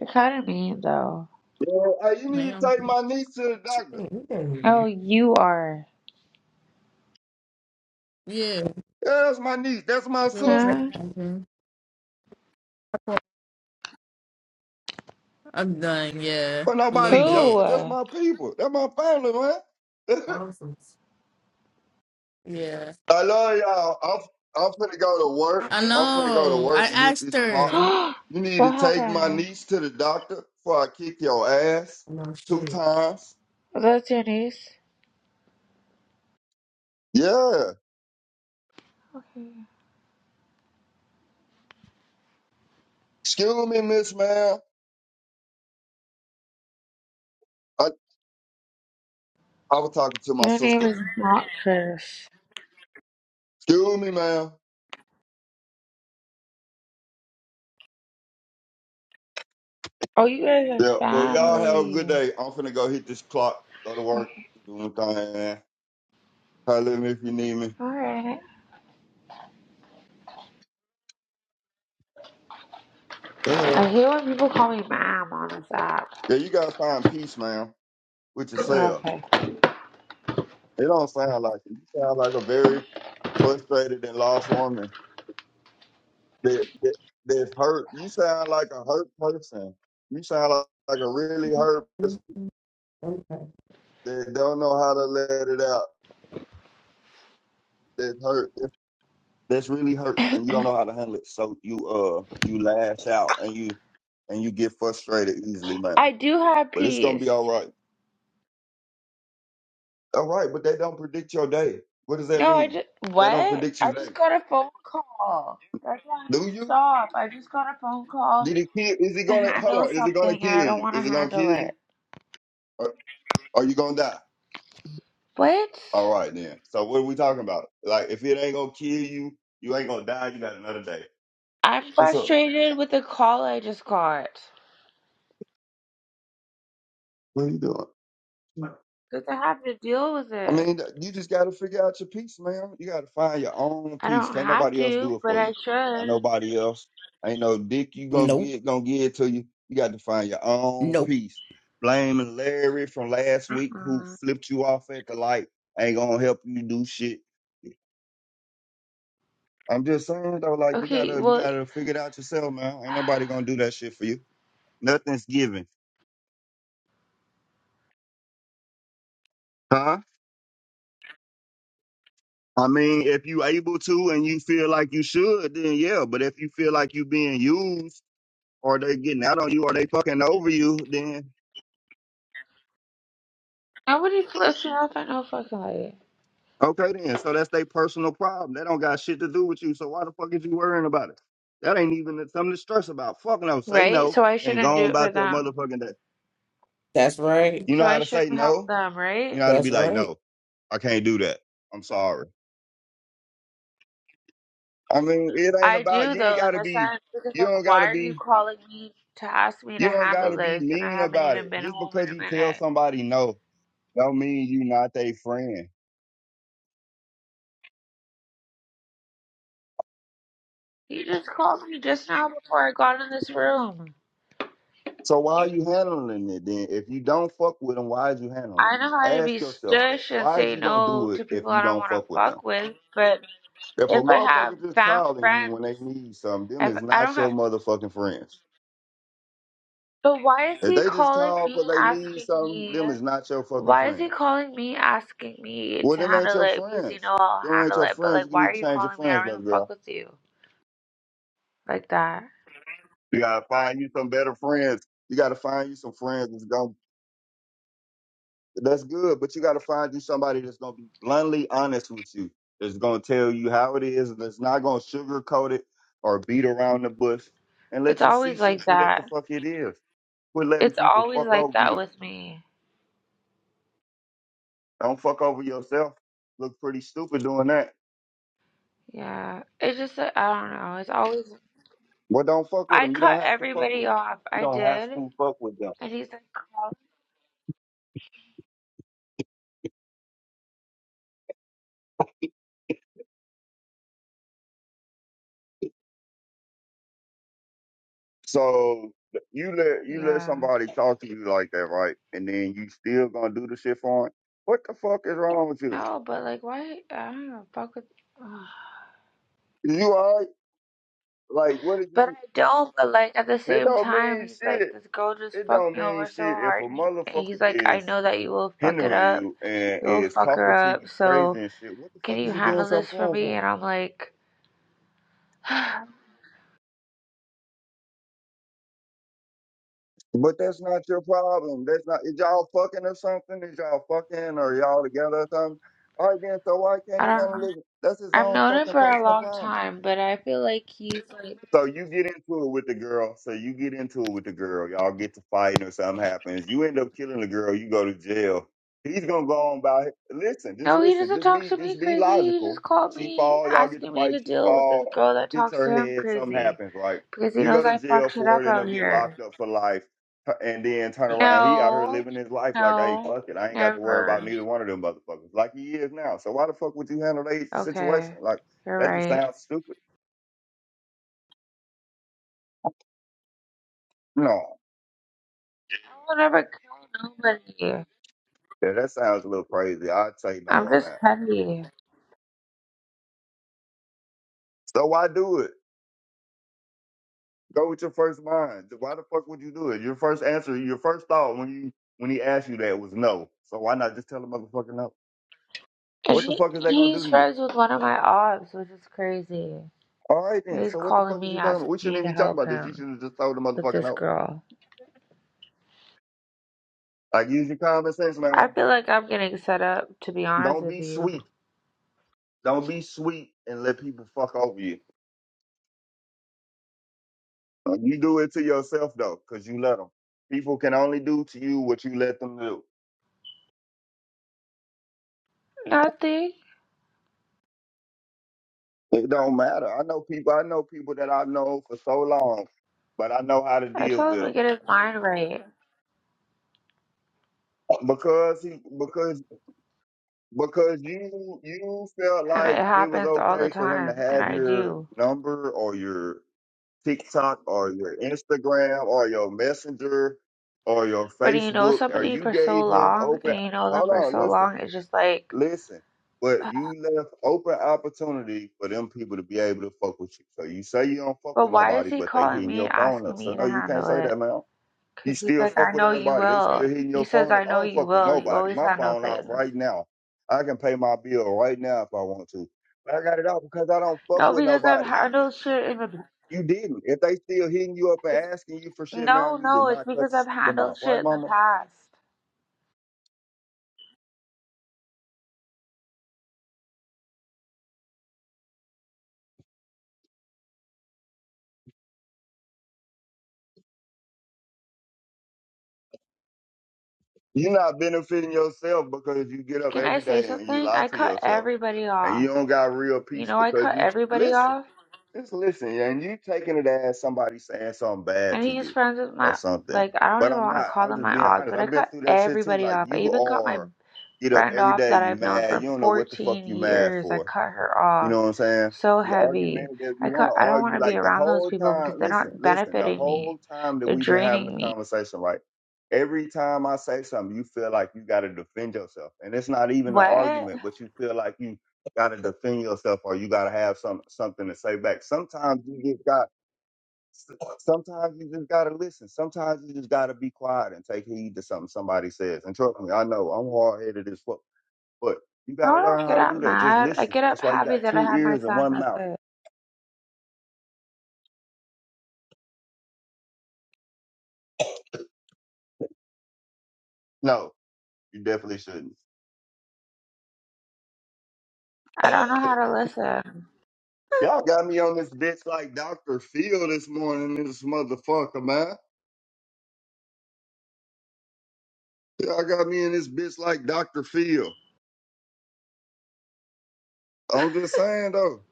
S5: You're kind of mean though.
S2: Yeah, hey, you
S8: Like,
S2: need to
S8: I'm
S2: take my niece to the doctor.
S5: Oh,
S8: confused.
S5: you are.
S8: yeah,
S2: Yeah, that's my niece. That's my
S8: we're
S2: sister.
S5: Huh?
S8: recognizing. I'm done. Yeah,
S2: But
S8: a little
S2: nobody
S5: Who?
S8: bit.
S2: joking. That's my people. That's my family, man.
S8: Awesome. Yeah,
S2: I love y'all. I'm I'm finna go to work.
S8: I
S2: I'm finna go to
S8: know. I
S2: work and hit
S8: asked
S2: this clock.
S8: her.
S5: what
S2: You need to take my
S5: happened?
S2: niece to the doctor before I kick your ass
S8: No
S2: two
S8: shit.
S2: times.
S5: That's your niece?
S2: Yeah. Excuse me, Miss Ma'am. I I was talking to my
S5: Your name
S2: sister.
S5: is not Chris.
S2: Excuse me, ma'am.
S5: Oh, you guys are
S2: Yeah. Well, y'all have a good
S5: family.
S2: day. I'm finna go hit this clock. Go to work.
S5: Okay.
S2: Do my thing, man. Holler at me if you need me.
S5: Alright.
S2: Yeah.
S5: I hate when people call me mom on this app.
S2: Yeah. You gotta find peace, ma'am, with yourself.
S5: Okay.
S2: It don't sound like it. You sound like a very frustrated and lost woman that, that that's hurt. You sound like a hurt person. You sound like, like a really hurt person that don't know how to let it out. That's hurt. That's really hurt, and you don't know how to handle it. So you uh you lash out and you and you get frustrated easily, man.
S5: I do have
S2: But it's gonna
S5: peace.
S2: be all right. All right, but they don't predict your day. What does that
S5: No, I
S2: mean?
S5: just.
S2: They don't
S5: What?
S2: predict
S5: I
S2: your day.
S5: just got a phone call. That's why I'm
S2: Do
S5: pissed
S2: you?
S5: off. I just got a phone call
S2: Did it kill? Is it
S5: to
S2: gonna hold
S5: handle
S2: on? Is it gonna
S5: something and I
S2: kill
S5: don't
S2: you?
S5: want to
S2: Is it gonna kill
S5: handle it.
S2: you? Or are you gonna die?
S5: What?
S2: All right then. So what are we talking about? Like if it ain't gonna kill you, you ain't gonna die. You got another day.
S5: I'm
S2: What's up?
S5: frustrated with the call I just got.
S2: What are you doing?
S5: Because I have to deal with
S2: I
S5: it.
S2: mean, th- you just gotta figure out your peace, man. You gotta find your own
S5: I
S2: peace.
S5: don't
S2: Can't
S5: have
S2: nobody else do
S5: to,
S2: it
S5: but
S2: for
S5: I
S2: you. Got
S5: should.
S2: nobody else. Ain't no dick you gonna
S1: nope,
S2: get gonna give it to you. You got to find your own
S1: nope.
S2: peace. Blaming Larry from last week who
S5: Mm-mm.
S2: flipped you off at the light ain't gonna help you do shit. I'm just saying though, like you
S5: Okay,
S2: gotta you
S5: well,
S2: gotta figure it out yourself, man. Ain't nobody gonna do that shit for you. Nothing's given. Huh? I mean, if you able to and you feel like you should, then yeah. But if you feel like you being used or they getting out on you or they fucking over you, then
S5: nobody flips me off at no fucking light.
S2: okay then. So that's their personal problem. They don't got shit to do with you. So why the fuck is you worrying about it? That ain't even something to stress about. Fuck no. Say
S5: Right?
S2: no
S5: So I
S2: and
S5: shouldn't
S2: go
S5: do
S2: on
S5: it
S2: about
S5: for
S2: your
S5: them.
S2: motherfucking day.
S1: That's right.
S2: You know
S5: So
S2: how
S5: I
S2: to say
S5: shouldn't help
S2: no?
S5: them,
S2: You
S5: right?
S2: know how to be
S1: That's
S2: like,
S1: right.
S2: no, I can't do that. I'm sorry. I mean, it ain't
S5: I
S2: about
S5: do,
S2: you ain't
S5: though, in
S2: gotta
S5: a
S2: be
S5: sense, because,
S2: you don't
S5: like,
S2: gotta
S5: why are you
S2: be
S5: calling me to ask me
S2: you
S5: to
S2: don't
S5: handle
S2: gotta be
S5: this? And I
S2: mean
S5: haven't
S2: about
S5: even
S2: it.
S5: been
S2: Just
S5: home in
S2: because
S5: a
S2: you tell
S5: minute.
S2: somebody no, don't mean you not their friend.
S5: You just called me just now before I got in this room.
S2: So why are you handling it then? If you don't fuck with them, why is you handling
S5: I know
S2: it?
S5: how to be
S2: Ask yourself that.
S5: stush and
S2: Why is
S5: say
S2: you gonna
S5: no
S2: do it
S5: to
S2: if
S5: people I
S2: you
S5: don't
S2: don't
S5: want to
S2: fuck with them?
S5: fuck with, but
S2: If a
S5: if I have
S2: motherfucker just
S5: fat
S2: calling you when
S5: friends,
S2: they need something, them
S5: if
S2: is
S5: I don't
S2: not your
S5: have.
S2: motherfucking friends.
S5: But why is
S2: If
S5: he
S2: they just
S5: calling
S2: call
S5: me
S2: because they need
S5: asking
S2: something,
S5: me?
S2: them is not your fucking
S5: Why is he
S2: friends.
S5: calling me asking me
S2: Well,
S5: to
S2: them ain't
S5: handle
S2: your
S5: it? Because you
S2: friends.
S5: know I'll
S2: Them ain't
S5: handle
S2: your
S5: it, but
S2: friends.
S5: like,
S2: You
S5: why
S2: need
S5: are
S2: to
S5: you
S2: change your
S5: calling me? I
S2: friends,
S5: don't
S2: baby
S5: even fuck
S2: girl.
S5: with you like that.
S2: You gotta find you some better friends. You gotta find you some friends that's going that's good, but you gotta find you somebody that's gonna be bluntly honest with you. That's gonna tell you how it is, and that's not gonna sugarcoat it or beat around the bush and
S5: It's
S2: let you see
S5: always
S2: shit
S5: like
S2: for what the
S5: that.
S2: fuck it is. Quit letting
S5: It's
S2: people
S5: always
S2: fuck
S5: like
S2: over
S5: that
S2: you.
S5: with me.
S2: Don't fuck over yourself. Look pretty stupid doing that.
S5: Yeah. It's just, that- I don't know. It's always.
S2: Well, don't fuck with
S5: I
S2: them. You
S5: cut
S2: don't have to fuck
S5: everybody
S2: with them.
S5: off.
S2: You
S5: I
S2: don't have
S5: did.
S2: to fuck with them.
S5: And he's like,
S2: So you let you let
S5: Yeah.
S2: somebody talk to you like that, right? And then you still gonna do the shit for him? What the fuck is wrong with you?
S5: No, but like, why? I don't know. Fuck with. Ugh.
S2: You alright? Like what did
S5: But
S2: you?
S5: I don't. But like, at the
S2: It
S5: same
S2: don't
S5: time,
S2: mean
S5: he's like,
S2: shit.
S5: this girl just
S2: It
S5: fucked
S2: don't
S5: me
S2: mean
S5: over so
S2: shit if a
S5: hard, and he- and
S2: motherfucker
S5: he's like, I
S2: is
S5: know that you will fuck it
S2: hindering
S5: up.
S2: you and
S5: You'll
S2: is
S5: fuck her
S2: talking to
S5: up.
S2: you crazy
S5: So
S2: and shit. What the
S5: can
S2: fuck is
S5: you
S2: you doing
S5: handle
S2: something
S5: this for
S2: for him
S5: me?
S2: for?
S5: And I'm like, I
S2: But that's not your problem. That's not. Is y'all fucking or something? Is y'all fucking or y'all together or something? All right then. So why can't he
S5: don't know.
S2: handle it? That's his
S5: I've
S2: own
S5: known him
S2: fucking
S5: for a
S2: personal
S5: long
S2: problem.
S5: time, but I feel like he's like,
S2: So you get into it with the girl. So you get into it with the girl. Y'all get to fighting or something happens. You end up killing the girl. You go to jail. He's gonna go on by. Listen, just
S5: no, he
S2: listen.
S5: doesn't
S2: Just
S5: talk
S2: be,
S5: to me
S2: just be
S5: crazy. He
S2: logical.
S5: just called
S2: She
S5: me
S2: fall. Y'all get to
S5: asking me to
S2: fight. She
S5: deal with
S2: fall.
S5: this girl that
S2: Hits
S5: talks to
S2: her
S5: him
S2: head. Something
S5: crazy
S2: happens. Right.
S5: because he
S2: You
S5: knows
S2: go to
S5: I fuck
S2: jail
S5: shit
S2: for
S5: up
S2: it. End
S5: out
S2: up getting
S5: here.
S2: locked up for life. T- And then turn around. He out here
S5: No,
S2: living his life like, hey,
S5: no,
S2: fuck it. I ain't got to worry about
S5: never.
S2: neither one of them motherfuckers like he is now. So why the fuck would you handle that
S5: Okay,
S2: situation? Like
S5: you're
S2: that just
S5: right.
S2: sounds stupid. No.
S5: I will never kill nobody.
S2: Yeah, that sounds a little crazy. I'll say no
S5: I'm
S2: on
S5: just
S2: that.
S5: petty.
S2: So why do it? Go with your first mind. Why the fuck would you do it? Your first answer, your first thought when you when he asked you that was no. So why not just tell the motherfucker no?
S5: And
S2: What the
S5: she,
S2: fuck is
S5: and
S2: they gonna do
S5: he's
S2: to you?
S5: friends with one of my ops, which is crazy.
S2: All right
S5: And
S2: then.
S5: he's
S2: So what the
S5: calling
S2: fuck is
S5: me,
S2: you talking about?
S5: asking
S2: We shouldn't
S5: me
S2: even
S5: to
S2: be talking
S5: help
S2: about this. You
S5: him
S2: should have just told the
S5: with
S2: motherfucker
S5: this
S2: no.
S5: girl.
S2: Like use your common sense,
S5: I
S2: man.
S5: feel like I'm getting set up, to be honest
S2: Don't
S5: with
S2: be
S5: you.
S2: sweet. Don't be sweet and let people fuck over you. You do it to yourself though, cause you let them. People can only do to you what you let them do.
S5: Nothing.
S2: It don't matter. I know people. I know people that I've known for so long, but I know how to
S5: I
S2: deal
S5: told
S2: with
S5: him to
S2: them
S5: get his mind right.
S2: because he because because you you felt
S5: And it
S2: like it was
S5: happens all the
S2: okay for him to
S5: time, and
S2: have
S5: I
S2: your
S5: do.
S2: number or your TikTok or your Instagram or your Messenger or your
S5: When you know
S2: Facebook, or
S5: somebody
S2: you
S5: for so
S2: gave him
S5: long,
S2: open.
S5: and you know them
S2: Hold
S5: for
S2: on,
S5: so
S2: listen.
S5: long, it's just like,
S2: Listen, but you left open opportunity for them people to be able to fuck with you. So you say you don't fuck
S5: But
S2: with
S5: why is
S2: nobody,
S5: he
S2: but they
S5: calling
S2: hitting
S5: me,
S2: your
S5: and
S2: phone
S5: asking
S2: up. So
S5: me
S2: no,
S5: to
S2: you can't
S5: handle
S2: say that,
S5: it?
S2: man. You
S5: Because he's
S2: still
S5: like, I
S2: fuck with
S5: know you
S2: everybody. They
S5: will.
S2: still hitting
S5: He
S2: your
S5: says,
S2: phone up.
S5: I
S2: I
S5: know
S2: don't
S5: you
S2: fuck with
S5: will. You
S2: nobody.
S5: always
S2: My
S5: handle
S2: phone off
S5: things.
S2: right now. I can pay my bill right now if I want to. But I got it off because I don't fuck
S5: No,
S2: with
S5: because I've
S2: nobody.
S5: handled shit in the past.
S2: You didn't. If they still hitting you up and asking you for shit,
S5: No,
S2: man, you did
S5: no, it's
S2: not cut
S5: because I've
S2: them
S5: handled
S2: off. Right,
S5: shit in the
S2: mama?
S5: past.
S2: You're not benefiting yourself because you get up
S5: Can I
S2: every
S5: say
S2: day and you
S5: something?
S2: lie
S5: I
S2: to
S5: cut
S2: yourself.
S5: everybody
S2: and you
S5: off.
S2: don't got real
S5: You
S2: peace
S5: know, I
S2: because
S5: cut
S2: you
S5: everybody
S2: listen,
S5: off.
S2: just listen, and you taking it as somebody saying something bad
S5: And
S2: to
S5: he's
S2: you
S5: friends with
S2: or
S5: my,
S2: something.
S5: like, I don't
S2: But
S5: even
S2: I'm
S5: want
S2: not.
S5: to call
S2: I'm
S5: them
S2: just
S5: my
S2: being
S5: odds,
S2: honest.
S5: but I
S2: I've been
S5: cut
S2: through that shit too.
S5: everybody
S2: Like
S5: off. I
S2: you
S5: even cut my
S2: are, get up
S5: friend
S2: every
S5: off
S2: day,
S5: that
S2: you
S5: I've known
S2: mad. You
S5: for
S2: don't know what the fuck
S5: 14
S2: you mad
S5: years. I
S2: for.
S5: cut her
S2: You
S5: off.
S2: know what I'm saying?
S5: so
S2: You
S5: heavy.
S2: argumentative. You
S5: I
S2: want
S5: could,
S2: to
S5: I don't want
S2: argue
S5: to be
S2: like the
S5: around those
S2: whole
S5: people
S2: time.
S5: because they're
S2: Listen,
S5: not
S2: listen. The
S5: benefiting me.
S2: whole time that
S5: They're
S2: we've been having
S5: draining
S2: a
S5: me.
S2: conversation, right? Every time I say something, you feel like you got to defend yourself, and it's not even an
S5: What?
S2: argument, but you feel like you got to defend yourself or you got to have some something to say back. Sometimes you just got. Sometimes you just gotta listen. Sometimes you just gotta be quiet and take heed to something somebody says. And trust me, I know I'm hard headed as fuck. But you got
S5: No,
S2: to
S5: I don't
S2: learn how
S5: get
S2: to
S5: up
S2: do that. Just
S5: mad. I
S2: listen.
S5: get up
S2: That's why you
S5: happy
S2: got
S5: that I
S2: two
S5: have my
S2: ears and
S5: son.
S2: one
S5: That's
S2: mouth.
S5: it.
S2: No, you definitely shouldn't.
S5: I don't know how to listen.
S2: Y'all got me on this bitch like Dr. Phil this morning, this motherfucker, man. Y'all got me in this bitch like Dr. Phil. I'm just saying, though,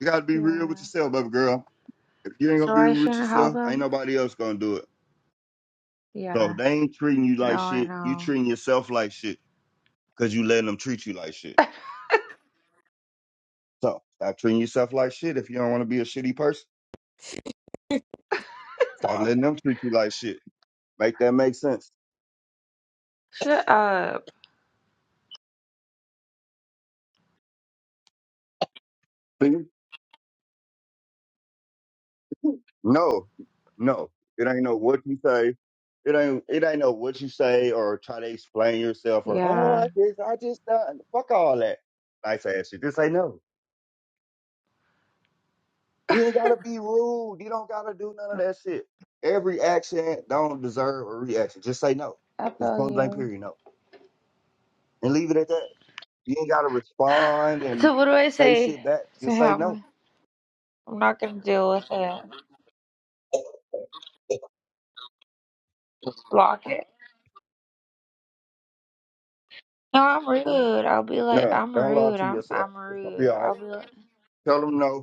S2: you got to be real
S5: Yeah.
S2: with yourself, baby girl. If you ain't going to
S5: So
S2: be
S5: I
S2: real with
S5: shouldn't help
S2: yourself, ain't
S5: him?
S2: nobody else going to do it.
S5: Yeah.
S2: So if they ain't treating you
S5: No,
S2: like
S5: I
S2: shit, you
S5: know.
S2: treating yourself like shit because you letting them treat you like shit. So stop treating yourself like shit if you don't want to be a shitty person. Stop letting them treat you like shit. Make that make sense?
S5: Shut up.
S2: See? No, no. It ain't know what you say. It ain't it ain't know what you say or try to explain yourself or oh
S5: Yeah.
S2: I just I just done fuck all that. Nice ass shit. Just say no. You ain't gotta be rude. You don't gotta do none of that shit. Every action don't deserve a reaction. Just say no.
S5: I
S2: Just
S5: feel
S2: point blank
S5: you.
S2: period, no. And leave it at that. You ain't gotta respond and
S5: So what do I
S2: say
S5: say
S2: shit back.
S5: to
S2: Just say no.
S5: him? I'm not gonna deal with it. Just block it. No, I'm rude. I'll be like,
S2: Yeah.
S5: I'm
S2: Don't lie
S5: rude.
S2: to
S5: I'm
S2: yourself.
S5: I'm
S2: It's gonna be
S5: rude.
S2: all right.
S5: I'll be like.
S2: Tell them no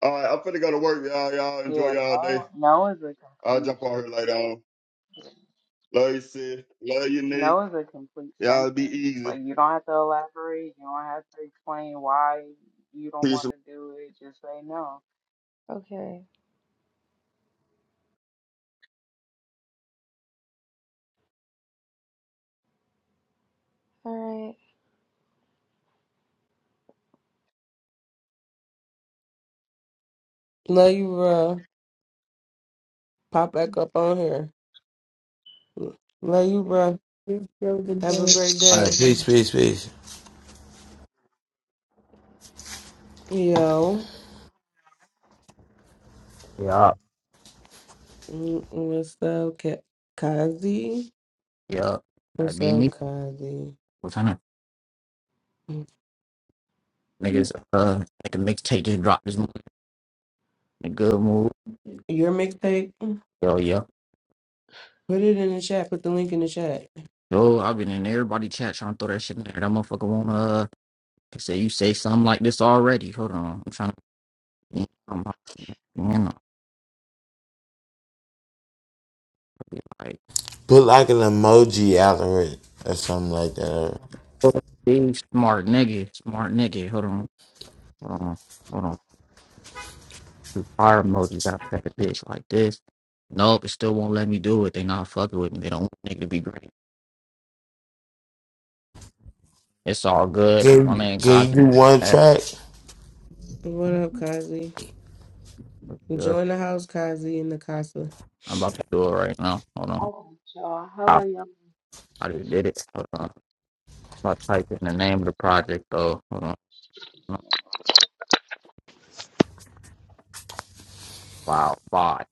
S2: All right, I'm finna go to work, y'all. Y'all enjoy
S9: Yeah,
S2: y'all day.
S9: no, no is a
S2: I'll
S9: complete
S2: jump on here later on. Love you, sis. Love you, Nick.
S9: no is a complete
S2: Y'all be
S9: sentence. Like
S2: easy.
S9: you don't have to elaborate. You don't have to explain why you don't
S2: Peace.
S9: want to do it. Just say no.
S5: Okay. All right.
S1: Love you, bruh. Pop back up on here. Love you, bruh. Have a
S8: Okay.
S1: great day. Yo,
S10: Yeah,
S1: Mm, what's up, Ka- Kazi?
S10: yeah. I
S1: What's
S10: be
S1: up,
S10: me.
S1: Kazi?
S10: What kind of
S1: Mm.
S10: niggas uh like the mixtape just dropped this morning. A good move.
S1: Your mixtape?
S10: Yo, yeah.
S1: Put it in the chat. Put the link in the chat.
S10: Yo, I've been in everybody chat trying to throw that shit in there. That motherfucker wanna uh they say you say something like this already. Hold on. I'm trying to I'm you know, like
S3: Put
S10: hold
S3: like an emoji after it or something like that.
S10: on. Big smart nigga, smart nigga. Hold on, hold on, hold on. Do Fire emojis out of that bitch like this. Nope, it still won't let me do it. They not fucking with me. They don't want nigga to be great. It's all good. My
S3: Can,
S10: man
S3: can you
S10: Cosby.
S3: do one track?
S1: What up, Kazi? Join the house, Kazi in the Casa.
S10: I'm about to do it right now. Hold on.
S9: Okay, y'all. How
S10: Ah,
S9: are y'all?
S10: I just did it. Hold on. I'm about to type in the name of the project though. Hold on. No. Wow. Bye.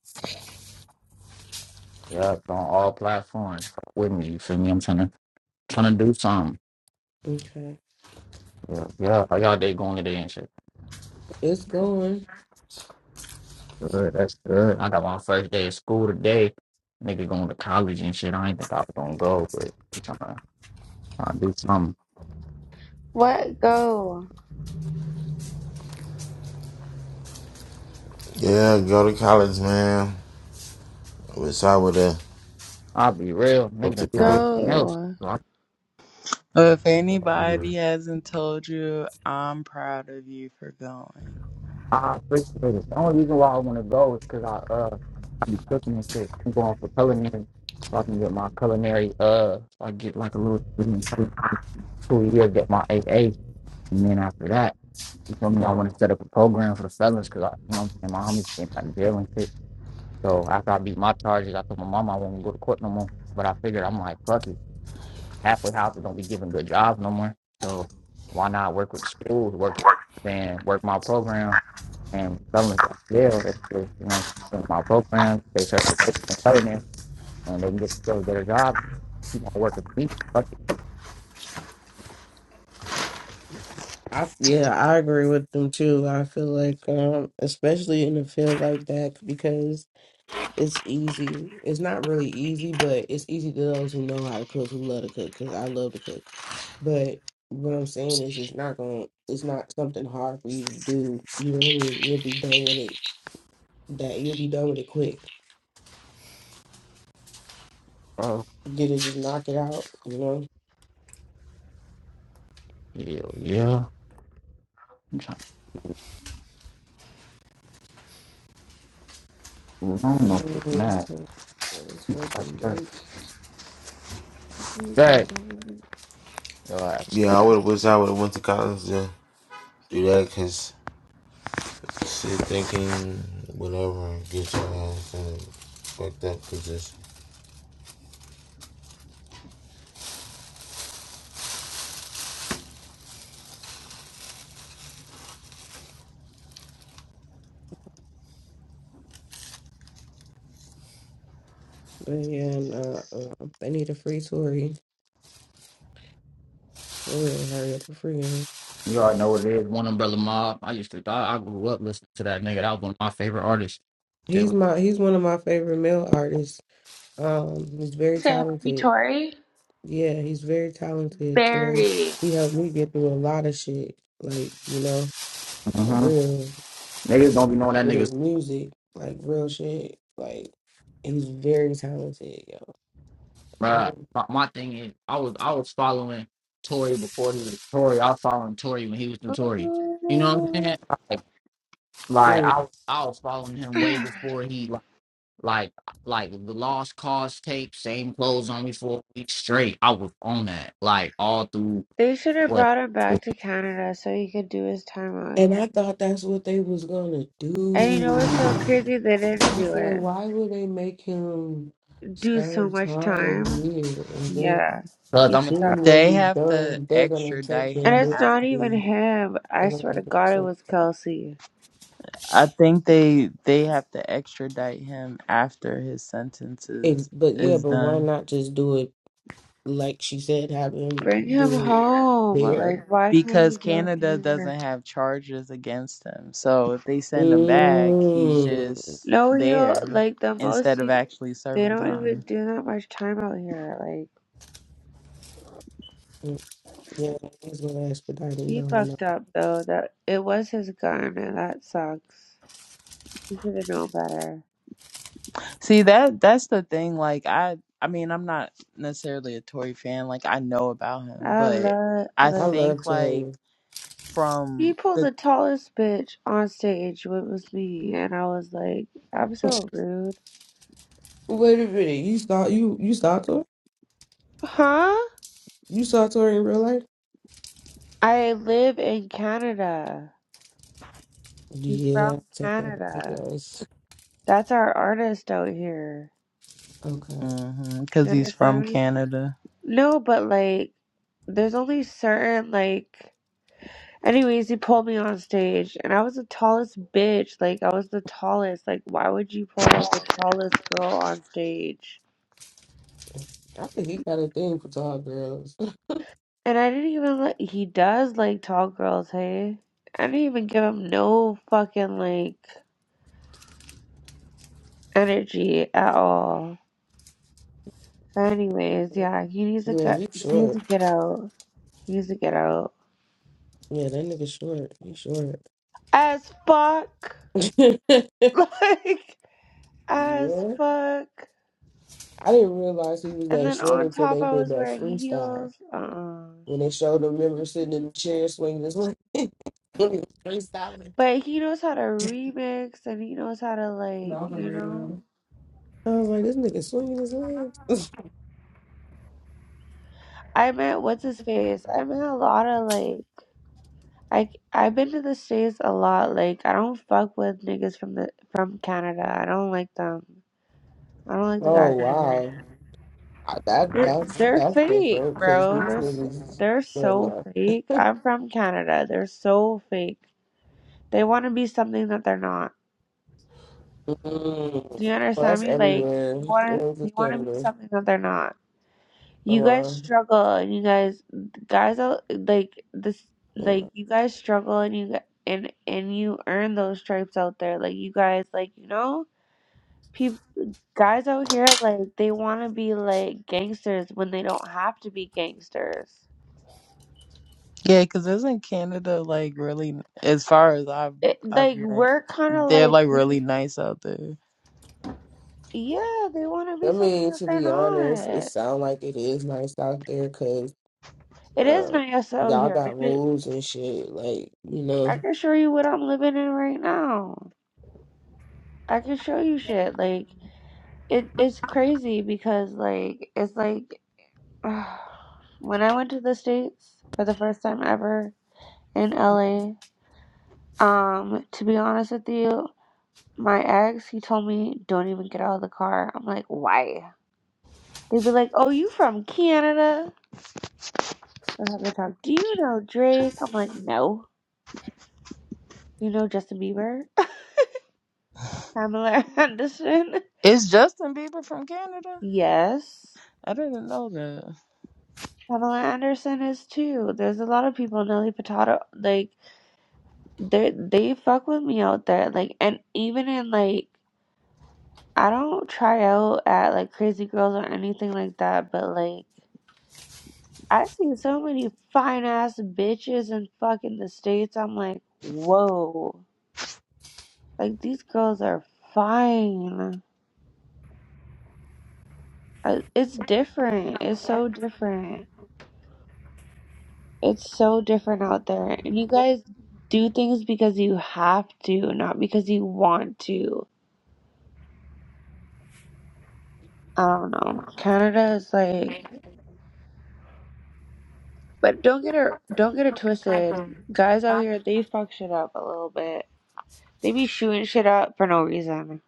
S10: Yeah, it's on all platforms. Fuck with me. You feel me? I'm trying to trying to do something.
S1: Okay,
S10: Yeah, yeah. How y'all day going today and shit?
S1: it's going.
S10: Good, that's good. I got my first day of school today. Nigga going to college and shit. I ain't think I was gonna go, but I'm trying to, trying to do something.
S5: What? Go.
S3: Yeah, go to college, man. I wish I would have
S10: I'll be real. Nigga
S3: went to
S10: done did
S3: college.
S10: everything else.
S5: Go.
S10: So I
S9: Well, if
S3: Yeah,
S9: anybody hasn't told you, I'm proud of you for going.
S10: I appreciate it. The only reason why I want to go is because I uh I be cooking and shit. I'm going for culinary. So I can get my culinary uh so I get like a little student for two years, get my AA, and then after that, you feel me? I want to set up a program for the fellas because I you know and my homies been like jail and shit. So after I beat my charges, I told my mama I won't go to court no more. But I figured I'm like fuck it, halfway houses don't be giving good jobs no more. So why not work with schools, work and work my program and some of them live you know, my our programs, they search for coding, and they can get still better a job. You gonna work at least fuck it,
S1: I yeah, I agree with them too. I feel like, um, especially in a field like that, because it's easy. It's not really easy, but it's easy to those who know how to cook, who love to cook. Because I love to cook, but what I'm saying is, it's not going. It's not something hard for you to do. You know what I mean? You'll be done with it. That you'll be done with it quick.
S10: bro.
S1: You just just knock it out. You know.
S10: Hell yeah. I'm trying to move on No shit,
S1: Yes,
S10: now.
S1: uh, it's wake
S10: That's
S1: and
S10: first.
S1: bake. It's wake and
S10: That
S1: bake.
S10: your ass.
S3: yeah I would wish I would have went to college to do that because shit thinking whatever get your ass in a fucked up position.
S1: But yeah, and, uh, uh, they need a free Tory. For real, hurry up and free him.
S10: You already know what it is. One umbrella mob. I used to I, I grew up listening to that nigga. That was one of my favorite artists.
S1: He's
S10: Still.
S1: my he's one of my favorite male artists. Um, he's very
S5: You said free
S1: talented.
S5: Tory?
S1: Yeah, he's very talented, Tory.
S5: Barry.
S1: He helped me get through a lot of shit. Like, you know, for
S10: hmm
S1: real.
S10: Niggas don't be knowing that
S1: With his
S10: niggas
S1: music, like real shit. Like he's very talented, yo.
S10: bruh.
S1: And,
S10: My, my thing is I was I was following Tory before he was Tory. I was following Tory when he was notorious. You know what I'm
S5: Ooh.
S10: saying? Like
S1: mm.
S10: I was- I was following him way before he like like like the lost cause tape, same clothes on me for a week straight. I was on that like all through
S5: They should have
S10: what
S5: brought him
S10: because
S5: back to Canada so he could do his time out
S1: and
S5: here.
S1: I thought that's what they was gonna
S5: And you know what's
S1: do.
S5: so crazy? They didn't
S1: I
S5: do
S1: said,
S5: it.
S1: why would they make him
S5: Do so
S1: serve
S5: much
S1: time
S5: time.
S1: here and then
S5: Yeah.
S10: I'm
S5: He's
S10: gonna tell you
S1: doing
S5: stuck.
S1: what
S9: They
S1: he's
S9: have to
S1: done, they're gonna take
S9: extradite
S5: And
S1: him
S9: him
S1: there.
S5: it's not
S9: after
S5: even
S9: he.
S5: him. I
S1: That don't
S5: swear to
S1: make any
S5: God, it
S1: sense.
S5: was Kelsey.
S9: I think they they have to extradite him after his sentence
S1: It,
S9: is
S1: but yeah,
S9: is
S1: but why
S9: done
S1: not just do it like she said, have him
S5: Bring him
S1: do it
S5: home.
S1: there?
S5: Like, why can't
S9: because
S5: you do it
S9: Canada
S5: here?
S9: doesn't have charges against him. So if they send him back, he's
S1: Mm.
S9: just
S5: No, he'll,
S9: there
S5: like, the most
S9: instead
S5: you
S9: of actually
S5: They
S9: serving
S5: don't even
S9: time.
S5: do that much time out here. Like
S1: Yeah, he's gonna expedite him
S5: he
S1: down.
S5: fucked
S1: though.
S5: up though. That it was his gun, and that sucks. He should have known better.
S9: See that that's the thing. Like I I mean I'm not necessarily a Tory fan. Like I know about him,
S5: I
S9: but
S5: love
S9: I
S1: I
S5: like
S1: love
S9: think like
S1: Tori.
S5: he
S9: from
S5: pulled
S9: the
S5: the tallest bitch on stage. What was me? And I was like, I'm so rude,
S1: Wait a minute, you saw you you saw Tori?
S5: huh?
S1: You saw Tori in real life?
S5: I live in Canada. He's
S1: Yeah,
S5: from
S1: I'll take that as it
S5: Canada.
S1: goes.
S5: That's our artist out here.
S1: Okay.
S9: Mhm,
S5: You
S9: Because he's
S5: understand
S9: from
S5: me?
S9: Canada.
S5: No, but like, there's only certain like Anyways, he pulled me on stage, and I was the tallest bitch. Like, I was the tallest. Like, why would you pull the tallest girl on stage?
S1: I think he got a thing for tall girls.
S5: And I didn't even let. He does like tall girls, hey? I didn't even give him no fucking, like, energy at all. But anyways, yeah, he needs to
S1: Yeah,
S5: cut.
S1: he
S5: He needs
S1: short.
S5: to get out. He needs to get out.
S1: Yeah, that nigga short. He short.
S5: As fuck! Like, as
S1: yeah.
S5: fuck!
S1: I didn't realize he was
S5: And
S1: that
S5: then
S1: short
S5: on
S1: until they
S5: top, I
S1: did
S5: was
S1: that
S5: wearing
S1: freestyle.
S5: heels. Uh-uh.
S1: When they showed him, remember sitting in the chair swinging his leg. He was freestyling.
S5: But he knows how to remix and he knows how to like,
S1: No, for
S5: you know.
S1: real. I was like, this nigga swinging his legs.
S5: I met what's his face. I met a lot of like I I've been to the States a lot. Like I don't fuck with niggas from the from Canada. I don't like them. I don't like the
S1: Oh,
S5: guys in here.
S1: wow. I, that
S5: They're
S1: That's
S5: they're
S1: that's
S5: fake,
S1: different because
S5: bro.
S1: these
S5: They're s-
S1: niggas,
S5: they're
S1: they're
S5: so
S1: like,
S5: fake. I'm from Canada. They're so fake. They want to be something that they're not.
S1: mm.
S5: Do you
S1: well,
S5: understand
S1: that's
S5: me? Like
S1: everywhere.
S5: they
S1: It
S5: want to
S1: was
S5: they
S1: just
S5: want to be
S1: Canada.
S5: something that they're not.
S1: Come
S5: You guys
S1: on.
S5: struggle, and you guys, guys, are like this, like
S1: I
S5: you guys struggle, and you gu- and and you earn those stripes out there. Like you guys, like you know, peop guys out here, like they want to be like gangsters when they don't have to be gangsters.
S9: Yeah, because isn't Canada like really, as far as I've
S5: It,
S9: I've
S5: like
S9: met,
S5: we're kind of
S9: they're
S5: like,
S9: like really
S5: we-
S9: nice out there.
S5: yeah, they want to be something
S1: mean,
S5: that
S1: to
S5: they're
S1: be honest, it
S5: not.
S1: sounds like it is nice out there because
S5: It is
S1: um,
S5: nice out
S1: y'all
S5: here. I
S1: got
S5: could,
S1: rules and shit. Like, you know,
S5: I can show you what I'm living in right now. I can show you shit like. it it's crazy because like it's like when I went to the states for the first time ever in LA. Um, to be honest with you, my ex he told me don't even get out of the car. I'm like, why? They'd be like, oh, you from Canada? That's how they talk. Do you know Drake? I'm like, no. You know Justin Bieber? Pamela Anderson?
S9: Is Justin Bieber from Canada?
S5: Yes.
S9: I didn't know that.
S5: Pamela Anderson is too. There's a lot of people. Nelly Furtado, like. they they fuck with me out there like and even in like I don't try out at like crazy girls or anything like that but like I see so many fine ass bitches in fucking the states I'm like whoa like these girls are fine Uh, it's different it's so different it's so different out there and you guys do things because you have to not because you want to I don't know Canada is like But don't get it don't get it twisted. Guys out here they fuck shit up a little bit. They be shooting shit up for no reason.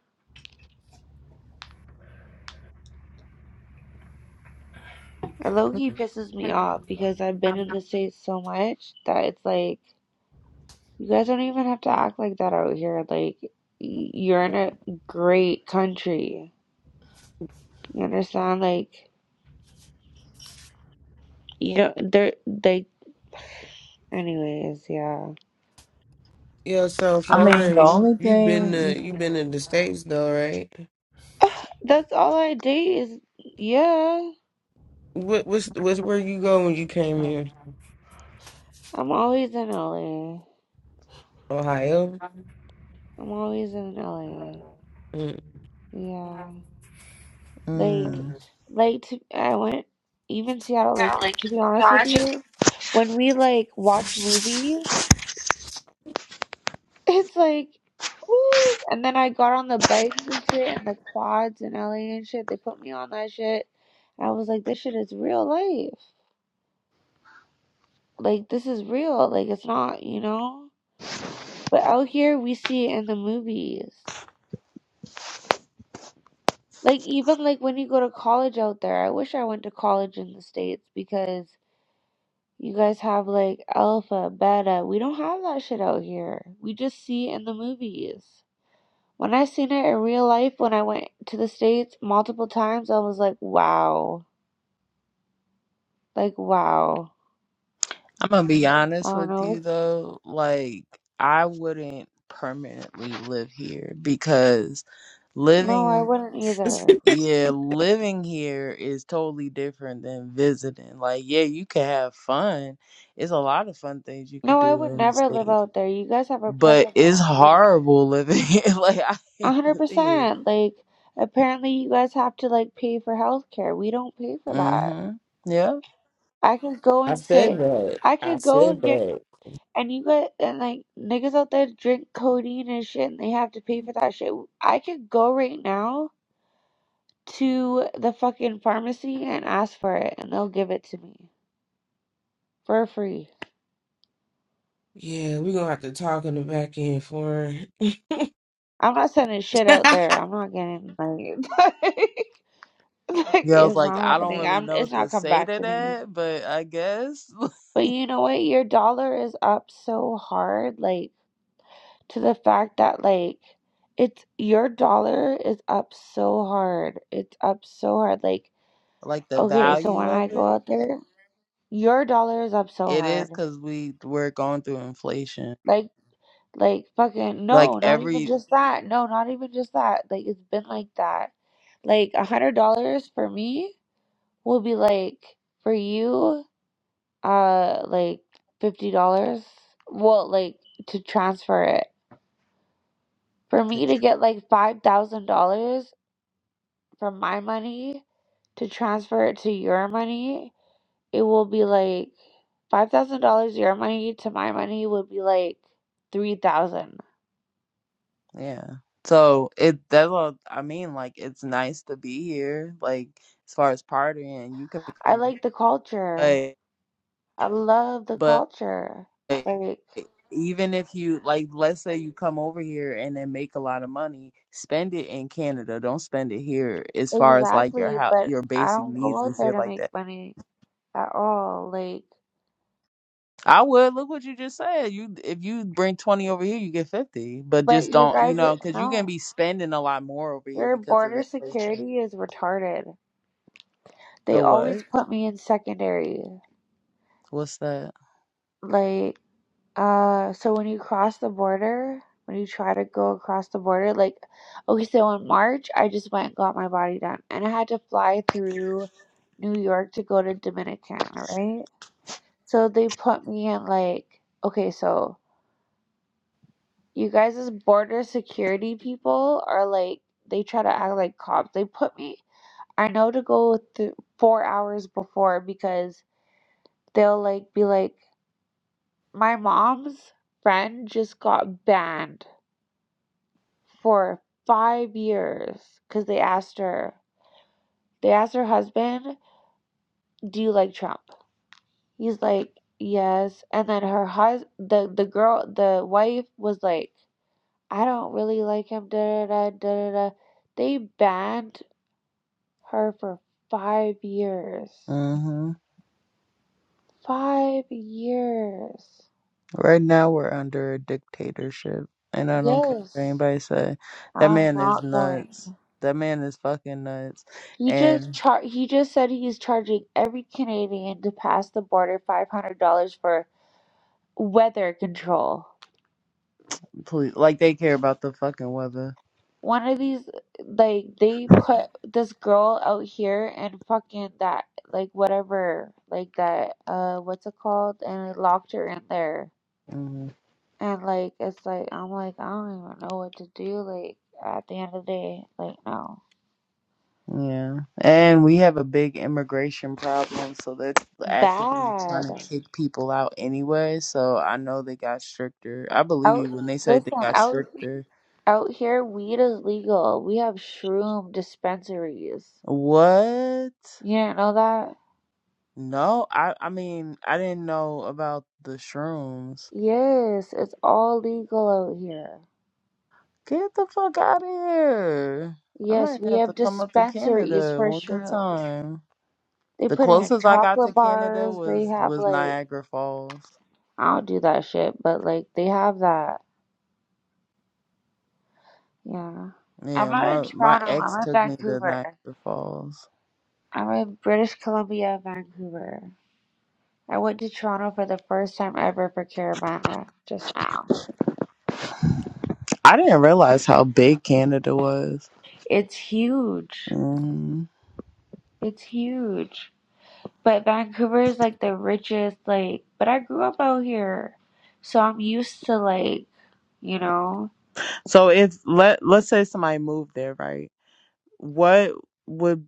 S5: And low key pisses me off because I've been in the States so much that it's like you guys don't even have to act like that out here. Like y- you're in a great country. You understand? Like you know they're they anyways, yeah.
S1: yeah. So
S9: I mean, the
S1: foreign, you
S9: only
S1: you been
S9: thing you,
S1: to you been to the states though, right?
S5: That's all I date is yeah.
S1: What what's what's where you go when you came here?
S5: I'm always in LA.
S1: Ohio.
S5: I'm always in LA.
S1: Mm.
S5: Yeah. Like,
S9: mm,
S5: like to, I went even Seattle. Like to be honest with you, when we like watch movies, it's like, woo! And then I got on the bikes and shit and the quads in LA and shit. They put me on that shit. I was like, this shit is real life. Like this is real. Like it's not, you know. But out here, we see it in the movies. Like even like when you go to college out there, I wish I went to college in the States because. You guys have like alpha, beta. We don't have that shit out here. We just see it in the movies. When I seen it in real life, when I went to the States multiple times, I was like, wow. Like, wow.
S9: I'm gonna be
S5: I
S9: honest
S5: don't
S9: with
S5: know.
S9: you though, like I wouldn't permanently live here because
S5: No, I
S9: living.
S5: wouldn't either.
S9: Yeah, living here is totally different than visiting. Like, yeah, you can have fun. It's a lot of fun things you could
S5: No, I
S9: do
S5: would
S9: in the
S5: never live
S9: States,
S5: out there. You guys have a
S9: but
S5: president.
S9: it's
S5: You don't-
S9: horrible living here. Like, I
S5: A
S9: hate living here.
S5: 100%. Like, apparently you guys have to like pay for health care. We don't pay for that.
S9: Mm-hmm. Yeah.
S5: I could go
S1: I
S5: and say,
S1: said that.
S5: I
S1: I
S5: could go
S1: said
S5: and get
S1: that.
S5: And you got and like niggas out there drink codeine and shit, and they have to pay for that shit. I could go right now to the fucking pharmacy and ask for it, and they'll give it to me for free.
S1: Yeah, we gonna have to talk in the back end foreign.
S5: I'm not sending shit out
S1: I
S5: there. I'm not getting like, like
S9: Yeah, I was
S5: it's
S9: like,
S5: not
S9: I don't
S5: happening.
S9: really
S5: I'm
S9: know
S5: it's
S9: what to
S5: not coming
S9: say
S5: back
S9: to
S5: to me.
S9: that, but I guess
S5: But you know what? Your dollar is up so hard, like to the fact that like it's your dollar is up so hard. It's up so hard, like.
S9: like the
S5: Okay, so when
S9: value
S5: I
S9: of
S5: go
S9: it,
S5: out there, your dollar is up so
S9: it is
S5: hard.
S9: because we we're going through inflation.
S5: Like, like fucking
S9: Like
S5: no, not even
S9: every
S5: just that. No, not even just that. Like it's been like that. Like a hundred dollars for me will be like for you, uh, like fifty dollars. Well, like to transfer it for me to get like five thousand dollars from my money to transfer it to your money. it will be like five thousand dollars your money to my money would be like three thousand.
S9: Yeah. So it that's what I mean. Like it's nice to be here. Like as far as partying, you can
S5: I like the culture.
S9: but
S5: I love the
S9: but
S5: culture.
S9: like,
S5: Like
S9: even if you like, let's say you come over here and then make a lot of money, spend it in Canada. Don't spend it here. As far as like your
S5: exactly,
S9: house,
S5: but
S9: your
S5: I
S9: basic
S5: don't
S9: needs
S5: go out
S9: and
S5: there
S9: shit
S5: to
S9: like
S5: make
S9: that.
S5: money at all. Like
S9: I would look what you just said. You if you bring twenty over here, you get fifty. But
S5: but
S9: just
S5: you
S9: don't, you
S5: guys uh,
S9: know, because you're gonna
S5: no.
S9: be spending a lot more over here
S5: Your
S9: because of
S5: border
S9: inflation.
S5: security is retarded. They
S9: The
S5: always
S9: what?
S5: put me in secondary.
S9: What's that?
S5: Like Uh, so when you cross the border, when you try to go across the border, like, okay, so in March, I just went and got my body done, and I had to fly through New York to go to Dominican, right? So they put me in like, okay, so you guys as border security people are like, they try to act like cops. They put me, I know to go th- four hours before because they'll like be like, my mom's friend just got banned for five years because they asked her, they asked her husband, "Do you like Trump?" He's like, "Yes." And then her hus, the the girl, the wife was like, "I don't really like him." Da da da da da. They banned her for five years.
S9: hmm
S5: Five years.
S9: Right now we're under a dictatorship, and I don't care what
S5: Yes,
S9: anybody say. That
S5: I'm
S9: man is
S5: not going.
S9: nuts. That man is fucking nuts.
S5: He just
S9: And
S5: char- he just said he's charging every Canadian to pass the border $500 for weather control.
S9: please, like they care about the fucking weather.
S5: One of these, like, they put this girl out here and fucking that, like, whatever, like, that, uh, what's it called? And it locked her in there.
S9: hmm
S5: And, like, it's like, I'm like, I don't even know what to do, like, at the end of the day, like, no.
S9: Yeah, and we have a big immigration problem, so they're actively
S5: Bad.
S9: trying to kick people out anyway. So I know they got stricter. I believe
S5: Out,
S9: you when they say they
S5: listen,
S9: got
S5: out,
S9: stricter.
S5: out here, weed is legal. We have shroom dispensaries.
S9: What?
S5: You didn't know that?
S9: No, I I mean I didn't know about the shrooms.
S5: Yes, it's all legal out here.
S9: Get the fuck out of here. I
S5: Yes,
S9: might
S5: we
S9: have to
S5: have
S9: come up to
S5: dispensaries
S9: Canada
S5: for
S9: one good
S5: shrooms.
S9: time.
S5: They
S9: The
S5: put in
S9: closest I got
S5: chocolate
S9: to Canada
S5: bars. They
S9: was
S5: have
S9: was
S5: like
S9: Niagara Falls.
S5: I don't do that shit, but like they have that. Yeah. I'm
S9: Yeah,
S5: not in
S9: my my
S5: Toronto.
S9: ex
S5: I'm in
S9: took me to
S5: Vancouver.
S9: Niagara Falls.
S5: I'm in British Columbia, Vancouver. I went to Toronto for the first time ever for Caravana just now.
S9: I didn't realize how big Canada was.
S5: It's huge.
S9: hmm
S5: It's huge. But Vancouver is like the richest, like, but I grew up out here. So I'm used to like, you know,
S9: So if let let's say somebody moved there, right? What would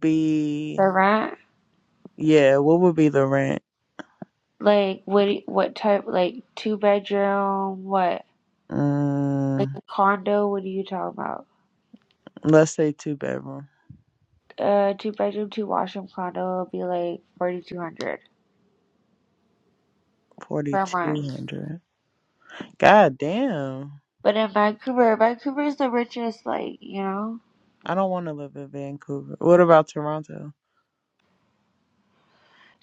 S5: the
S9: be
S5: rent.
S9: yeah? What would be the rent?
S5: Like what? What type? Like two bedroom? What? Like
S9: Mm,
S5: a condo? What are you talking about?
S9: let's say two bedroom,
S5: Uh, two bedroom, two washroom condo would be like forty two hundred
S9: forty
S5: per
S9: two
S5: month.
S9: hundred. God damn.
S5: But in Vancouver, Vancouver is the richest. Like you know,
S9: I don't want to live in Vancouver. What about Toronto?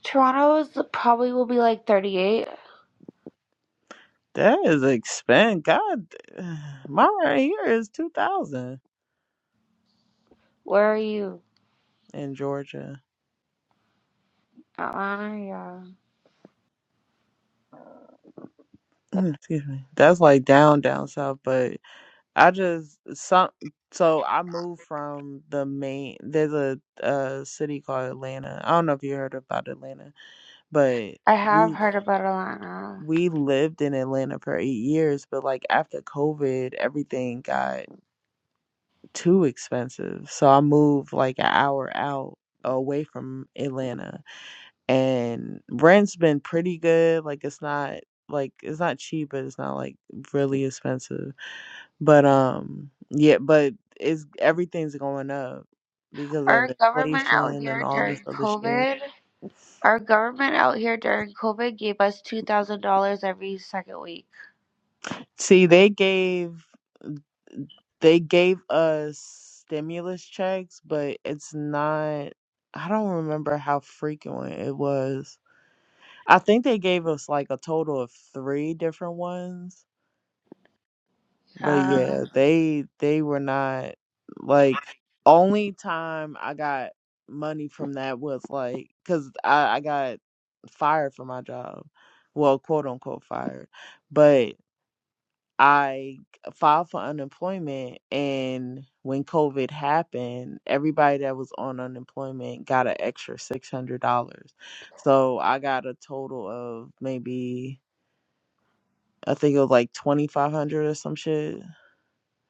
S5: Toronto is probably will be like thirty eight.
S9: That is expensive. God, d- my right here is 2000
S5: Where are you?
S9: in Georgia.
S5: Atlanta, yeah.
S9: Excuse me. That's like down, down south, but I just, some, so I moved from the main, there's a, a city called Atlanta. I don't know if you heard about Atlanta, but
S5: I have
S9: we,
S5: heard about Atlanta.
S9: we lived in Atlanta for eight years, but like after COVID, everything got too expensive. So I moved like an hour out away from Atlanta. And rent's been pretty good. Like it's not like it's not cheap, but it's not like really expensive. But um yeah, but it's everything's going up because of
S5: Our government out
S9: inflation and
S5: here
S9: all this
S5: during
S9: other shit.
S5: COVID, our government out here during COVID gave us two thousand dollars every second week.
S9: See, they gave they gave us stimulus checks, but it's not I don't remember how frequent it was I think they gave us like a total of three different ones. But
S5: Uh,
S9: yeah, they they were not like only time I got money from that was like because I, I got fired from my job. Well, quote unquote fired. But I filed for unemployment and when COVID happened, everybody that was on unemployment got an extra six hundred dollars. So I got a total of maybe I think it was like twenty five hundred or some shit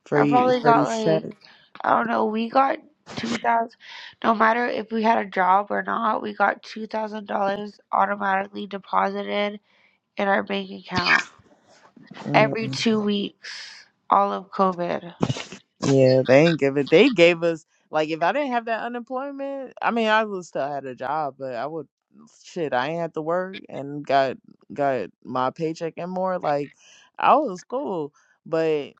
S9: for
S5: I
S9: you
S5: probably
S9: for
S5: got
S9: each check.
S5: like I don't know. We got two thousand. No matter if we had a job or not, we got two thousand dollars automatically deposited in our bank account every
S9: Mm.
S5: two weeks, all of COVID.
S9: Yeah, they ain't give it. They gave us like if I didn't have that unemployment, I mean I would still had a job, but I would shit. I ain't had to work and got got my paycheck and more. Like I was cool, but.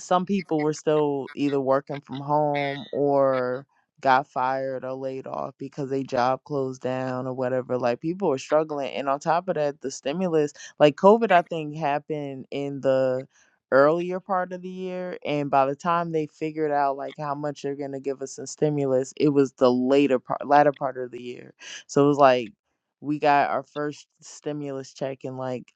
S9: some people were still either working from home or got fired or laid off because they job closed down or whatever. Like people were struggling. And on top of that, the stimulus, like COVID, I think happened in the earlier part of the year. And by the time they figured out like how much they're going to give us in stimulus, it was the later part, latter part of the year. So it was like, we got our first stimulus check in like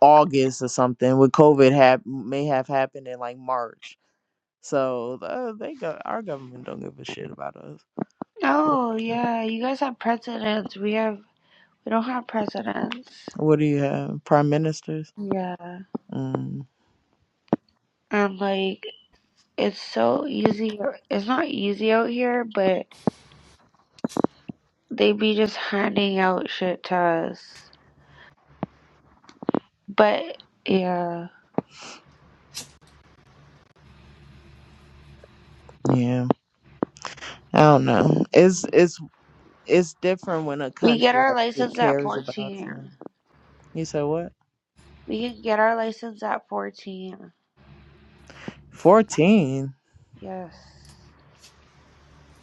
S9: August or something. With COVID, have may have happened in like March. So uh, they go. Our government don't give a shit about us.
S5: Oh yeah, you guys have presidents. We have we don't have presidents.
S9: What do you have? Prime ministers.
S5: Yeah,
S9: Mm,
S5: and like it's so easy. It's not easy out here, but they be just handing out shit to us. But yeah.
S9: yeah, I don't know. It's it's it's different when a
S5: We get
S9: country
S5: our
S9: actually
S5: license at
S9: cares about you.
S5: 14.
S9: You said what?
S5: We can get our license at 14.
S9: Fourteen.
S5: Yes.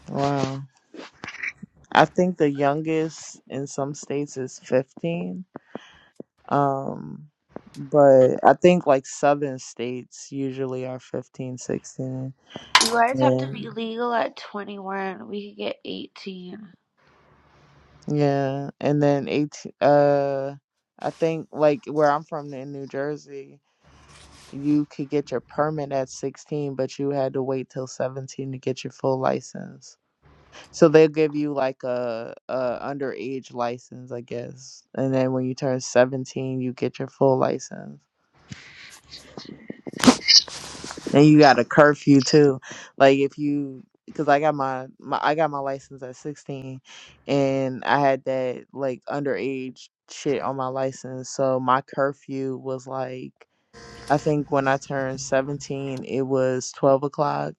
S9: Wow. I think the youngest in some states is fifteen. Um, but I think like southern states usually are 15, 16.
S5: You guys have to
S9: And
S5: be legal at 21. We can get 18.
S9: yeah, and then 18 uh I think like where I'm from in New Jersey, you could get your permit at 16, but you had to wait till 17 to get your full license. So they'll give you like a, a underage license, I guess. And then when you turn 17, you get your full license. Then you got a curfew too. Like if you, because I got my, my I got my license at sixteen, and I had that like underage shit on my license. So my curfew was like I think when I turned seventeen, it was twelve o'clock,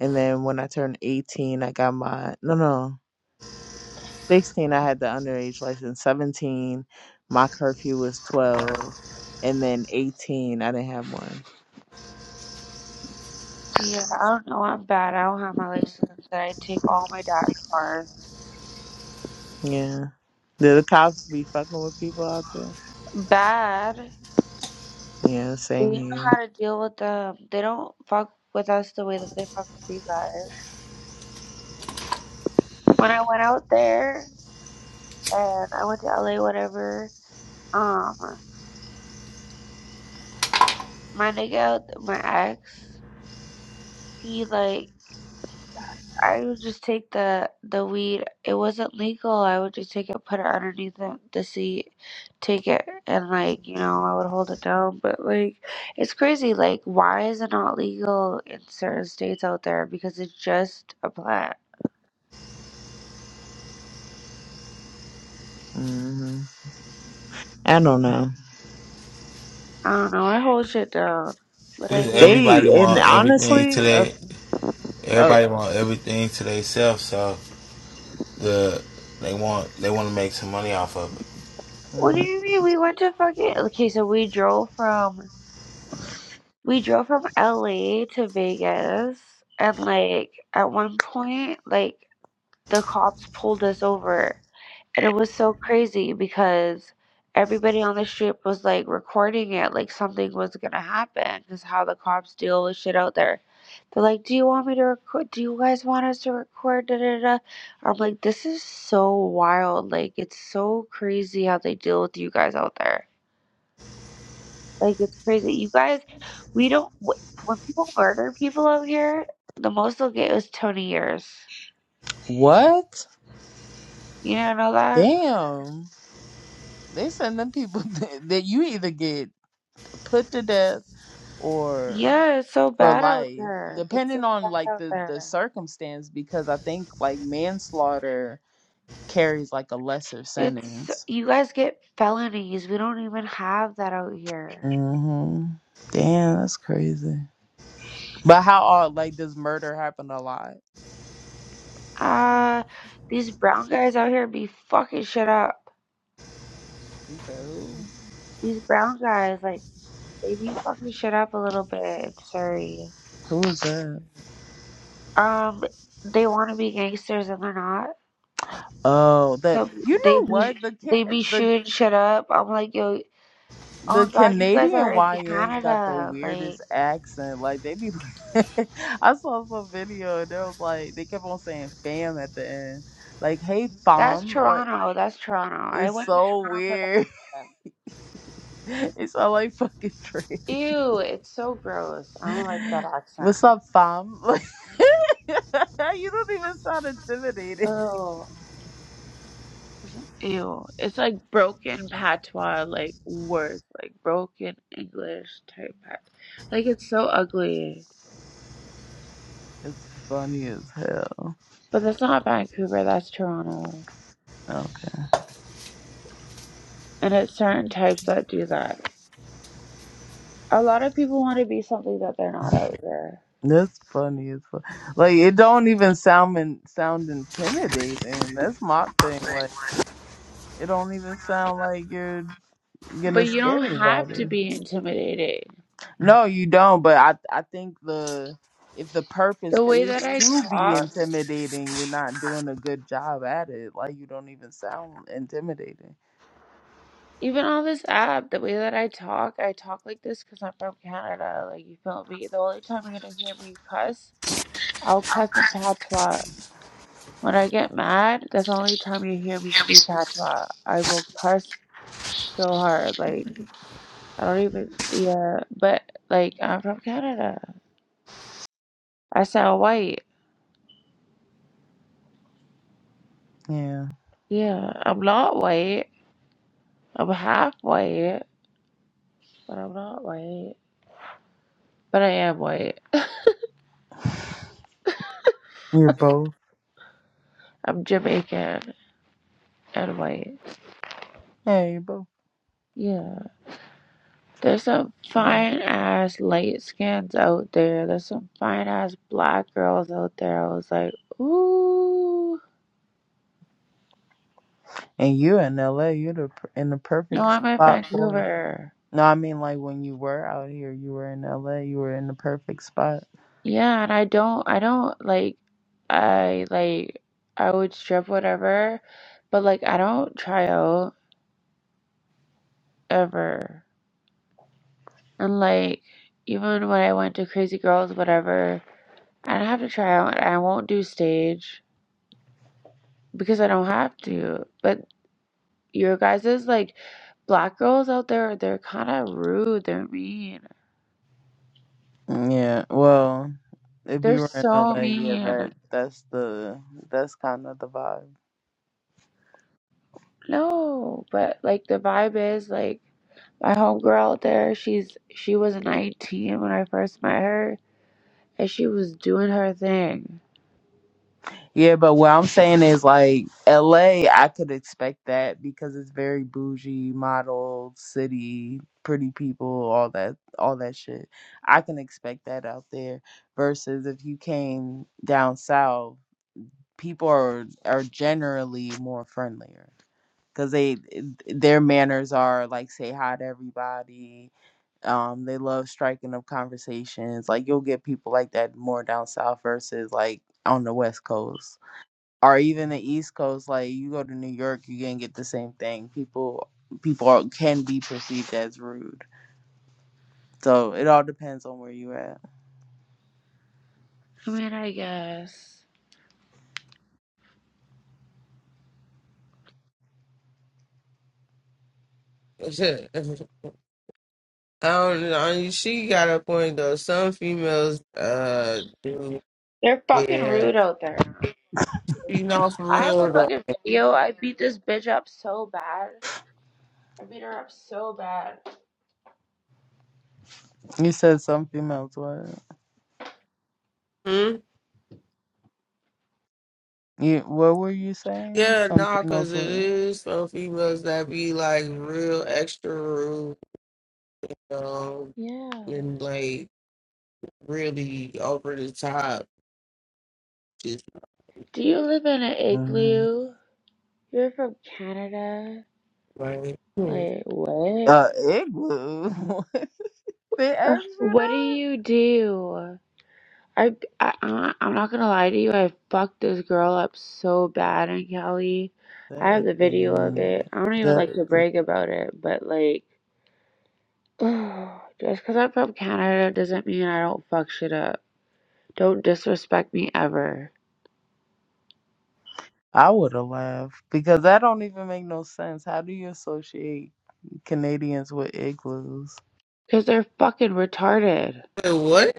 S9: and then when I turned eighteen, I got my no no sixteen. I had the underage license. Seventeen, my curfew was twelve, and then eighteen, I didn't have one.
S5: Yeah, I don't know. I'm bad. I don't have my license. And I take all my dad's cars.
S9: Yeah. Do the cops be fucking with people out there?
S5: Bad.
S9: Yeah,
S5: We
S9: same
S5: know
S9: here.
S5: how to deal with them. They don't fuck with us the way that they fuck with you guys. When I went out there and I went to LA, whatever, um, my nigga, out- my ex, he like I would just take the the weed. It wasn't legal. I would just take it, put it underneath the, the seat, take it, and like you know, I would hold it down. But like, it's crazy. Like, why is it not legal in certain states out there? Because it's just a plant.
S9: hmm I don't know.
S5: I don't know. I hold shit down, but I
S3: Cause
S5: do.
S3: everybody
S9: They and
S3: want everything
S9: honestly, uh,
S3: today.
S9: uh,
S3: Everybody want everything to themselves. So the they want they want to make some money off of
S5: What do
S9: mm,
S5: you mean? We went to fucking okay. So we drove from we drove from LA to Vegas, and like at one point, like the cops pulled us over And it was so crazy because everybody on the street was, like, recording it like something was gonna happen, is how the cops deal with shit out there. They're like, "Do you want me to record do you guys want us to record da da da?" I'm like, "This is so wild." Like, it's so crazy how they deal with you guys out there. Like, it's crazy. You guys we don't wh when people murder people out here, the most they'll get is 20 years.
S9: what?
S5: You do not know that?
S9: Damn, they send them people that that you either get put to death or
S5: Yeah, it's so
S9: for
S5: bad out
S9: life,
S5: there. It's so
S9: depending on
S5: bad
S9: like
S5: out
S9: the the
S5: there.
S9: circumstance. Because I think like manslaughter carries like a lesser
S5: It's
S9: sentence.
S5: you guys get felonies. We don't even have that out here.
S9: hmm Damn, that's crazy. But how odd, like, does murder happen a lot?
S5: Uh, these brown guys out here be fucking shit up.
S9: You said who?
S5: These brown guys, like, they be fucking shit up a little bit. I'm sorry.
S9: Who is that?
S5: Um, they want to be gangsters and they're not.
S9: Oh, the
S5: So
S9: you
S5: they
S9: know what
S5: be
S9: the
S5: they
S9: Ca-
S5: be
S9: the
S5: shooting shit up. I'm like, yo, oh
S9: the
S5: my god, you guys
S9: Canadian
S5: are in
S9: YNs got the
S5: Canada, like.
S9: weirdest accent. Like they be, I saw some video and they was like they kept on saying "fam" at the end, like "hey
S5: That's
S9: fam," like
S5: Toronto. That's Toronto. I
S9: it's
S5: went to
S9: so
S5: Toronto for the
S9: weird.
S5: first time.
S9: It's all like fucking tree.
S5: Ew, it's so gross. I don't like that accent.
S9: What's up, fam? Like, you don't even sound intimidated.
S5: Oh, ew. It's like broken patois, like words, like broken English type. pat- Like it's so ugly.
S9: It's funny as hell.
S5: But that's not Vancouver. That's Toronto.
S9: Okay.
S5: And it's certain types that do that. A lot of people want to be something that they're not out there.
S9: That's funny as fuck. Like it don't even sound in, sound intimidating. That's my thing. Like it don't even sound like you're
S5: But
S9: gonna
S5: you don't
S9: scare
S5: have to
S9: anybody.
S5: be intimidating.
S9: No, you don't. But I I think the if the purpose
S5: The way that
S9: is
S5: I
S9: to be
S5: talk.
S9: intimidating, you're not doing a good job at it. Like you don't even sound intimidating.
S5: Even on this app, the way that I talk, I talk like this because I'm from Canada. Like, you feel me? The only time you're gonna hear me cuss, I'll cuss in patois. When I get mad, that's the only time you hear me
S3: it.
S5: speak patois. I will cuss so hard. Like, I don't even, yeah. But, like, I'm from Canada. I sound white.
S9: Yeah,
S5: Yeah, I'm not white. I'm half white, but I'm not white. But I am white.
S9: you're both.
S5: I'm Jamaican and white.
S9: Yeah, you're both.
S5: Yeah. There's some
S9: Damn it.
S5: fine ass light skins out there. There's some fine ass black girls out there. I was like, ooh.
S9: And you in L.A. You're the, per- in the
S5: No,
S9: perfect
S5: I'm in
S9: spot for it.
S5: Vancouver.
S9: No, I mean like when you were out here, you were in LA, you were in the perfect spot.
S5: Yeah, and I don't, I don't like, I like, I would strip whatever, but like, I don't try out ever. And like, even when I went to Crazy Girls, whatever, I don't have to try out. I won't do stage because I don't have to. But your guys' like black girls out there, they're kind of rude. They're mean.
S9: Yeah, well, if
S5: They're
S9: you were in
S5: so
S9: LA, yeah,
S5: mean.
S9: that that's the that's kind of the vibe.
S5: No, but like the vibe is like my homegirl out there, she's she was 19 when I first met her, and she was doing her thing.
S9: Yeah, but what I'm saying is like LA, I could expect that because it's very bougie, model city, pretty people, all that all that shit. I can expect that out there versus if you came down south, people are are generally more friendlier. because they their manners are like say hi to everybody um they love striking up conversations like you'll get people like that more down south versus like on the west coast or even the east coast like you go to new york you can get the same thing people people are, can be perceived as rude so it all depends on where you at
S5: I mean, I guess
S1: don't know. I mean, she got a point though. Some females uh do
S5: they're fucking
S1: Yeah,
S5: rude out there.
S1: you know for
S5: I have a
S1: real though.
S5: fucking video. I beat this bitch up so bad. I beat her up so bad.
S9: you said some females what
S1: Hmm?
S9: you what were you saying
S1: Yeah,
S9: some
S1: nah, cause
S9: females
S1: it
S9: what
S1: is some females that be like real extra rude, you know,
S5: Yeah.
S1: and like really over the top. Just
S5: Do you live in an
S9: Mhm.
S5: igloo? You're from Canada?
S1: like hmm,
S5: Like, what?
S9: uh igloo they asked you
S5: What do
S9: that
S5: you do? I, I I- I'm not gonna lie to you. I fucked this girl up so bad in Cali. I
S9: That
S5: have
S9: is
S5: the video of
S9: an,
S5: it. I don't even
S9: that
S5: like to
S9: is a,
S5: brag about it, but like, just because I'm from Canada doesn't mean I don't fuck shit up. Don't disrespect me ever.
S9: I would have laughed because that don't even make no sense. How do you associate Canadians with igloos?
S5: Cause they're fucking retarded.
S1: Say, what?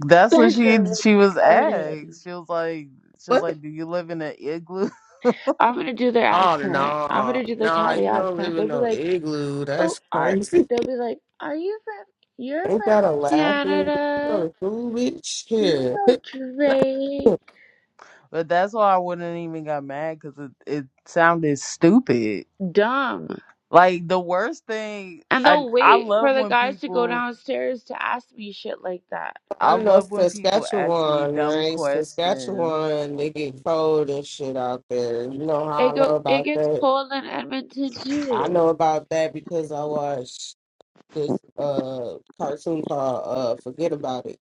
S9: That's what
S5: Like
S9: she
S5: they're
S9: she was
S5: retarded.
S9: asked. She was like, she was
S1: What?
S9: like, do you live in an igloo?
S5: I'm gonna do their
S1: Oh
S5: accent. I'm
S1: no,
S5: gonna do the
S1: no,
S5: Cali
S1: you don't
S5: accent.
S1: live in
S5: They'd be
S1: no
S5: like.
S1: igloo.
S5: Oh,
S1: That's
S5: are
S1: crazy.
S5: they'll be like, are you from? You're
S1: Ain't that
S5: from
S1: a laughing? You
S5: Canada.
S1: know, fool bitch.
S5: Do you
S1: Here.
S5: know Drake?
S9: but that's why I wouldn't even got mad because it it sounded stupid.
S5: Dumb.
S9: Like the worst thing,
S5: And
S9: I
S5: they'll
S9: I
S5: wait for
S9: love
S5: the
S9: when
S5: guys to go
S9: people
S5: downstairs to ask me shit like that.
S9: I
S1: I know
S9: love when people ask me
S1: Saskatchewan,
S9: dumb
S1: right?
S9: questions.
S1: Saskatchewan, they get cold and shit out there. You know how
S5: It
S1: I
S5: go.
S1: know
S5: It
S1: about
S5: gets
S1: that?
S5: cold in Edmonton
S1: I
S5: too.
S1: know about that because I watched this uh cartoon called uh Forget About It.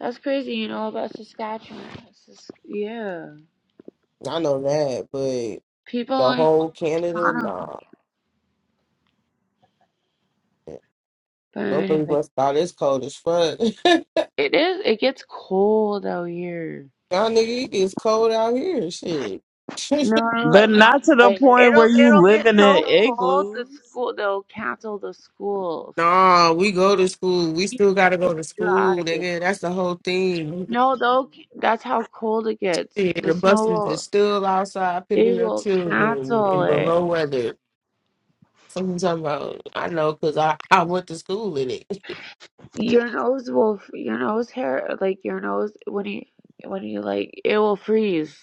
S5: That's crazy. You know about Saskatchewan? It's just- yeah.
S1: I know that, but
S5: People
S1: the
S5: only know
S1: whole
S5: about
S1: Canada,
S5: Toronto.
S1: nah.
S5: But
S1: Nobody
S5: anyway,
S1: must thought it's cold as fuck. Y'all
S5: it is. It gets cold out here.
S1: nigga, it gets cold out here. Shit.
S5: No, like
S9: But
S5: no,
S9: not to the
S5: like
S9: point where
S5: it'll it'll
S9: you
S5: get
S9: living
S5: so
S9: in
S5: cold the
S9: igloos.
S5: school they'll cancel the schools.
S1: nah, we go to school. We
S5: You
S1: still gotta
S5: can't
S1: go
S5: even
S1: to school,
S5: drive.
S1: nigga. That's the whole thing.
S5: No, they'll c- that's how cold it gets.
S1: Yeah,
S5: The
S1: the
S5: snow
S1: buses is
S5: will
S1: still outside
S5: they
S1: picking up
S5: will
S1: children
S5: cancel
S1: in
S5: it.
S1: below weather. Something talking about I know because I, I went to school in it.
S5: Your nose will f- your nose hair like your nose when you when you like it will freeze.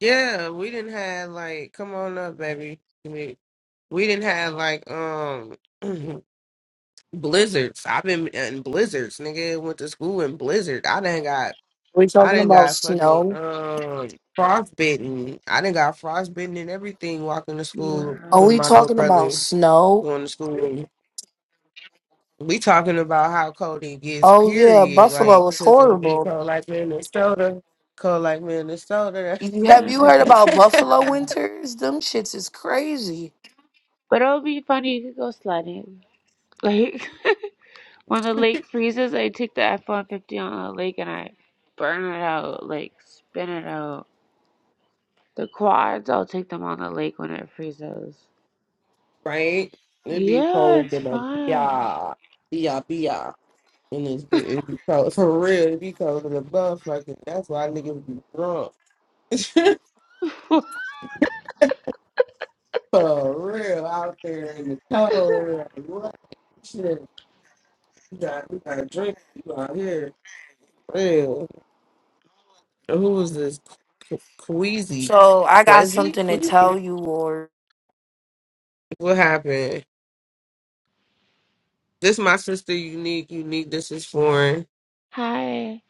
S1: yeah, we didn't have like come on up, baby. We, we didn't have like um blizzards. I've been in blizzards, nigga. Went to school in blizzard. I didn't got
S11: We
S1: I
S11: talking
S1: didn't
S11: about
S1: got fucking
S11: snow?
S1: um frostbitten. I didn't got frostbitten and everything walking to
S5: Yeah,
S1: school
S11: Are
S1: with
S11: we
S1: my little
S11: talking about
S1: brother
S11: snow?
S1: going to school. we talking about how cold it gets,
S11: Oh yeah,
S1: period. Like,
S11: Buffalo is
S1: because it be
S11: horrible.
S1: cold like Minnesota, cold like Minnesota,
S11: You- Have
S5: yeah,
S11: you
S5: like
S11: heard
S5: it's
S11: about
S5: bad.
S11: Buffalo winters? Them shits is crazy.
S5: But it'll be funny. You could go sledding, like. When the lake freezes, I take the F-150 on the lake and I burn it out, like spin it out. The quads, I'll take them on the lake when it freezes.
S1: right? It be
S5: Yeah,
S1: cold
S5: it's
S1: in a
S5: fun.
S1: yeah, yeah, yeah. And it's be, it be cold for real. It be cold in the buff. Like, that's why niggas be drunk for real out there in the cold. Like, what? Shit, you got you got to drink. You out here, real. Who was this? Queasy,
S11: So I got
S1: Queasy,
S11: something to
S1: Queasy.
S11: tell you, or
S1: What happened? This my sister, unique, unique. This is foreign,
S5: Hi.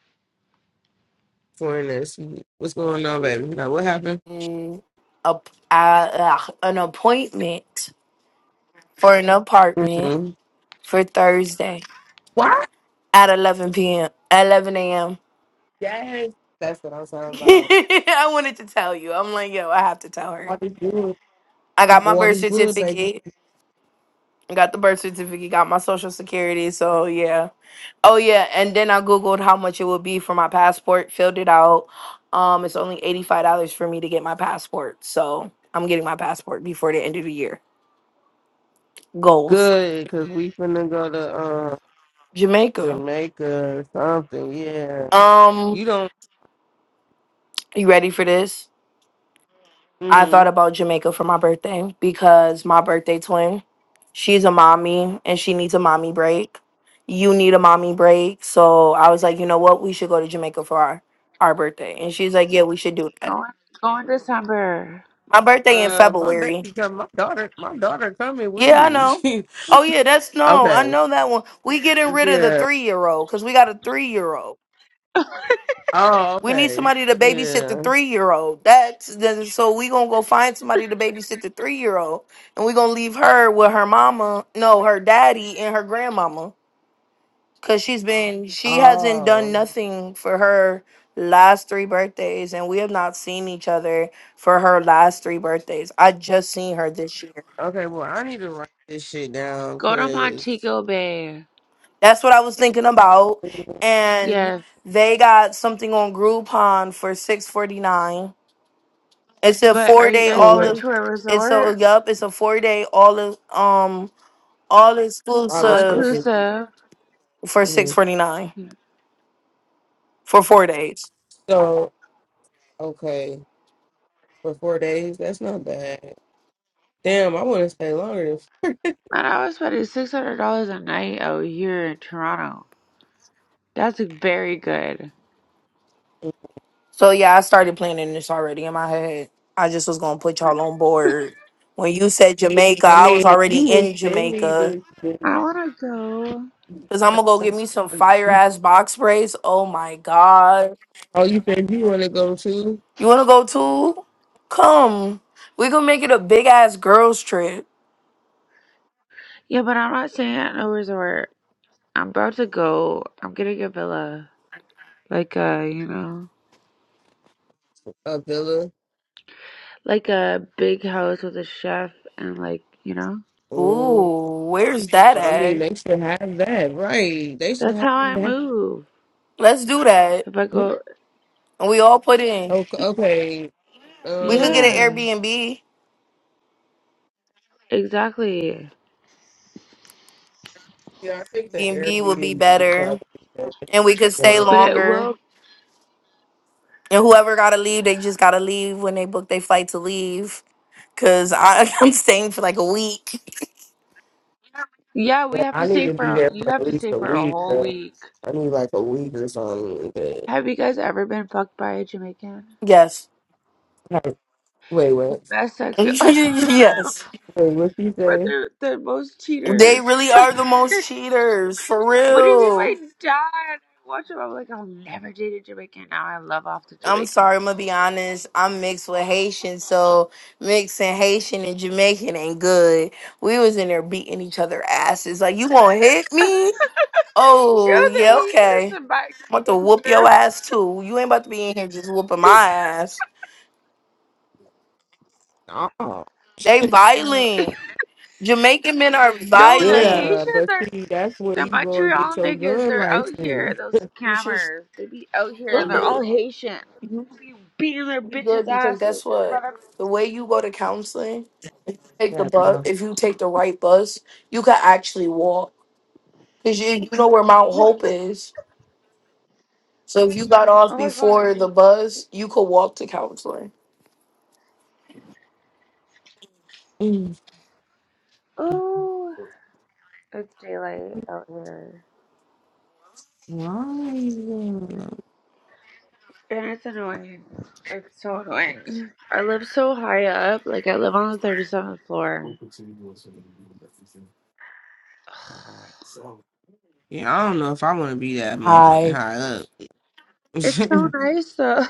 S1: foreigners. What's going on, baby? Now, what happened?
S11: a, uh, uh, an appointment for an apartment
S1: Mm-hmm.
S11: for Thursday
S1: What?
S11: at 11 p.m. 11 a.m.
S1: Yes, that's what I'm talking about.
S11: I wanted to tell you. I'm like, yo, I have to tell her.
S1: What is good?
S11: I got my
S1: What
S11: birth
S1: is good, baby?
S11: certificate. I got the birth certificate. Got my social security. So yeah. Oh yeah, and then I googled how much it would be for my passport, filled it out. Um, it's only eighty-five dollars for me to get my passport, so I'm getting my passport before the end of the year. Goals,
S1: Good, cause we finna go to uh,
S11: Jamaica.
S1: Jamaica or something. Yeah,
S11: Um,
S1: you don't.
S11: you ready for this? I thought
S1: Mm-hmm.
S11: about Jamaica for my birthday because my birthday twin, she's a mommy and she needs a mommy break. You need a mommy break, so I was like, you know what, we should go to Jamaica for our our birthday, and she's like, yeah, we should do that.
S5: Go in, go in December.
S11: My birthday in
S1: Uh, my
S11: February.
S1: baby come. My daughter, my daughter coming with
S11: Yeah, I
S1: me.
S11: know. Oh yeah, that's no, I
S1: okay.
S11: know that one. We getting rid of the
S1: Yeah.
S11: three year old because we got a three year old.
S1: Oh,
S11: We need
S1: okay.
S11: somebody to babysit the
S1: Yeah.
S11: three year old. That's then so we gonna go find somebody to babysit the three year old, and we gonna leave her with her mama, no, her daddy and her grandmama, cause she's been she hasn't done
S1: Oh.
S11: nothing for her last three birthdays, and we have not seen each other for her last three birthdays. I just seen her this year.
S1: Okay, well, I need to write this shit down
S5: Go to
S1: because
S5: Montego Bay.
S11: That's what I was thinking about. And
S5: Yes.
S11: they got something on Groupon for six forty nine. It's a
S5: But are
S11: four
S5: you
S11: day
S5: guys
S1: for
S11: all
S5: going
S1: what
S11: of
S5: to a
S11: it's a
S5: resort?
S11: yup, it's a four day all of um all
S5: All
S1: Alex
S11: exclusive
S1: spoken.
S5: inclusive.
S11: for six
S1: Mhm.
S11: forty nine
S5: Man,
S11: for four days.
S1: So, okay, for four days, that's not bad. Damn, I want to stay longer. Than,
S5: I was spending six hundred dollars a night out here in Toronto. That's very good.
S11: So yeah, I started planning this already in my head. I just was gonna put y'all on board. When you said Jamaica,
S1: I
S11: I was
S1: mean, if
S11: already
S1: you would
S11: in
S1: send me
S11: Jamaica.
S1: this, this
S5: I wanna go.
S11: Cause I'm gonna go get
S1: I,
S11: me some
S1: I,
S11: fire ass box sprays. Oh my god.
S1: oh, you said you want to go too?
S11: You wanna go too? Come. We gonna make it a big ass girls trip.
S5: Yeah, but I'm not staying at no resort. I'm about to go. I'm getting a villa. Like a, you know,
S1: A villa?
S5: like a big house with a chef and like, you know.
S1: Ooh.
S11: Ooh, where's that
S1: I mean,
S11: at?
S1: they should have that, right? They should
S5: That's
S1: have
S5: how I
S1: that.
S5: move.
S11: Let's do that.
S5: If I go,
S11: And we all put in.
S1: Okay, okay.
S11: We could get
S1: Um,
S11: an
S5: yeah,
S11: Airbnb.
S5: exactly.
S1: yeah, I think the
S11: Airbnb would be
S1: Airbnb would probably
S11: better.
S1: be better.
S11: And we could stay
S1: Yeah,
S5: But it
S11: longer.
S5: will,
S11: And whoever gotta leave, they just gotta leave when they book their flight to leave. Cause I, I'm staying for like a week.
S5: yeah, we
S1: but
S5: have to
S1: I need
S5: stay
S1: to be
S5: for,
S1: there for
S5: you have
S1: at
S5: to
S1: least
S5: stay
S1: a
S5: for a
S1: week.
S5: whole
S1: Though.
S5: week.
S1: I need like a week or something. but-
S5: Have you guys ever been fucked by a Jamaican?
S11: Yes.
S1: Like, Wait,
S5: Like, The
S1: what?
S5: best sex you'll but
S11: yes.
S1: Wait, what you say?
S5: they're the most
S11: They
S5: cheaters.
S11: really are the most cheaters. For
S5: What do you mean by
S11: real.
S5: dad? I watch them. I'm like, I'll never date a Jamaican. Now I love off the
S11: I'm
S5: Jamaicans.
S11: sorry, I'm gonna be honest. I'm mixed with Haitian, so mixing Haitian and Jamaican ain't good. We was in there beating each other asses. Like, you gonna hit me?
S5: You know
S11: Oh,
S5: the
S11: yeah,
S5: Haitians
S11: okay.
S5: and black
S11: I'm about to whoop your
S5: here.
S11: ass too. You ain't about to be in here just whooping my ass.
S1: Oh,
S11: They
S5: oh,
S11: violent. Jamaican men are
S5: no, the
S11: violent.
S1: yeah,
S5: Haitians
S1: but
S5: are
S1: see, that's where
S5: the
S1: you go and get
S5: Montreal
S1: your
S5: niggas.
S1: gun
S5: They're out here.
S1: license.
S5: Those
S11: You should
S5: scammers. They be out here and
S1: And
S5: they're
S1: what
S5: all
S11: good.
S1: was
S5: Haitian.
S11: You
S5: They be beating their
S11: should be
S5: bitches'
S11: good because
S5: asses
S11: guess
S5: in front
S11: what?
S5: of.
S11: The way you go to counseling, take the
S1: that,
S11: bus.
S1: bro?
S11: If you take the right bus, you can actually walk Cause you, you know where Mount
S5: Oh
S11: Hope is. So if you got off
S5: my god.
S11: before
S5: I-
S11: the bus, you could walk to counseling.
S1: Mm,
S5: Oh, it's daylight out here.
S1: why, uh,
S5: And it's annoying. It's so annoying. I live so high up. Like, I live on the 37th floor.
S1: Yeah, I don't know if I want to be that motherfucking
S11: High.
S1: high up. yeah.
S5: It's so nice, though.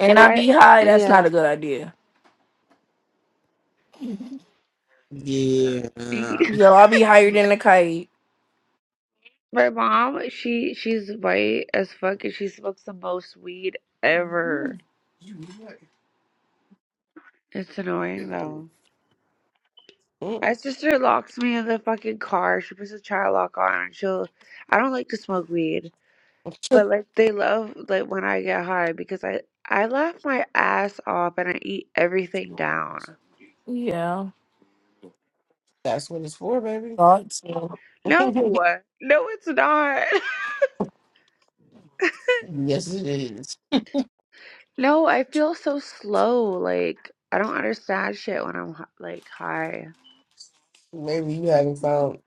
S11: And I
S5: I,
S11: be high, that's not a
S5: yeah.
S11: good idea. Yo, i be higher than a kite.
S5: My mom, she she's white as fuck and she smokes the most weed ever. It's annoying though.
S1: Mm.
S5: My sister locks me in the fucking car. She puts a child lock on and she'll I don't like to smoke weed. But like they love like when I get high because I I laugh my ass off and I eat everything down.
S11: Yeah.
S1: That's what it's for, baby.
S11: Thoughts. yeah.
S5: No, no, it's not.
S1: yes, it is.
S5: No, I feel so slow. Like I don't understand shit when I'm hi- like high.
S1: Maybe you haven't found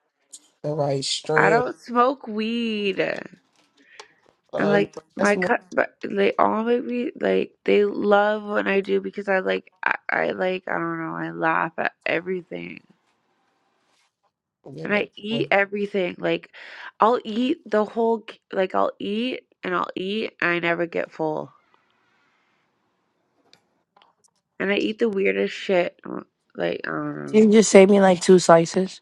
S1: the right
S5: I
S1: strand.
S5: don't smoke weed. And
S1: Uh,
S5: like
S1: that's
S5: my
S1: more.
S5: cut, but they all make me like they love when I do because I like I, I like I don't know I laugh at everything.
S1: Yeah,
S5: and I
S1: that's what,
S5: eat everything. Like, I'll eat the whole, c- like, I'll eat and I'll eat and I never get full. And I eat the weirdest shit. uh, Like, I don't know.
S11: You just save me like two slices.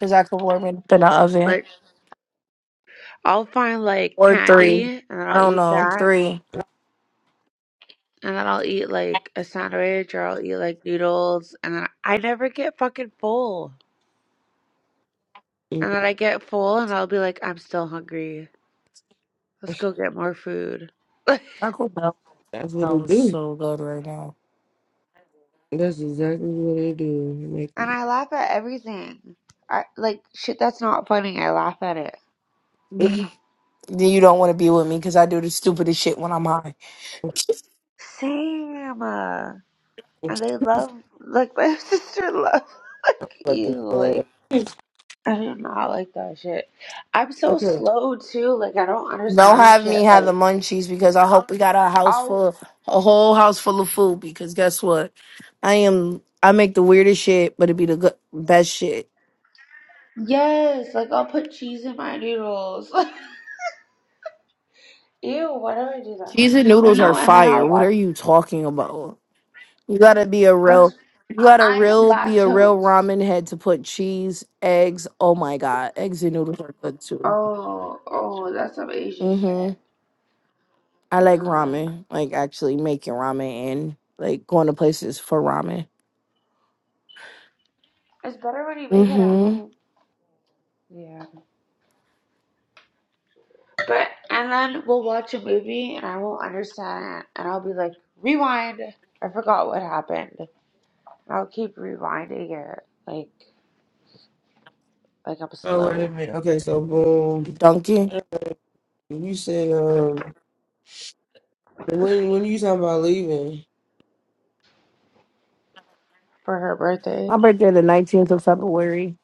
S11: Cause I could warm it up in the oven.
S5: Like, I'll find, like,
S11: Or
S5: candy
S11: three.
S5: and then
S11: I
S5: I'll
S11: don't
S5: eat
S11: know.
S5: that.
S11: Three.
S5: And then I'll eat, like, a sandwich or I'll eat, like, noodles. And then I never get fucking full. And
S1: Mm,
S5: then I get full and I'll be like, I'm still hungry. Let's go get more food. Like,
S11: Taco Bell
S1: that's what it
S11: sounds
S1: do.
S11: so good right now.
S1: That's exactly what it do. Make
S5: and
S1: you
S5: I laugh at everything. I, like, shit that's not funny, I laugh at it.
S11: Then you don't want to be with me because I do the stupidest shit when I'm high.
S5: Same. uh,
S1: Mm, mm, mm,
S5: And they love, like, my sister loves, like,
S1: like it,
S5: you.
S1: uh,
S5: Like, I do not like that shit. I'm so
S1: Okay.
S5: slow, too. Like, I don't
S11: Don't
S5: understand
S11: have me
S5: shit.
S11: have the
S5: Like,
S11: munchies because I hope we got a house
S5: I'll,
S11: full, a whole house full of food. Because guess what? I am, I make the weirdest shit, but it be the good, best shit.
S5: yes, like, I'll put cheese in my noodles. Ew, why do I do that?
S11: Cheese and
S5: But
S11: noodles are
S5: no, and then
S11: fire.
S5: I'll
S11: What are
S5: watch,
S11: you talking about? You gotta be a
S5: that's,
S11: real, you gotta
S5: I am
S11: real, be a real
S5: lactose.
S11: ramen head to put cheese, eggs. Oh my God. Eggs and noodles are good too.
S5: Oh, oh, that's some Asian
S11: Mm hmm.
S5: shit.
S11: I
S5: Uh
S11: like
S5: huh.
S11: ramen, like actually making ramen and like going to places for ramen.
S5: It's better when you make it at
S11: Mm
S5: home. Yeah. But and then we'll watch a movie and I won't understand and I'll be like, rewind. I forgot what happened. And I'll keep rewinding it like like I'm
S1: Oh wait a
S5: slow
S1: minute. Okay, so boom.
S11: hmm.
S1: You said um when when you talking about leaving?
S5: for her birthday.
S11: My birthday the nineteenth of February.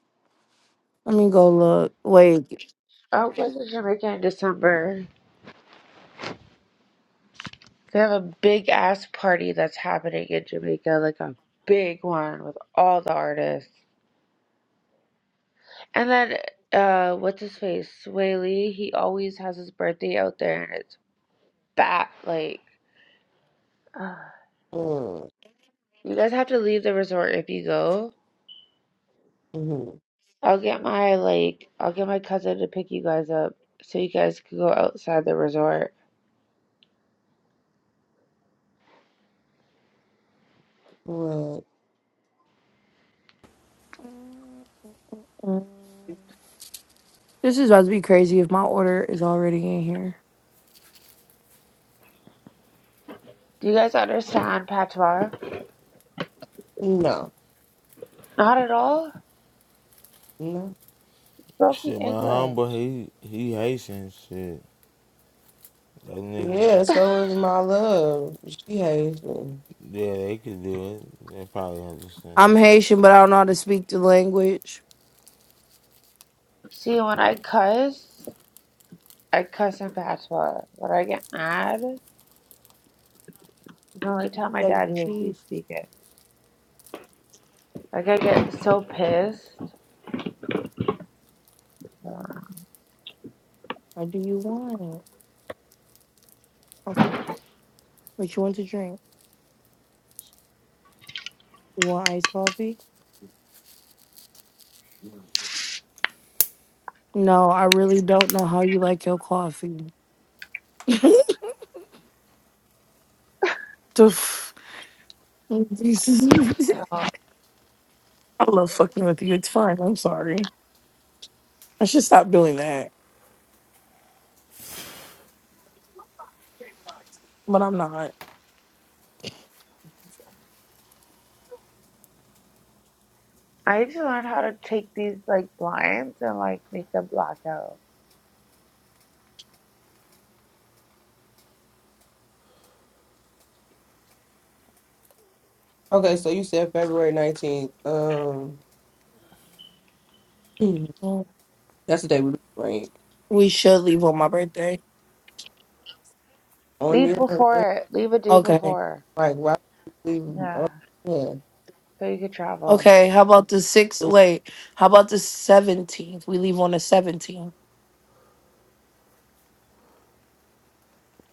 S11: Let me go look. Wait.
S5: I'll go to Jamaica in December. They have a big ass party that's happening in Jamaica, like a big one with all the artists. And then uh what's his face? Swaley, he always has his birthday out there and it's bat like uh,
S1: mm
S5: you guys have to leave the resort if you go
S1: mhm.
S5: I'll get my like I'll get my cousin to pick you guys up so you guys can go outside the resort.
S1: Well,
S11: Mm. This is about to be crazy if my order is already in here.
S5: Do you guys understand patois?
S1: no,
S5: Not at all.
S1: no.
S5: Broken
S3: Shit, my
S5: English.
S3: humble he he Haitian shit. That nigga,
S1: Yeah, so is my love. She hates me.
S3: yeah, they could do it. They probably understand
S11: I'm
S3: it.
S11: Haitian, but I don't know how to speak the language.
S5: See, when I cuss, I cuss in patois. When I get mad, the only time my
S11: Egg and
S5: dad hears me
S11: cheese.
S5: speak it. Like I get so pissed.
S11: Or do you want it? Okay. What you want to drink? You want iced coffee? No, I really don't know how you like your coffee. The f- I love fucking with you. It's fun. I'm sorry. I should stop doing that, but I'm not.
S5: I need to learn how to take these like blinds and like make them black out.
S1: Okay, so you said February 19th. Um, that's the day we break
S11: We should leave on my birthday.
S1: On
S5: Leave
S1: your
S5: before it. Leave a day
S11: Okay.
S5: before.
S1: like, why would we leave?
S5: Yeah,
S1: Oh, yeah.
S5: so you could travel.
S11: Okay. How about the sixth? Wait. How about the seventeenth? We leave on the seventeenth,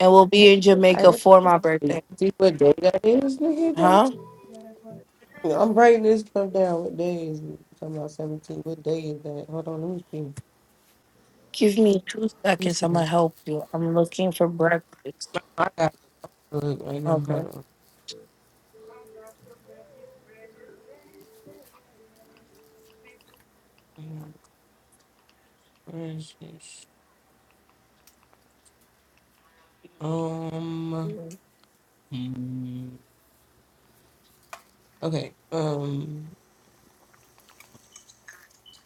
S11: and we'll be in
S5: I
S11: Jamaica
S5: did.
S11: for
S5: travel.
S11: my
S1: Did
S11: birthday.
S1: you see what day that is, nigga?
S11: Huh?
S1: Day- I'm writing this stuff down. What day is it? Talking about 17. What day is that? Hold on, let me see.
S11: Give me two
S1: You
S11: seconds.
S1: see
S11: I'm gonna
S1: what-
S11: help you. I'm looking for breakfast.
S1: I got to look right now. Hold
S11: Okay.
S1: on. Damn, Where is this? Um, hmm. okay. Um.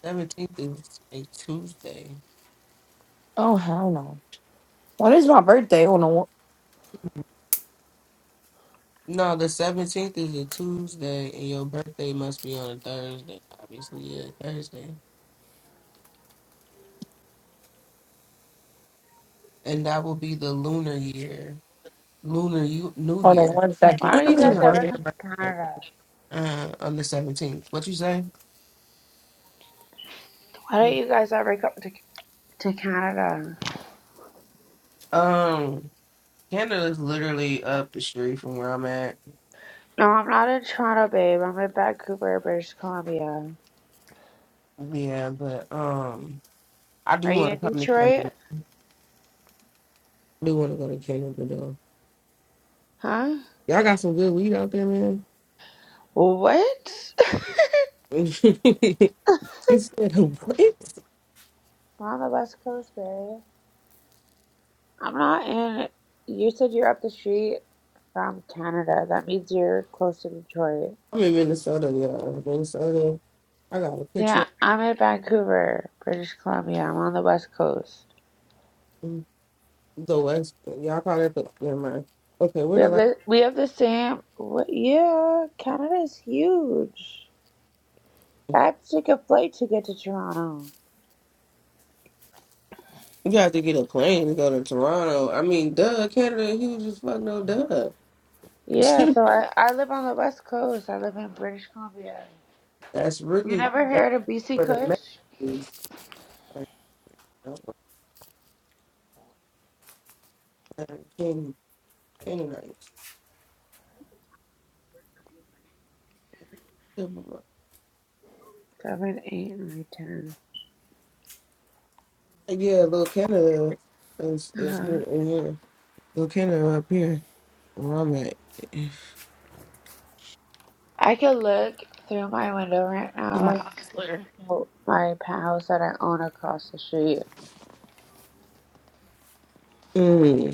S1: Seventeenth is a Tuesday.
S11: Oh hell no. When is my birthday? On a one-
S1: No, the seventeenth is a Tuesday, and your birthday must be on a Thursday. Obviously, yeah, Thursday, and that will be the lunar year, lunar U- New
S11: on a
S1: Year
S11: one second.
S5: Why don't you guys
S1: on
S5: ever
S11: Important.
S1: your
S5: come to
S1: birthday
S5: Canada?
S1: uh, on the seventeenth. What you say?
S5: Why don't you guys ever come to, to Canada?
S1: Um, Canada's literally up the street from where I'm at.
S5: No, I'm not in Toronto, babe. I'm in Vancouver, British Columbia.
S1: Yeah, but um, I
S5: Are
S1: do want
S5: you
S1: to
S5: in
S1: come to
S5: Detroit?
S1: Canada. I do want to go to Canada though.
S5: Huh?
S1: Y'all got some good weed out there, man.
S5: What?
S1: He said what?
S5: I'm on the West Coast, babe. I'm not in. You said you're up the street from Canada. That means you're close to Detroit.
S1: I'm in Minnesota, y'all. Minnesota. I got a picture
S5: Yeah, I'm in Vancouver, British Columbia. I'm on the West Coast.
S1: of the West. Y'all call it the never mind. Okay, we're
S5: We
S1: the
S5: have
S1: last
S5: the we have the same. What, yeah, Canada's huge. I took a flight to get to Toronto.
S1: you have to get a plane to go to Toronto. I mean, duh, Canada huge as fuck no duh.
S5: Yeah, so I, I live on the West Coast. I live in British Columbia.
S1: that's
S5: You
S1: really
S5: never
S1: that's
S5: heard of BC
S1: where the
S5: Kush?
S1: mess is. Like, that's where the Can Canaanites.
S5: Seven, eight, nine, ten.
S1: Yeah, little Canada is is here
S5: Uh-huh.
S1: and here. Little Canada up here where I'm at.
S5: I could look through my window right
S11: My
S5: now
S11: counselor.
S5: to my house that I own across the street.
S1: Mm.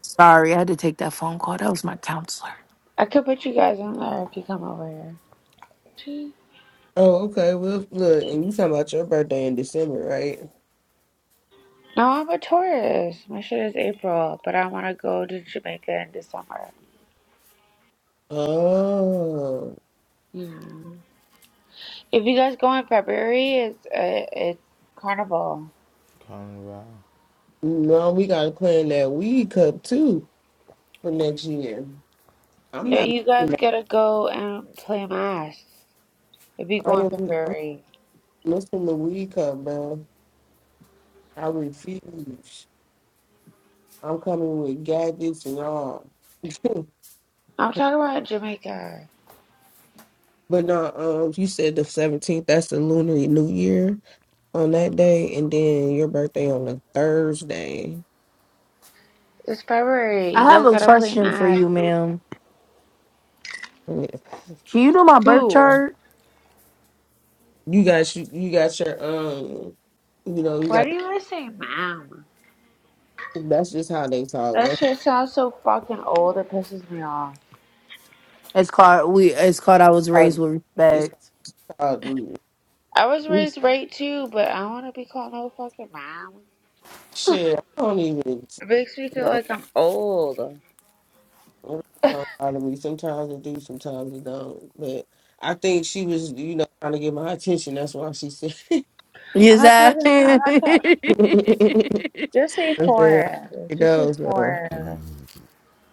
S11: Sorry, I had to take that phone call. That was my counselor.
S5: I could put you guys in there if you come over here. Gee.
S1: Oh, okay. Well, look, and you talking about your birthday in December, right?
S5: No, I'm a tourist. My shit is April, but I want to go to Jamaica in December.
S1: Oh,
S5: Yeah. If you guys go in February, it's uh, it's carnival.
S3: Carnival.
S1: no, we got to plan that weed cup too for next year. I'm
S5: Yeah,
S1: not
S5: you
S1: missing
S5: guys
S1: that.
S5: gotta go and play mass if you
S1: I
S5: go in
S1: am, I'm not
S5: February.
S1: missing the weed cup, bro. I refuse. I'm coming with gadgets and all.
S5: I'm talking about Jamaica.
S1: But no, um, you said the 17th, that's the Lunar New Year on that day, and then your birthday on the Thursday.
S5: It's February.
S11: I
S5: You
S11: have
S5: guys
S11: a
S5: gotta play
S11: question for
S5: mass
S11: you, ma'am.
S1: Yeah.
S11: Can you do my birth
S5: too.
S11: chart?
S1: You got you, you got your um you know you got
S5: Why do you guys say ma'am?
S1: That's just how they talk.
S5: That
S1: That's
S5: shit sounds so fucking old. It pisses me off.
S11: It's called we. It's called I was raised
S1: how
S11: with
S1: it's
S11: respect.
S1: called.
S5: I was
S11: Oops.
S5: raised right too, but I don't wanna be called no fucking ma'am.
S1: Shit, I don't even
S5: It makes me
S1: you
S5: feel
S1: know.
S5: like I'm old.
S1: I don't know how Sometimes it do, sometimes it don't. But I think she was, you know, trying to get my attention. That's why she said.
S5: I'm
S11: Is
S5: not
S11: that?
S5: talking. I'm not talking.
S1: I
S5: Just say
S1: said,
S5: foreign.
S1: it
S5: Just say
S1: does. Uh,
S5: foreign.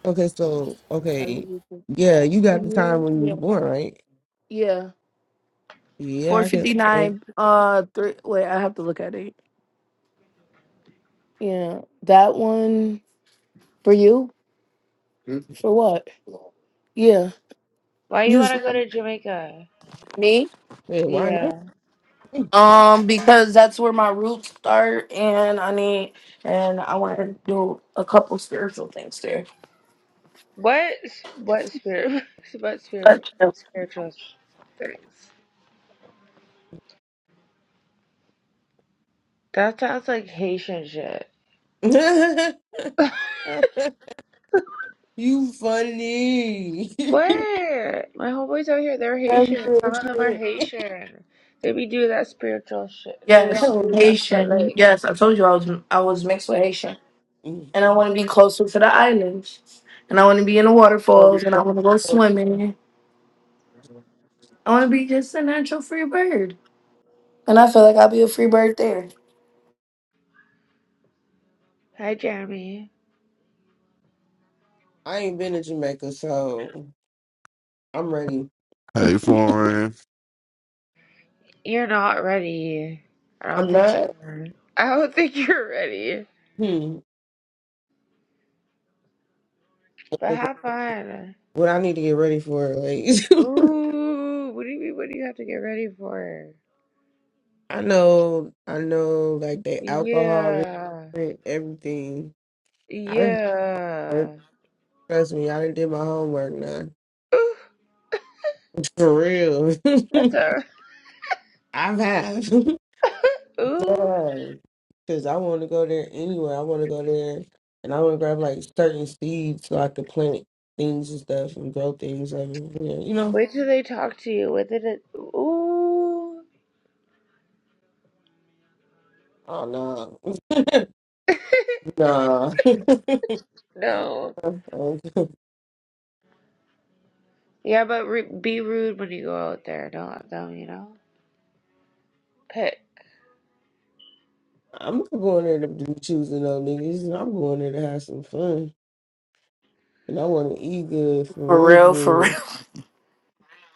S1: okay, so
S11: I love
S1: okay,
S11: you. too.
S1: yeah, you got the time
S11: Mhm,
S1: when you was
S11: Yeah.
S1: born, right?
S11: Yeah. Four
S1: Yeah, I can.
S11: fifty
S1: Uh,
S11: nine. Uh, three. Wait, I have to look at it. Yeah, that one for you. For what? Yeah.
S5: Why you
S11: You s-
S5: wanna go to Jamaica?
S11: me.
S1: hey, why
S5: Yeah.
S11: Um, because that's where my roots start, and I need, and I want to do a couple spiritual things there.
S5: What what spirit what spirit spiritual things? That sounds like Haitian shit.
S1: not? you funny.
S5: What? My homeboys out here, they're
S1: That's
S5: Haitian.
S1: real
S5: Some of them are
S1: shit.
S5: Haitian. They be do that spiritual shit. They don't
S11: Yes,
S5: do that, but
S11: Haitian.
S5: like,
S11: Yes, I told you I was I was mixed with Haitian,
S1: Mm,
S11: and I want to be closer to the islands, and I want to be in the
S1: buddy,
S11: waterfalls, and I want to go swimming. I want to be just a natural free bird, and I feel like I'll be a free bird there.
S5: hi Jeremy,
S1: I ain't been to Jamaica, so I'm ready.
S12: Hey, foreign.
S5: you're not ready. I
S1: I'm
S5: don't think you
S1: not.
S5: are. I don't think you're ready.
S1: Hmm.
S5: But
S1: like,
S5: have fun.
S1: What I need to get ready for, like
S5: Ooh, what do you mean? What do you have to get ready for?
S1: I know, I know, like the alcohol,
S5: Yeah,
S1: restrict, everything. I didn't work.
S5: yeah.
S1: trust me. I didn't do my homework now.
S5: Ooh,
S1: For real,
S5: that's her.
S1: I've had.
S5: ooh.
S1: yeah, because I want to go there anyway. I want to go there, and I want to grab like certain seeds so I could plant things and stuff and grow things. Like, yeah, you know.
S5: Wait till they talk to you with it. in- Ooh,
S1: Oh no, nah.
S5: no. Yeah, but re- be rude when you go out there. Don't let them, you know, pet.
S1: I'm not going there to do choosing up niggas. I'm going there to have some fun, and I want to eat good for
S11: For
S1: real, for
S11: real, for real.
S1: real,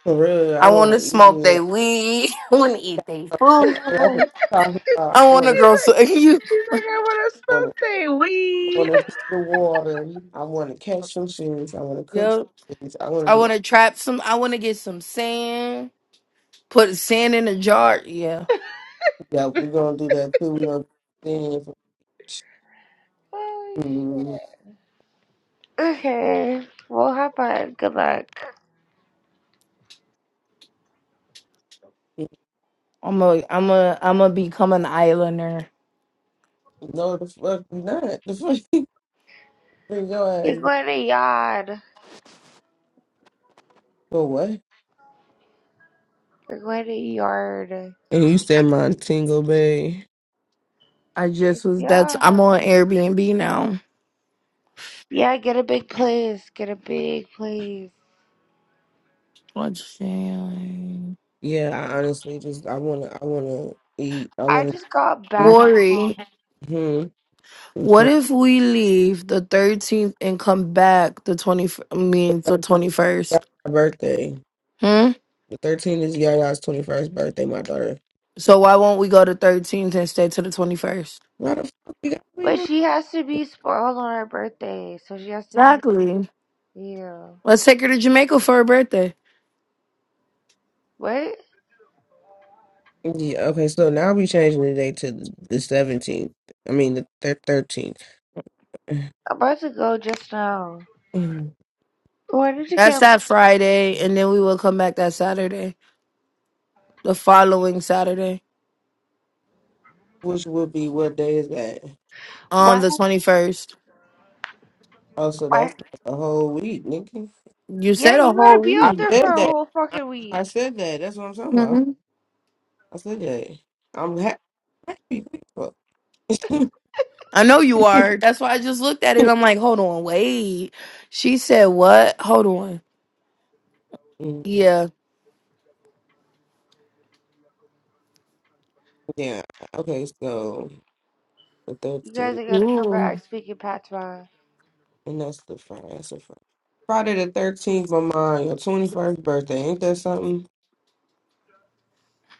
S1: for real. I
S11: I want
S1: want
S11: to
S1: to eat
S11: smoke they
S1: good.
S11: weed. I want to eat they food.
S1: That's what I'm talking about.
S11: I
S1: I
S11: want to
S1: want to,
S5: she's
S11: grow
S5: like,
S11: some.
S5: she's like, I want to
S1: want
S5: smoke
S1: to,
S5: they
S11: You.
S1: I want
S5: weed.
S1: to the water. I want to catch some fish. I want to cook some
S11: Yep.
S1: fish. I want
S11: I
S1: to do.
S11: want to trap some. I want to get some sand. Put sand in a jar. Yeah.
S1: Yeah, we're gonna do that too. We're gonna do things.
S5: oh
S1: Mm,
S5: shit. Okay. Well, have fun. Good luck.
S11: I'm a. I'm a. I'm a become an islander.
S1: No, the fuck you not. The fuck bring your ass
S5: You're
S1: back
S5: going to yard.
S1: for what?
S5: You're going to yard.
S1: And you said Montego Bay.
S11: I just was that's
S5: Yeah.
S11: I'm on Airbnb now.
S5: Yeah. Get a big place. Get a big place.
S11: What's that?
S1: Yeah, I honestly just I wanna I wanna eat. I
S5: I
S1: wanna
S5: just got
S1: eat.
S5: back.
S11: Worry.
S1: Hmm. And
S11: What
S1: plan
S11: if we leave the 13th and come back the 20 I mean the
S1: my
S11: 21st?
S1: birthday.
S11: Hmm?
S1: The thirteenth is Yaya's twenty first birthday. My daughter.
S11: So why won't we go to 13th and stay to the 21st?
S1: Why the fuck we got to leave
S5: But
S1: her?
S5: she has to be spoiled on her birthday, so she has to be.
S11: Exactly.
S5: Yeah.
S11: Let's take her to Jamaica for her birthday.
S5: Wait,
S1: Yeah. Okay. So now we changing the date to the seventeenth. I mean the thirteenth.
S5: I'm about to go just now. Why did you
S11: That's
S5: get?
S11: that Friday and then we will come back that Saturday. The following Saturday.
S1: which would be what day is that?
S11: Um
S5: Why?
S11: the 21st.
S1: Oh, so that's
S5: Why?
S1: a whole week, nigga.
S11: You
S5: Yeah,
S11: said a
S5: you gotta
S11: whole
S5: be
S1: I
S5: out
S11: week.
S5: there for
S1: said
S5: a
S1: that.
S5: whole
S1: I,
S5: fucking
S1: I
S5: week.
S1: said that. That's what I'm talking
S11: Hmm?
S1: about. I said that. I'm happy. Fuck.
S11: I know you are. That's why I just looked at it. I'm like, hold on, wait. She said what? Hold on.
S1: Mhm.
S11: Yeah.
S1: yeah. Okay, so the
S5: You guys
S1: 13th.
S5: are gonna come back
S11: Ooh.
S5: speaking patois.
S1: And that's the Friday. That's the Friday. Friday the 13th, my mom, your 21st birthday. Ain't that something?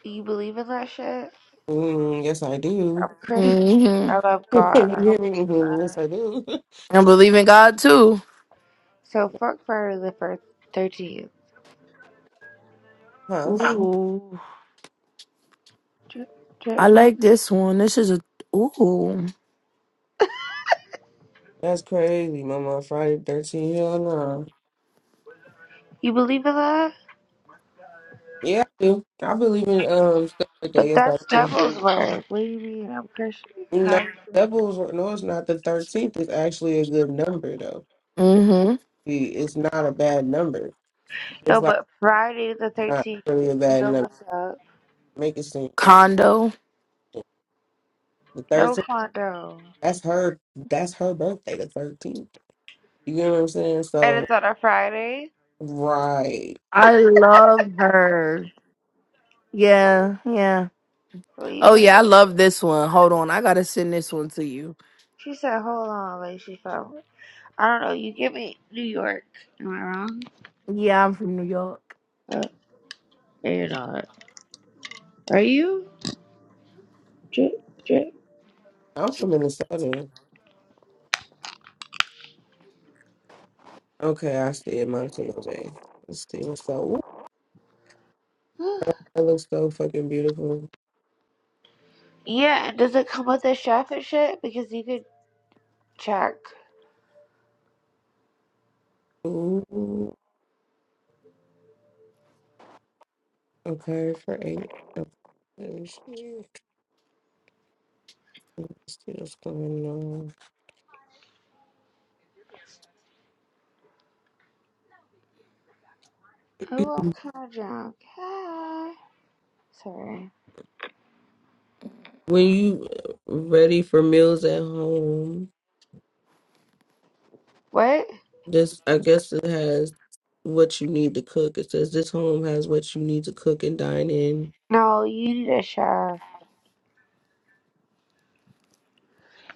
S5: Do you believe in that shit?
S1: Mm, yes, I do.
S5: I'm Christian.
S11: hmm
S5: I love
S1: You
S5: God. I
S1: hear
S5: don't
S1: me?
S5: believe in
S1: Mhm, yes,
S5: that.
S1: I do.
S11: I believe in God too.
S5: So fuck Friday the first thirteenth.
S1: huh?
S11: Ooh.
S5: Drip,
S11: I
S5: drip.
S11: like this one. This is a ooh.
S1: That's crazy, mama. Friday the 13th. Hell no.
S5: You believe in that?
S1: Yeah, I do. I believe in um Star Day.
S5: But
S1: Yes, I
S5: that's
S1: do.
S5: devil's work. What do you mean? I'm Christian.
S1: No,
S5: How?
S1: Devil's no, it's not the thirteenth. It's actually a good number though.
S11: Mm-hmm.
S1: We- It's not a bad number. It's
S5: No,
S1: like
S5: but Friday the
S1: not
S5: 13th.
S1: really a bad
S5: No,
S1: number.
S5: what's up?
S1: Make it seem it's like
S11: Condo.
S1: the
S5: No
S1: thirteenth.
S5: condo.
S1: That's her. That's her birthday. The thirteenth. You get what I'm saying?
S5: And
S1: So
S5: it's on a Friday?
S1: right.
S11: I love her. Yeah, yeah.
S5: Leave
S11: Oh
S5: it. at-
S11: yeah, I love this one. Hold on. I gotta send this one to you.
S5: She said, hold on, like she found I don't know. You give me New York. Am I wrong?
S11: Yeah, I'm from New York.
S5: Oh, no, you're not. Are you? Drip, drip.
S1: I'm from Minnesota. Okay, I stay in Montana Bay. Let's see what's so. Ooh, that looks so fucking beautiful.
S5: yeah, and does it come with a chef and shit? Because you could check.
S1: Ooh. Okay, for eight. Let me see. What's going on?
S5: Oh, I'm kind of drunk. Hi. Sorry.
S1: When you ready for meals at home,
S5: What?
S1: this I guess it has what you need to cook. It says this home has what you need to cook and dine in.
S5: No, you need a chef.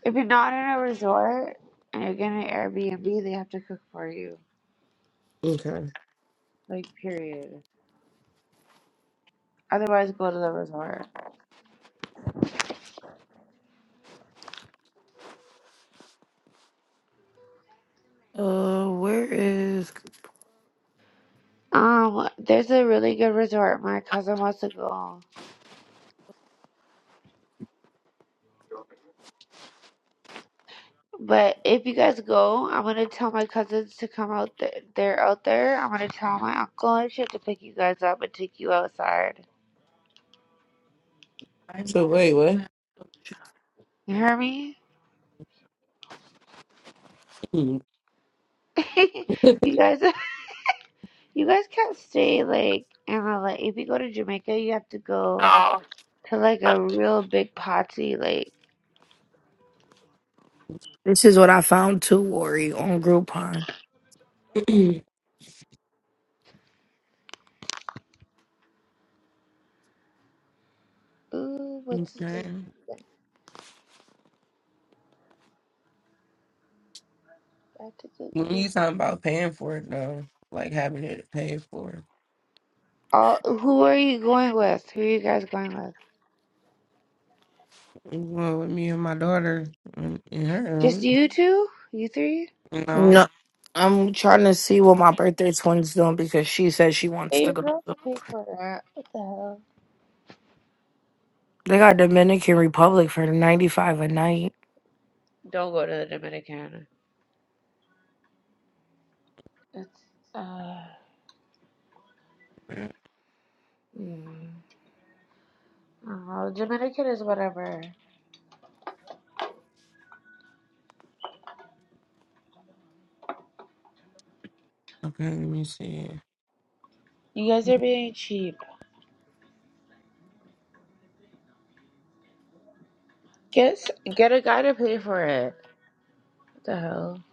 S5: If you're not in a resort and you're getting an Airbnb, they have to cook for you.
S1: Okay.
S5: Like period. Otherwise go to the resort.
S11: Uh where is
S5: Um, there's a really good resort. My cousin wants to go. But if you guys go, I'm gonna tell my cousins to come out there. They're out there. I'm gonna tell my uncle and shit to pick you guys up and take you outside.
S1: So wait, what?
S5: You hear me?
S1: Mm.
S5: you guys, you guys can't stay like in a like. If you go to Jamaica, you have to go to like a real big party. like.
S11: this is what I found too, Worry on Groupon.
S5: Ooh, what you
S1: okay.
S5: says about to get
S1: When you talking about paying for it though, like having it paid for.
S5: All, who are you going with? Who are you guys going with?
S1: Well, with me and my daughter and and
S5: Just
S1: her,
S5: you two? You three?
S1: you know.
S11: No, I'm trying to see what my birthday twin's doing because she said she wants
S5: Hey,
S11: to
S5: your
S11: go.
S5: girls to pay for that. What the hell?
S11: They got Dominican Republic for ninety five a night.
S5: Don't go to the Dominican. It's uh yeah. Oh, Dominican is whatever.
S1: Okay, let me see.
S5: You guys are being cheap. Get s- get a guy to pay for it. What the hell?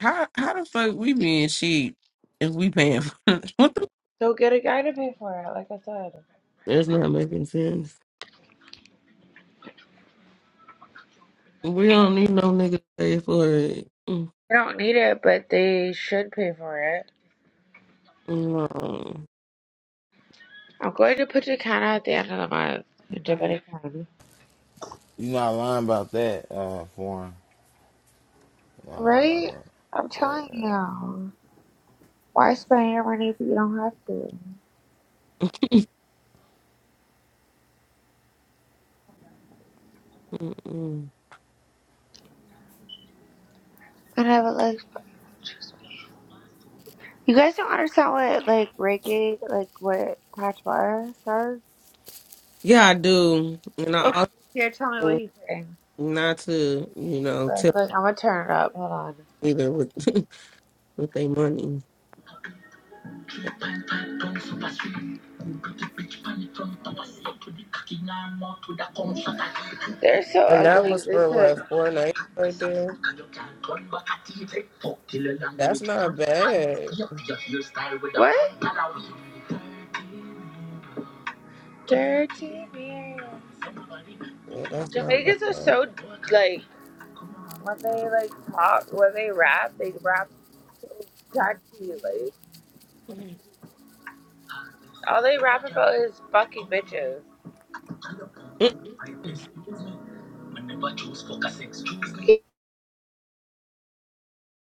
S1: How how the fuck we being cheap if we paying for it? What the
S5: So get a guy to pay for it. Like I said,
S1: That's not making sense. We don't need no nigga to pay for it. Mm,
S5: they don't need it, but they should pay for it.
S1: No.
S5: I'm glad you put your kind out there because I'm a Dominican.
S3: You not lying about that, uh, foreign. Not lying about
S5: Right? I'm telling
S3: that. Yeah.
S5: you. Why spend your money if you don't have to?
S1: Mm-mm.
S5: I never like you guys don't understand what like reggae like what Pachwa says.
S1: Yeah, I do. And I
S5: Okay, here tell me what
S1: also
S5: he's saying.
S1: not to, you know,
S5: Like,
S1: tell
S5: like, I'm gonna turn it up. Hold on.
S1: either with with their money.
S5: They're so
S1: And that
S5: ugly.
S1: was for
S5: Listen.
S1: what, four nights right there? That's not bad.
S5: What? Dirty Mary.
S1: Yeah, that's not
S5: Jamaicans are
S1: bad.
S5: so like when they like talk, when they rap, they rap so tacky. Like all they rap about is fucking bitches.